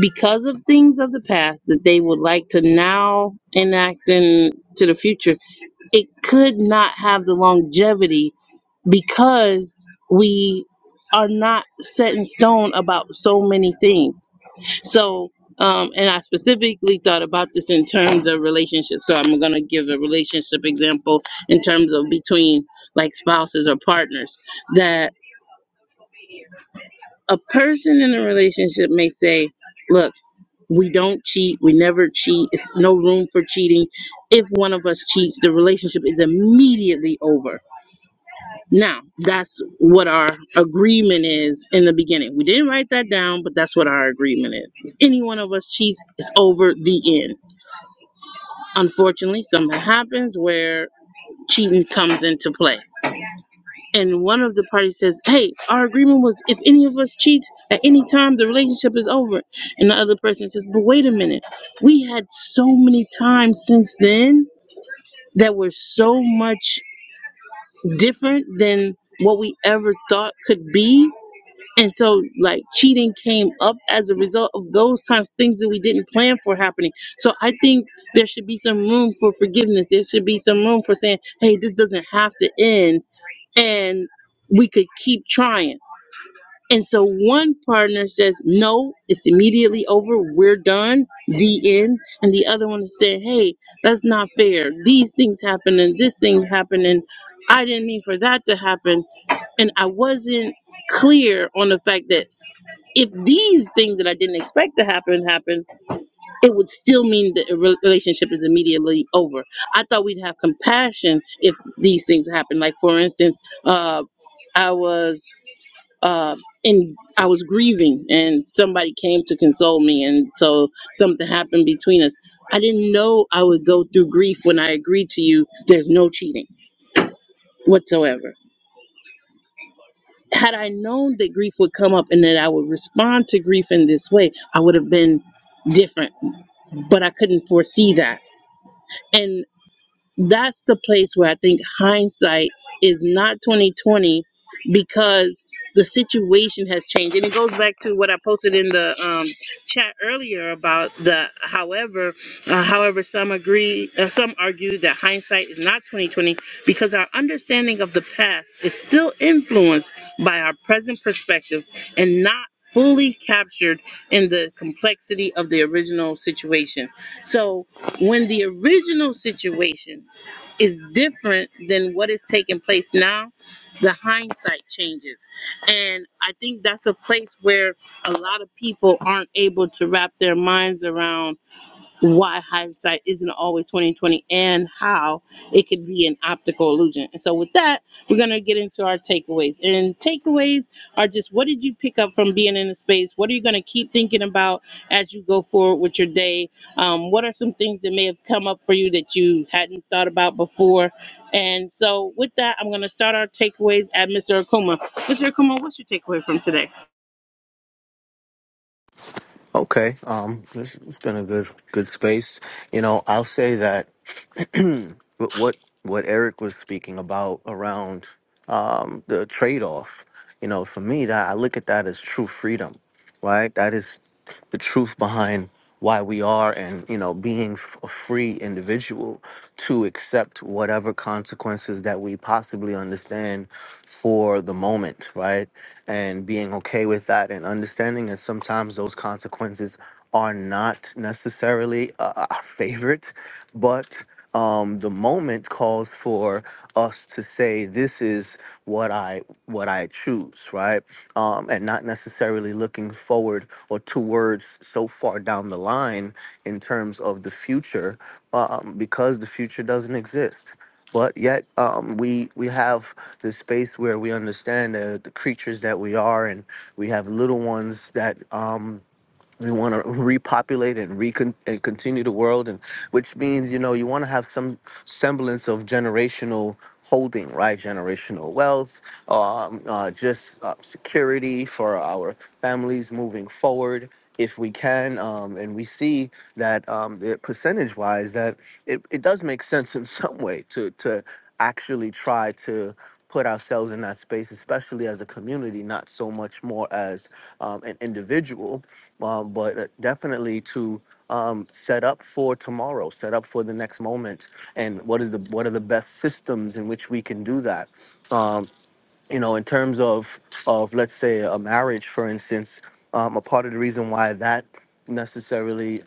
[SPEAKER 1] because of things of the past that they would like to now enact into the future, it could not have the longevity because we are not set in stone about so many things. So, um, and I specifically thought about this in terms of relationships. So I'm going to give a relationship example in terms of between like spouses or partners that a person in a relationship may say, look, we don't cheat. We never cheat. It's no room for cheating. If one of us cheats, the relationship is immediately over. Now, that's what our agreement is in the beginning. We didn't write that down, but that's what our agreement is. If any one of us cheats, it's over the end. Unfortunately, something happens where cheating comes into play. and one of the parties says, "Hey, our agreement was if any of us cheats at any time, the relationship is over," and the other person says, "But wait a minute, we had so many times since then that were so much different than what we ever thought could be." And so, like, cheating came up as a result of those times, things that we didn't plan for happening. So, I think there should be some room for forgiveness. There should be some room for saying, hey, this doesn't have to end. And we could keep trying and so one partner says, No, it's immediately over. We're done. The end. And the other one said, Hey, that's not fair. These things happen and this thing happened. And I didn't mean for that to happen. And I wasn't clear on the fact that if these things that I didn't expect to happen happen, it would still mean that a re- relationship is immediately over. I thought we'd have compassion if these things happen. Like, for instance, uh, I was uh, and I was grieving, and somebody came to console me, and so something happened between us. I didn't know I would go through grief when I agreed to you. There's no cheating whatsoever. Had I known that grief would come up and that I would respond to grief in this way, I would have been different, but I couldn't foresee that. that's the place where I think hindsight is not 2020 because the situation has changed. And it goes back to what I posted in the um, chat earlier about the however, uh, however some agree, uh, some argue that hindsight is not 2020 because our understanding of the past is still influenced by our present perspective and not fully captured in the complexity of the original situation. So when the original situation is different than what is taking place now, the hindsight changes. And I think that's a place where a lot of people aren't able to wrap their minds around why hindsight isn't always 2020 and how it could be an optical illusion. And so with that, we're gonna get into our takeaways. And takeaways are just what did you pick up from being in the space? What are you gonna keep thinking about as you go forward with your day? Um, what are some things that may have come up for you that you hadn't thought about before? And so with that, I'm gonna start our takeaways at Mr. Akuma. Mr. Akuma, what's your takeaway from today?
[SPEAKER 10] Okay. Um, it's, it's been a good good space. You know, I'll say that what what what Eric was speaking about around um, the trade off. You know, for me, that I look at that as true freedom, right? That is the truth behind why we are and you know being f- a free individual to accept whatever consequences that we possibly understand for the moment right and being okay with that and understanding that sometimes those consequences are not necessarily uh, our favorite, but um, the moment calls for us to say this is what I what I choose, right? Um, and not necessarily looking forward or towards so far down the line in terms of the future, um, because the future doesn't exist but yet um, we we have this space where we understand uh, the creatures that we are, and we have little ones that. Um, we want to repopulate and recon and continue the world and which means you know you want to have some semblance of generational holding right generational wealth um, uh, just uh, security for our families moving forward if we can um, and we see that um, the percentage wise that it, it does make sense in some way to to actually try to put ourselves in that space especially as a community not so much more as um, an individual um, but uh, definitely to um, set up for tomorrow, set up for the next moment, and what is the what are the best systems in which we can do that? Um, you know, in terms of of let's say a marriage, for instance, um, a part of the reason why that necessarily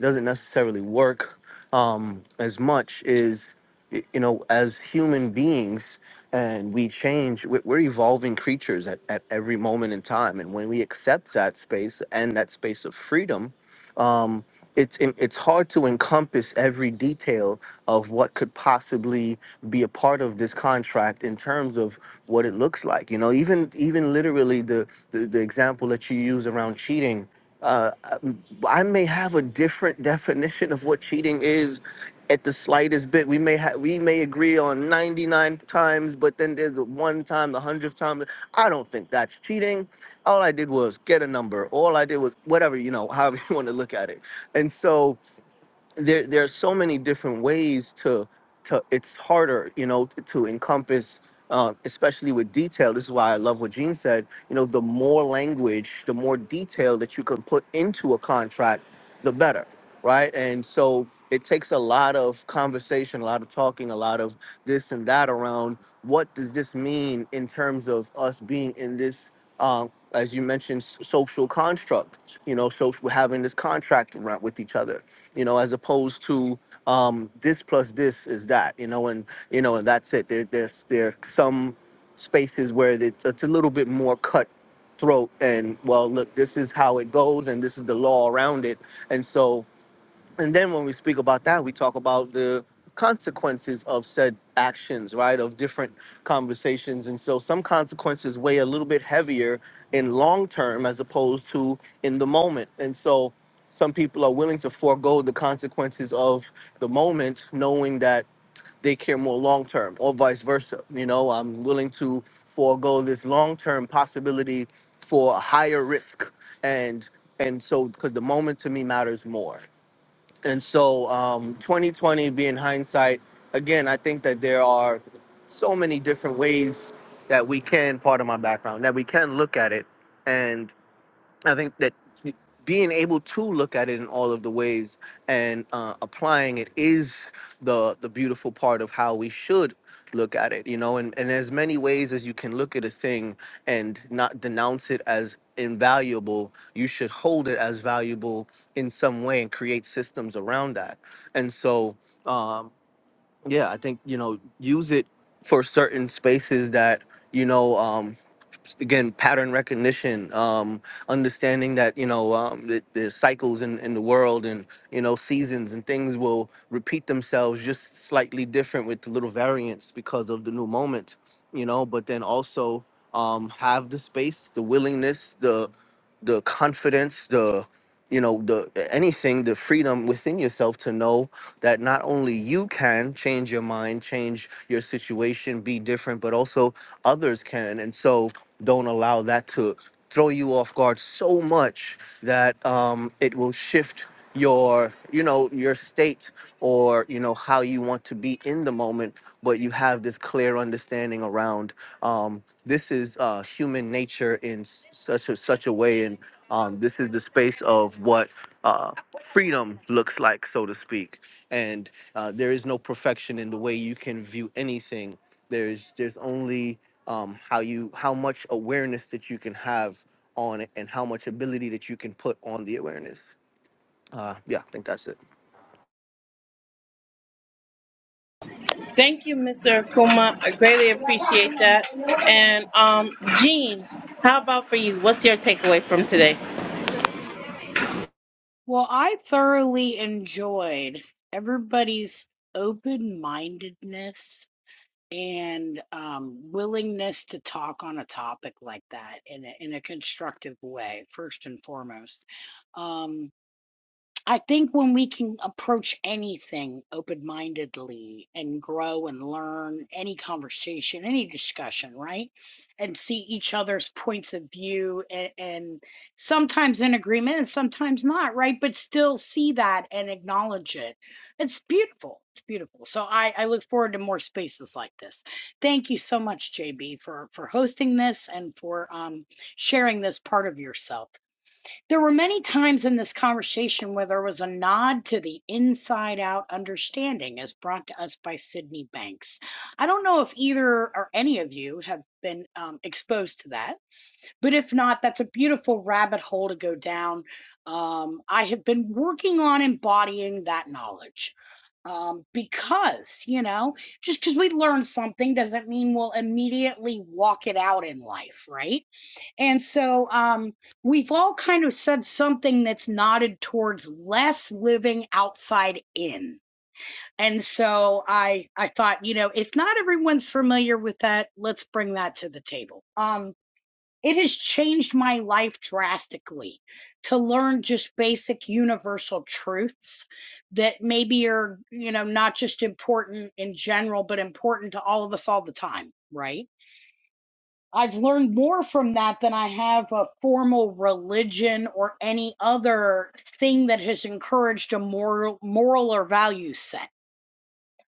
[SPEAKER 10] doesn't necessarily work um, as much is y- you know as human beings and we change we- we're evolving creatures at, at every moment in time and when we accept that space and that space of freedom um, it's it- it's hard to encompass every detail of what could possibly be a part of this contract in terms of what it looks like you know even even literally the the, the example that you use around cheating uh, uh, I may have a different definition of what cheating is at the slightest bit. We may have we may agree on 99 times, but then there's the one time, the hundredth time. I don't think that's cheating. All I did was get a number. All I did was whatever, you know, however you want to look at it. And so there there are so many different ways to to it's harder you know to, to encompass uh, especially with detail this is why i love what gene said you know the more language the more detail that you can put into a contract the better right and so it takes a lot of conversation a lot of talking a lot of this and that around what does this mean in terms of us being in this um, as you mentioned s- social construct you know so having this contract around with each other you know, as opposed to um, this plus this is that, you know, and you know, and that's it. There, there's there are some spaces where it's, it's a little bit more cutthroat and well, look, this is how it goes, and this is the law around it, and so and then when we speak about that, we talk about the consequences of said actions, right? Of different conversations. And so some consequences weigh a little bit heavier in long term as opposed to in the moment. And so some people are willing to forego the consequences of the moment, knowing that they care more long term, or vice versa. You know, I'm willing to forego this long term possibility for a higher risk. And and so because the moment to me matters more and so, um, 2020 being hindsight, again, I think that there are so many different ways that we can, part of my background, that we can look at it. and. I think that being able to look at it in all of the ways and uh, applying it is the the beautiful part of how we should look at it you know and, and as many ways as you can look at a thing and not denounce it as invaluable you should hold it as valuable in some way and create systems around that and so um yeah i think you know use it for certain spaces that you know Um, again pattern recognition um understanding that you know um the, the cycles in, in the world and you know seasons and things will repeat themselves just slightly different with the little variants because of the new moment you know but then also um have the space the willingness the the confidence the you know the anything the freedom within yourself to know that not only you can change your mind change your situation be different but also others can and so don't allow that to throw you off guard so much that um, it will shift your you know your state or you know how you want to be in the moment but you have this clear understanding around um, this is uh, human nature in s- such a such a way and um, this is the space of what uh, freedom looks like so to speak and uh, there is no perfection in the way you can view anything there's there's only um, how you how much awareness that you can have on it and how much ability that you can put on the awareness. Uh, yeah, I think that's it.
[SPEAKER 1] Thank you, Mr. Akuma. I greatly appreciate that. And um, Jean, how about for you? What's your takeaway from today?
[SPEAKER 7] Well, I thoroughly enjoyed everybody's open mindedness and um, willingness to talk on a topic like that in a, in a constructive way, first and foremost. Um, I think when we can approach anything open mindedly and grow and learn any conversation, any discussion, right? And see each other's points of view and, and sometimes in agreement and sometimes not, right? But still see that and acknowledge it. It's beautiful. It's beautiful. So I, I look forward to more spaces like this. Thank you so much, JB, for, for hosting this and for um, sharing this part of yourself. There were many times in this conversation where there was a nod to the inside out understanding as brought to us by Sydney Banks. I don't know if either or any of you have been um, exposed to that, but if not, that's a beautiful rabbit hole to go down. Um, I have been working on embodying that knowledge um, because, you know, just because we learn something doesn't mean we'll immediately walk it out in life, right? And so um, we've all kind of said something that's nodded towards less living outside in. And so I I thought, you know, if not everyone's familiar with that, let's bring that to the table. Um, it has changed my life drastically to learn just basic universal truths that maybe are, you know, not just important in general, but important to all of us all the time, right? I've learned more from that than I have a formal religion or any other thing that has encouraged a moral, moral or value set.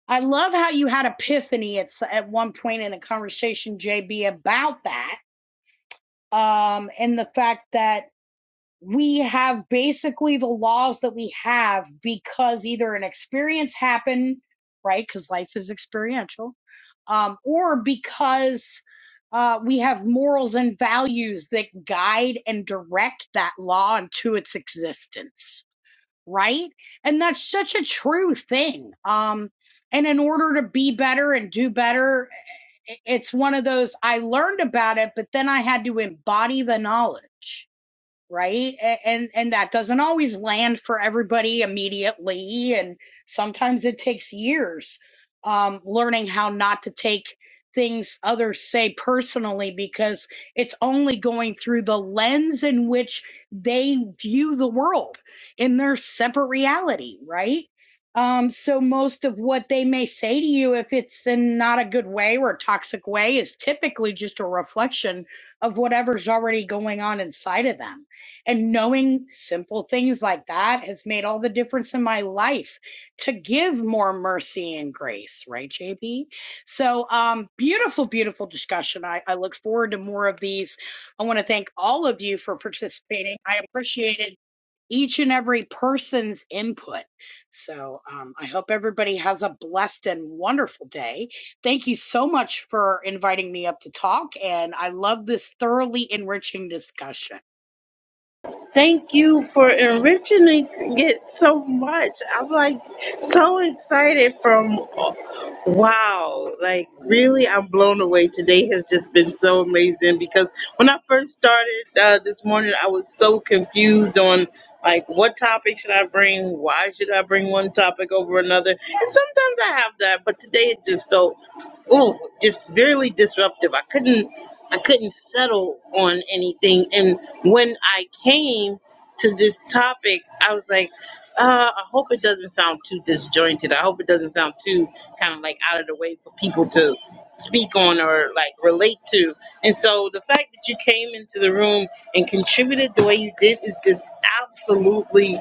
[SPEAKER 7] I love how you had epiphany at at one point in the conversation, JB, about that um, and the fact that we have basically the laws that we have because either an experience happened, right? Because life is experiential, um, or because uh, we have morals and values that guide and direct that law into its existence, right? And that's such a true thing. Um, and in order to be better and do better, i- it's one of those I learned about it, but then I had to embody the knowledge right and and that doesn't always land for everybody immediately and sometimes it takes years um learning how not to take things others say personally because it's only going through the lens in which they view the world in their separate reality right um so most of what they may say to you if it's in not a good way or a toxic way is typically just a reflection of whatever's already going on inside of them and knowing simple things like that has made all the difference in my life to give more mercy and grace, right, JB? So, um, beautiful, beautiful discussion. I, I look forward to more of these. I want to thank all of you for participating. I appreciated each and every person's input. So, um, I hope everybody has a blessed and wonderful day. Thank you so much for inviting me up to talk. And I love this thoroughly enriching discussion.
[SPEAKER 1] Thank you for enriching it so much. I'm like so excited from wow, like really, I'm blown away. Today has just been so amazing because when I first started uh, this morning, I was so confused on like what topic should I bring? Why should I bring one topic over another? And sometimes I have that, but today it just felt oh, just really disruptive. I couldn't. I couldn't settle on anything. And when I came to this topic, I was like, uh, I hope it doesn't sound too disjointed. I hope it doesn't sound too kind of like out of the way for people to speak on or like relate to. And so the fact that you came into the room and contributed the way you did is just absolutely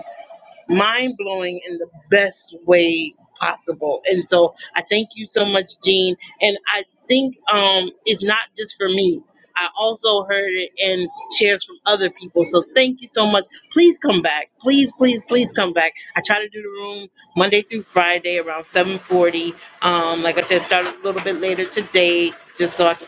[SPEAKER 1] mind blowing in the best way possible. And so I thank you so much, Jean. And I think um, it's not just for me. I also heard it in shares from other people. So thank you so much. Please come back. Please, please, please come back. I try to do the room Monday through Friday around 7:40. Um, like I said, started a little bit later today, just so I can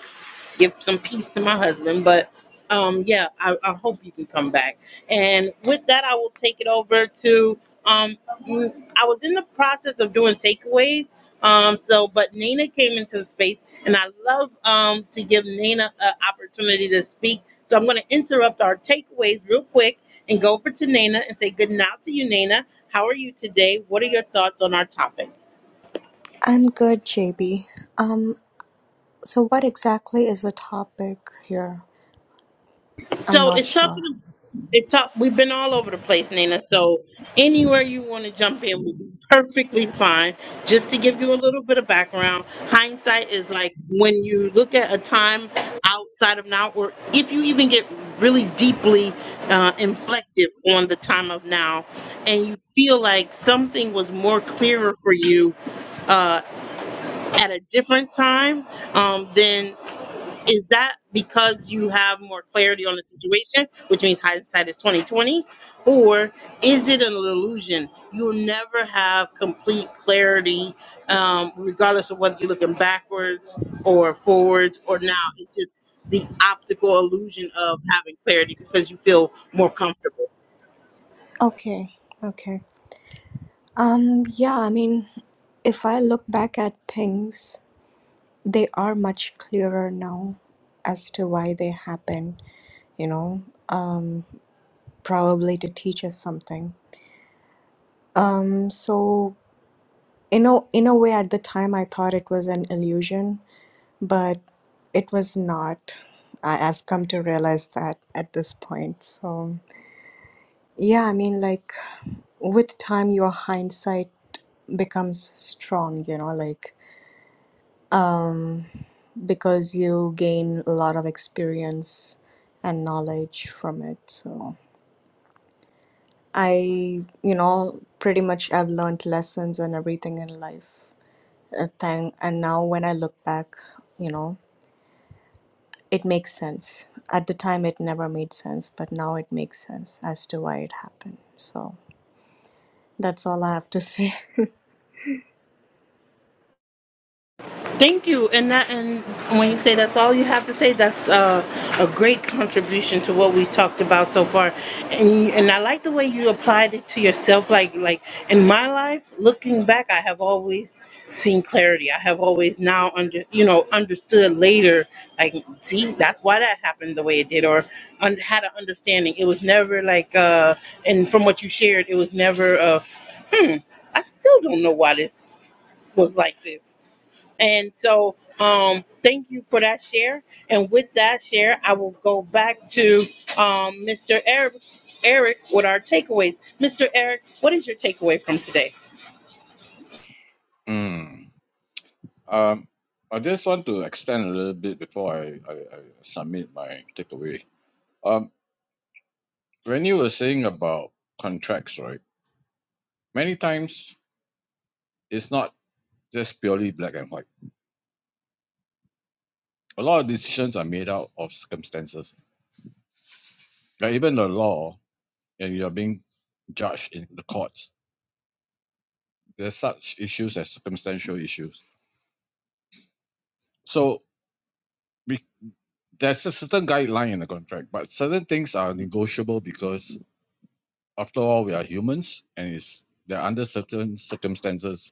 [SPEAKER 1] give some peace to my husband. But um, yeah, I, I hope you can come back. And with that, I will take it over to. Um, mm, I was in the process of doing takeaways. Um, so, but Nina came into the space, and I love um, to give Nina an opportunity to speak. So I'm going to interrupt our takeaways real quick and go over to Nina and say good night to you, Nina. How are you today? What are your thoughts on our topic?
[SPEAKER 11] I'm good, JB. Um, so what exactly is the topic here? I'm
[SPEAKER 1] So
[SPEAKER 11] not
[SPEAKER 1] it's talking.
[SPEAKER 11] sure.
[SPEAKER 1] It talk. We've been all over the place, Nina. So anywhere you want to jump in will be perfectly fine. Just to give you a little bit of background, hindsight is like when you look at a time outside of now, or if you even get really deeply uh, inflected on the time of now, and you feel like something was more clearer for you uh, at a different time. Um, then is that because you have more clarity on the situation, which means hindsight is twenty twenty, or is it an illusion? You'll never have complete clarity, um, regardless of whether you're looking backwards or forwards or now. It's just the optical illusion of having clarity because you feel more comfortable.
[SPEAKER 11] Okay, okay. Um, yeah, I mean, if I look back at things, they are much clearer now as to why they happen, you know, um, probably to teach us something. Um, so you know, in a way, at the time, I thought it was an illusion but it was not. I, I've come to realize that at this point. So, yeah, I mean, like with time, your hindsight becomes strong, you know, like because you gain a lot of experience and knowledge from it. So, I, you know, pretty much I've learned lessons and everything in life. Uh, thing. And now when I look back, you know. it makes sense. At the time, it never made sense, but now it makes sense as to why it happened. So that's all I have to say.
[SPEAKER 1] Thank you. And that, and when you say that's all you have to say, that's uh, a great contribution to what we talked about so far. And you, and I like the way you applied it to yourself. Like like in my life, looking back, I have always seen clarity. I have always now under you know understood later. Like see, that's why that happened the way it did, or un- had an understanding. It was never like, uh, and from what you shared, it was never. Uh, hmm, I still don't know why this was like this and so, um, thank you for that share. And with that share, I will go back to um, Mr. Eric, Eric with our takeaways. Mr. Eric, what is your takeaway from today?
[SPEAKER 6] Mm. Um, I just want to extend a little bit before I, I, I submit my takeaway. Um, when you were saying about contracts, right? Many times it's not just purely black and white. A lot of decisions are made out of circumstances. Like even the law, and you're being judged in the courts. There's such issues as circumstantial issues. So we, there's a certain guideline in the contract, but certain things are negotiable because after all, we are humans, and it's they're under certain circumstances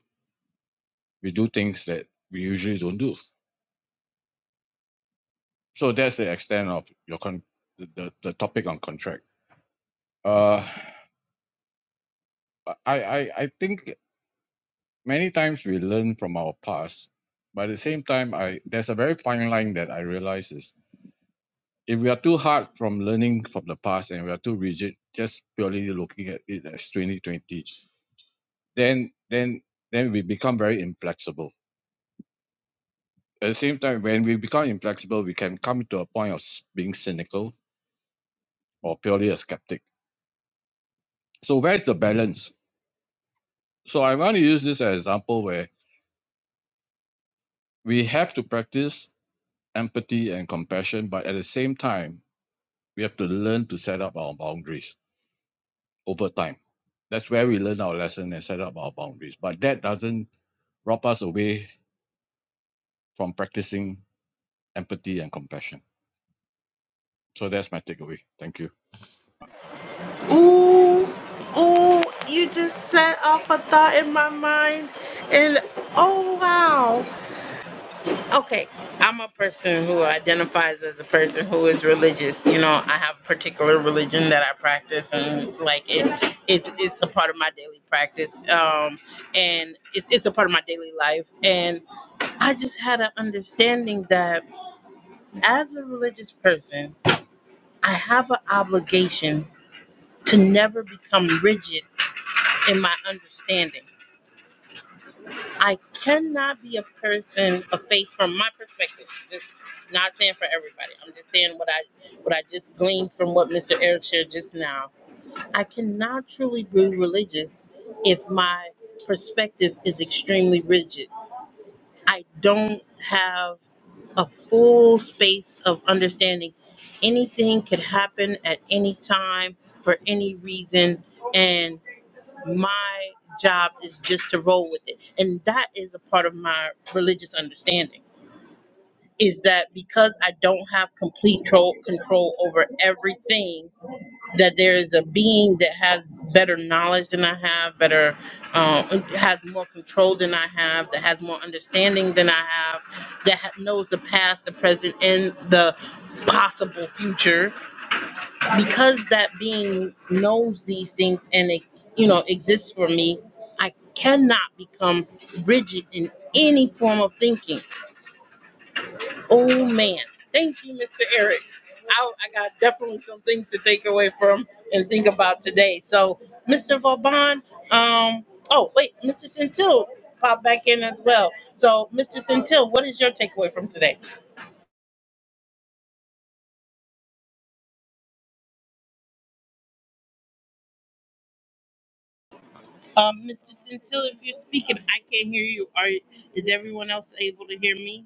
[SPEAKER 6] we do things that we usually don't do. So that's the extent of your con- the, the, the topic on contract. Uh, I, I, I think many times we learn from our past, but at the same time, I there's a very fine line that I realize is if we are too hard from learning from the past and we are too rigid, just purely looking at it as 2020, then then then we become very inflexible. At the same time, when we become inflexible, we can come to a point of s- being cynical or purely a skeptic. So where's the balance? So I want to use this as an example where we have to practice empathy and compassion, but at the same time, we have to learn to set up our boundaries over time. That's where we learn our lesson and set up our boundaries. But that doesn't rob us away from practicing empathy and compassion. So that's my takeaway. Thank you.
[SPEAKER 1] Ooh, ooh, you just set off a thought in my mind. And oh, wow. Okay, I'm a person who identifies as a person who is religious. You know, I have a particular religion that I practice, and like it, it's it's a part of my daily practice. Um, and it's it's a part of my daily life. And I just had an understanding that as a religious person, I have an obligation to never become rigid in my understanding. I cannot be a person of faith from my perspective. Just not saying for everybody. I'm just saying what I what I just gleaned from what Mr. Eric shared just now. I cannot truly be religious if my perspective is extremely rigid. I don't have a full space of understanding anything could happen at any time for any reason and my job is just to roll with it and that is a part of my religious understanding is that because i don't have complete tro- control over everything that there is a being that has better knowledge than i have better uh, has more control than i have that has more understanding than i have that ha- knows the past the present and the possible future because that being knows these things and it you know exists for me i cannot become rigid in any form of thinking oh man thank you mr eric i, I got definitely some things to take away from and think about today so mr vauban um oh wait mr centil popped back in as well so mr centil what is your takeaway from today um mr centil if you're speaking i can't hear you are is everyone else able to hear me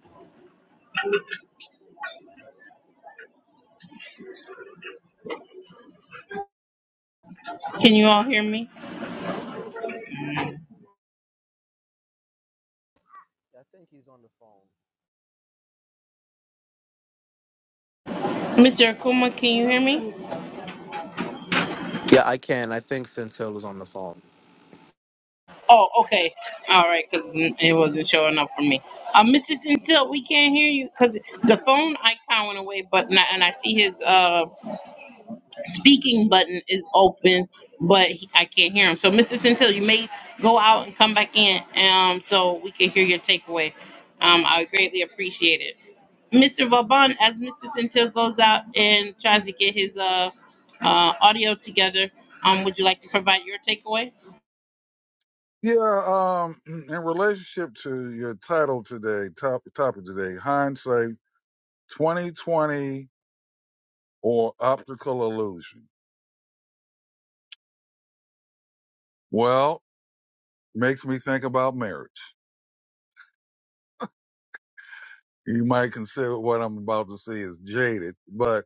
[SPEAKER 1] Can you all hear me?
[SPEAKER 10] I think he's on the phone.
[SPEAKER 1] Mr. Akuma, can you hear me?
[SPEAKER 10] Yeah, I can. I think Centil is on the phone.
[SPEAKER 1] Oh, okay. All right, because it wasn't showing up for me. Uh, Mrs. Until, we can't hear you because the phone icon went away, but not, and I see his uh, speaking button is open, but he, I can't hear him. So, Mrs. Until, you may go out and come back in um, so we can hear your takeaway. Um, I would greatly appreciate it. Mr. Vauban, as Mr. Centil goes out and tries to get his uh, uh, audio together, um, would you like to provide your takeaway?
[SPEAKER 2] Yeah, um, in relationship to your title today, top, topic today, hindsight 2020 or optical illusion. Well, makes me think about marriage. You might consider what I'm about to say is jaded, but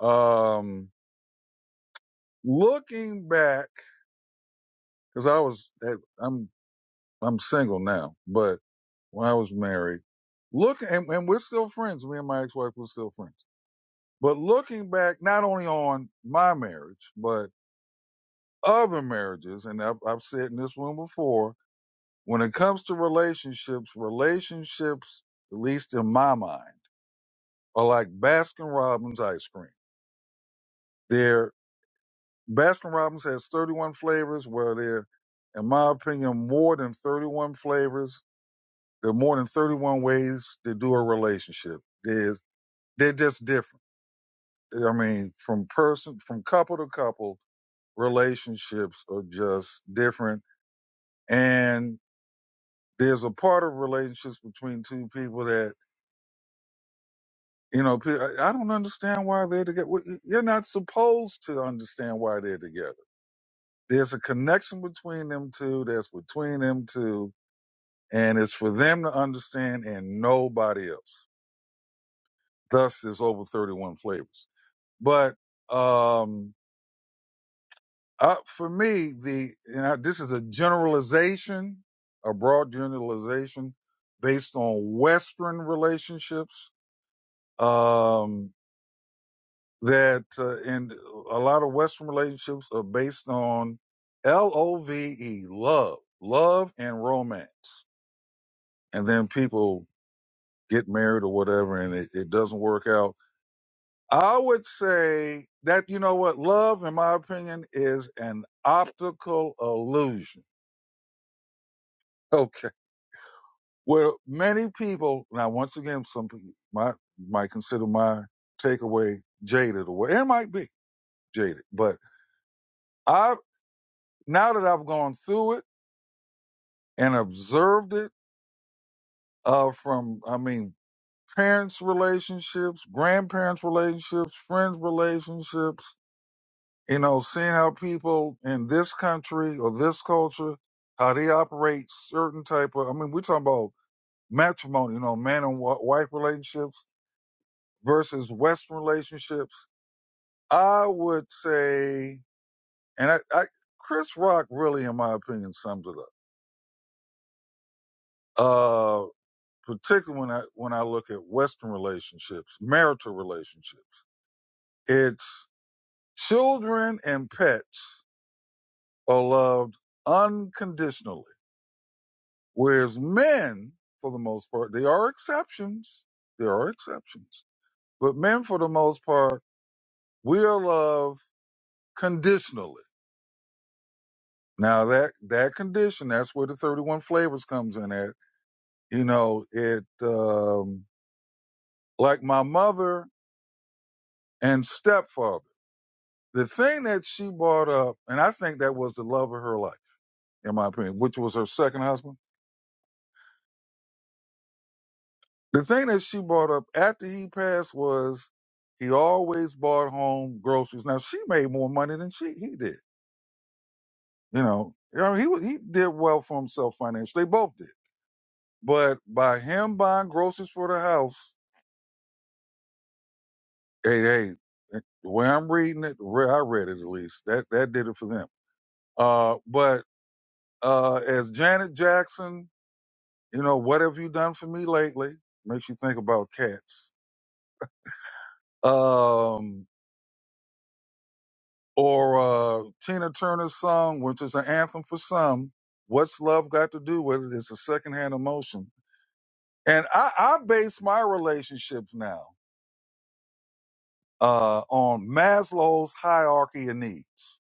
[SPEAKER 2] um looking back, because I was at, I'm I'm single now, but when I was married, look and, and we're still friends. Me and my ex-wife were still friends. But looking back, not only on my marriage, but other marriages, and I've, I've said in this room before, when it comes to relationships, relationships, at least in my mind, are like Baskin Robbins ice cream Their Baskin Robbins has 31 flavors. Well, there, in my opinion, more than 31 flavors. There are more than 31 ways to do a relationship. There's, they're just different. I mean, from person, from couple to couple, relationships are just different. And there's a part of relationships between two people that, you know, pe- I I don't understand why they're together. Well, y- You're not supposed to understand why they're together There's a connection between them two that's between them two, and it's for them to understand and nobody else. Thus, there's over 31 flavors. But um, uh, for me, the and I, this is a generalization, a broad generalization based on Western relationships. Um, that uh, and a lot of Western relationships are based on L O V E, love, love and romance. and then people get married or whatever and it, it doesn't work out. I would say that, you know what, love, in my opinion, is an optical illusion. Okay. Where many people, now, once again, some people might, might consider my takeaway jaded or it might be jaded, but I, now that I've gone through it and observed it, uh, from, I mean, parents' relationships, grandparents' relationships, friends' relationships, you know, seeing how people in this country or this culture, how they operate certain type of, I mean, we're talking about matrimony, you know, man and wa- wife relationships versus Western relationships. I would say, and I, I, Chris Rock really, in my opinion, sums it up. Uh, particularly when I, when I look at Western relationships, marital relationships, it's children and pets are loved unconditionally Whereas men, for the most part, there are exceptions. There are exceptions. But men, for the most part, will love conditionally. Now that, that condition, that's where the 31 flavors comes in at. You know, it, um, like my mother and stepfather, the thing that she brought up, and I think that was the love of her life, in my opinion, which was her second husband The thing that she brought up after he passed was he always bought home groceries. Now she made more money than she he did. You know, you know he was- he did well for himself financially. They both did. But by him buying groceries for the house, hey, hey, eh, the way I'm reading it, the way I read it at least, that that did it for them. Uh, but uh, as Janet Jackson, you know, what have you done for me lately? Makes you think about cats. Um, or uh, Tina Turner's song, which is an anthem for some. What's love got to do with it? It's a secondhand emotion, and I, I base my relationships now uh, on Maslow's hierarchy of needs.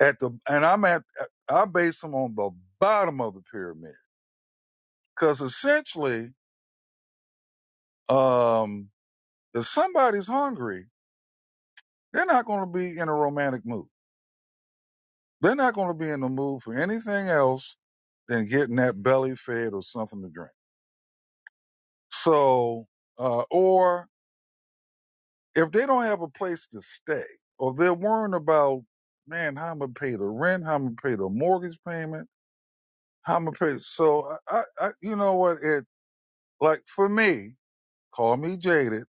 [SPEAKER 2] At the and I'm at I base them on the bottom of the pyramid because essentially, um, if somebody's hungry, they're not going to be in a romantic mood. They're not going to be in the mood for anything else than getting that belly fed or something to drink. So, uh, or if they don't have a place to stay, or they're worrying about, man, how I'm gonna pay the rent, how I'm gonna pay the mortgage payment, how I'm gonna pay. So, I, I, I- you know what? It like for me, call me jaded.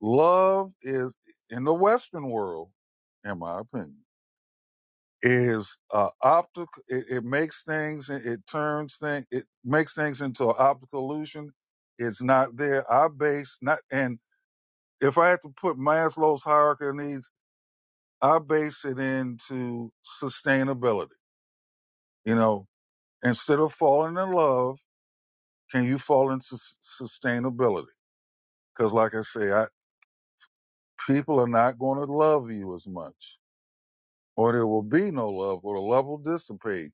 [SPEAKER 2] Love is in the Western world, in my opinion, is uh, optical. It, it makes things, it, it turns things, it makes things into an optical illusion. It's not there. I base not and if I had to put Maslow's hierarchy of needs, I base it into sustainability. You know, instead of falling in love, can you fall into s- sustainability? Because, like I say, I, people are not going to love you as much, or there will be no love, or the love will dissipate.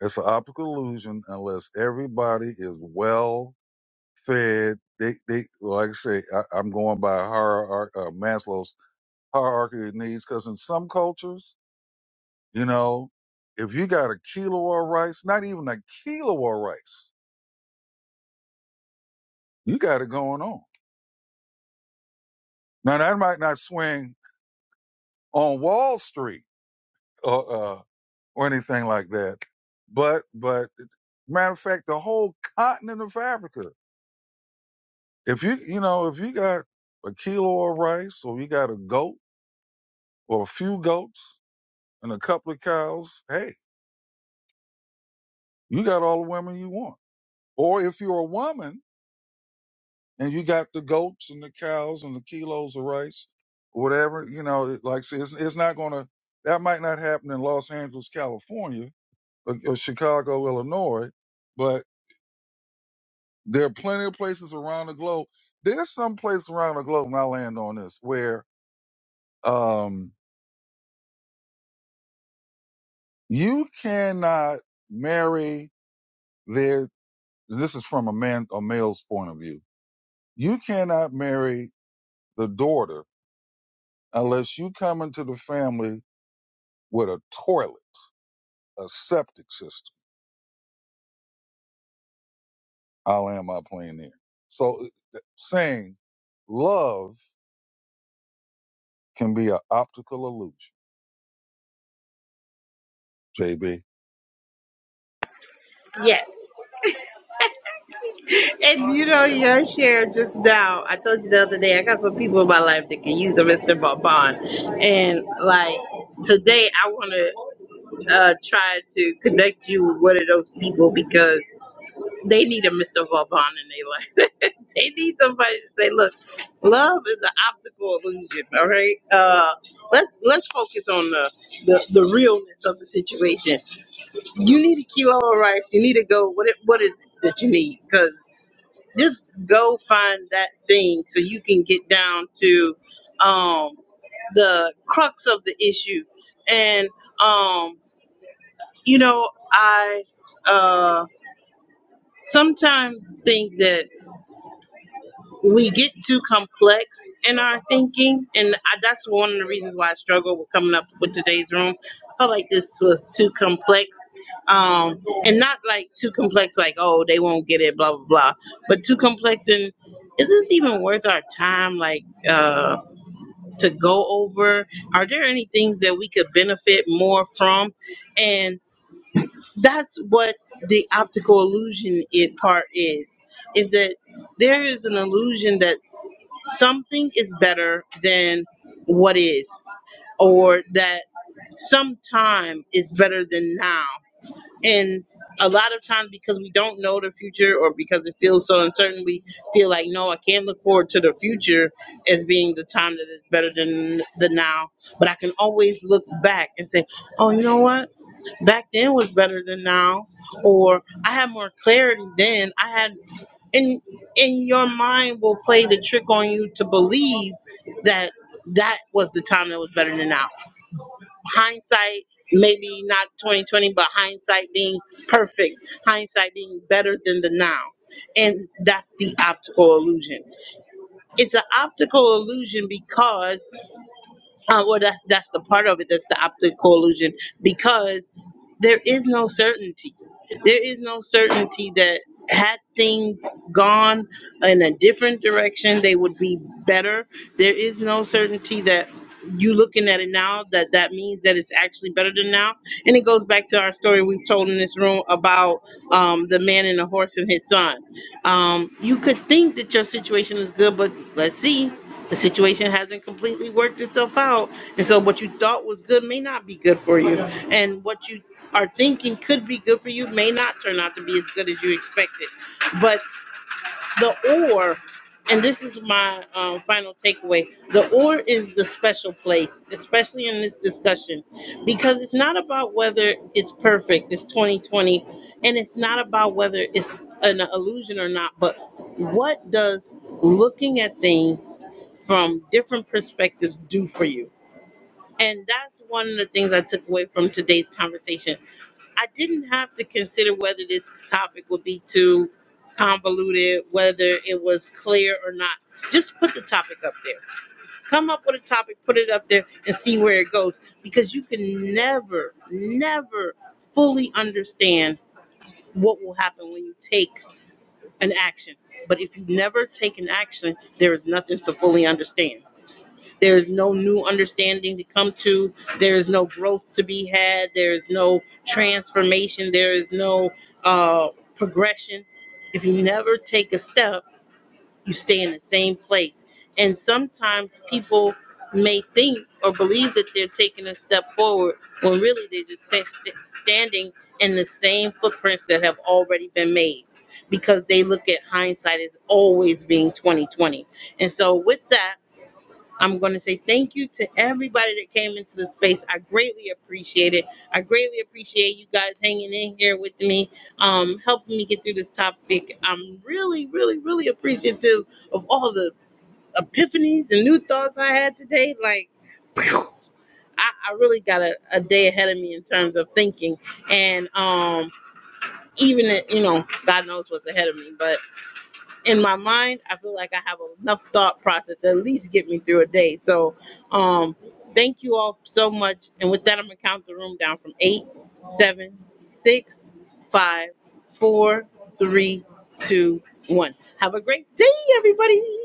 [SPEAKER 2] It's an optical illusion unless everybody is well fed. They, they, like I say, I, I'm going by hierarch, uh, Maslow's hierarchy of needs because in some cultures, You know, if you got a kilo of rice, not even a kilo of rice, you got it going on. Now that might not swing on Wall Street or uh, or anything like that, but but matter of fact, the whole continent of Africa. If you you know if you got a kilo of rice or you got a goat or a few goats and a couple of cows, hey, you got all the women you want. Or if you're a woman and you got the goats and the cows and the kilos of rice, whatever. You know, it, like I said, it's, it's not going to, that might not happen in Los Angeles, California, or, or Chicago, Illinois, but there are plenty of places around the globe. There's some place around the globe, and I land on this, where um, you cannot marry their, this is from a man, a male's point of view. You cannot marry the daughter unless you come into the family with a toilet a septic system. I'll end my plane there. So uh, saying love can be an optical illusion, JB.
[SPEAKER 1] Yes. And you know, your share just now, I told you the other day, I got some people in my life that can use a Mr. Bonbon. And like today, I want to uh, try to connect you with one of those people because. They need a Mr. Vauban in their life. they need somebody to say, "Look, love is an optical illusion." All right, uh, let's let's focus on the, the the realness of the situation. You need a kilo of rice. You need to go. What it, what is it that you need? Because just go find that thing so you can get down to um, the crux of the issue. And um, you know, I uh, sometimes think that. we get too complex in our thinking, and I, that's one of the reasons why I struggle with coming up with today's room. I felt like this was too complex, um, and not like too complex, like oh they won't get it, blah blah blah, but too complex and is this even worth our time like uh to go over are there any things that we could benefit more from and that's what the optical illusion it part is is that there is an illusion that something is better than what is, or that sometime is better than now. And a lot of times, because we don't know the future, or because it feels so uncertain, we feel like, no, I can't look forward to the future as being the time that is better than the now. But I can always look back and say, oh, you know what? Back then was better than now. Or I had more clarity then. I had and and your mind will play the trick on you to believe that that was the time that was better than now. Hindsight, maybe not 2020, but hindsight being perfect, hindsight being better than the now. And that's the optical illusion. It's an optical illusion because uh, well, that's that's the part of it that's the optical illusion because there is no certainty. There is no certainty that had things gone in a different direction, they would be better. There is no certainty that you looking at it now that that means that it's actually better than now. And it goes back to our story we've told in this room about um, the man and the horse and his son. Um, you could think that your situation is good, but let's see. The situation hasn't completely worked itself out. And so what you thought was good may not be good for you. And what you are thinking could be good for you may not turn out to be as good as you expected. But the or and this is my um, final takeaway the or is the special place especially in this discussion because it's not about whether it's perfect it's 2020 and it's not about whether it's an illusion or not but what does looking at things from different perspectives do for you and that's one of the things i took away from today's conversation I didn't have to consider whether this topic would be too convoluted, whether it was clear or not. Just put the topic up there. Come up with a topic, put it up there, and see where it goes. Because you can never, never fully understand what will happen when you take an action. But if you never take an action, there is nothing to fully understand. There is no new understanding to come to. There is no growth to be had. There is no transformation. There is no uh, progression. If you never take a step, you stay in the same place. And sometimes people may think or believe that they're taking a step forward when really they're just sta- sta- standing in the same footprints that have already been made because they look at hindsight as always being 2020. And so with that, I'm going to say thank you to everybody that came into the space. I greatly appreciate it. I greatly appreciate you guys hanging in here with me, um, helping me get through this topic. I'm really, really, really appreciative of all the epiphanies and new thoughts I had today. Like, I, I really got a, a day ahead of me in terms of thinking. And um, even, you know, God knows what's ahead of me, but in my mind, I feel like I have enough thought process to at least get me through a day. So, um, thank you all so much. And with that, I'm gonna count the room down from eight, seven, six, five, four, three, two, one. Have a great day, everybody.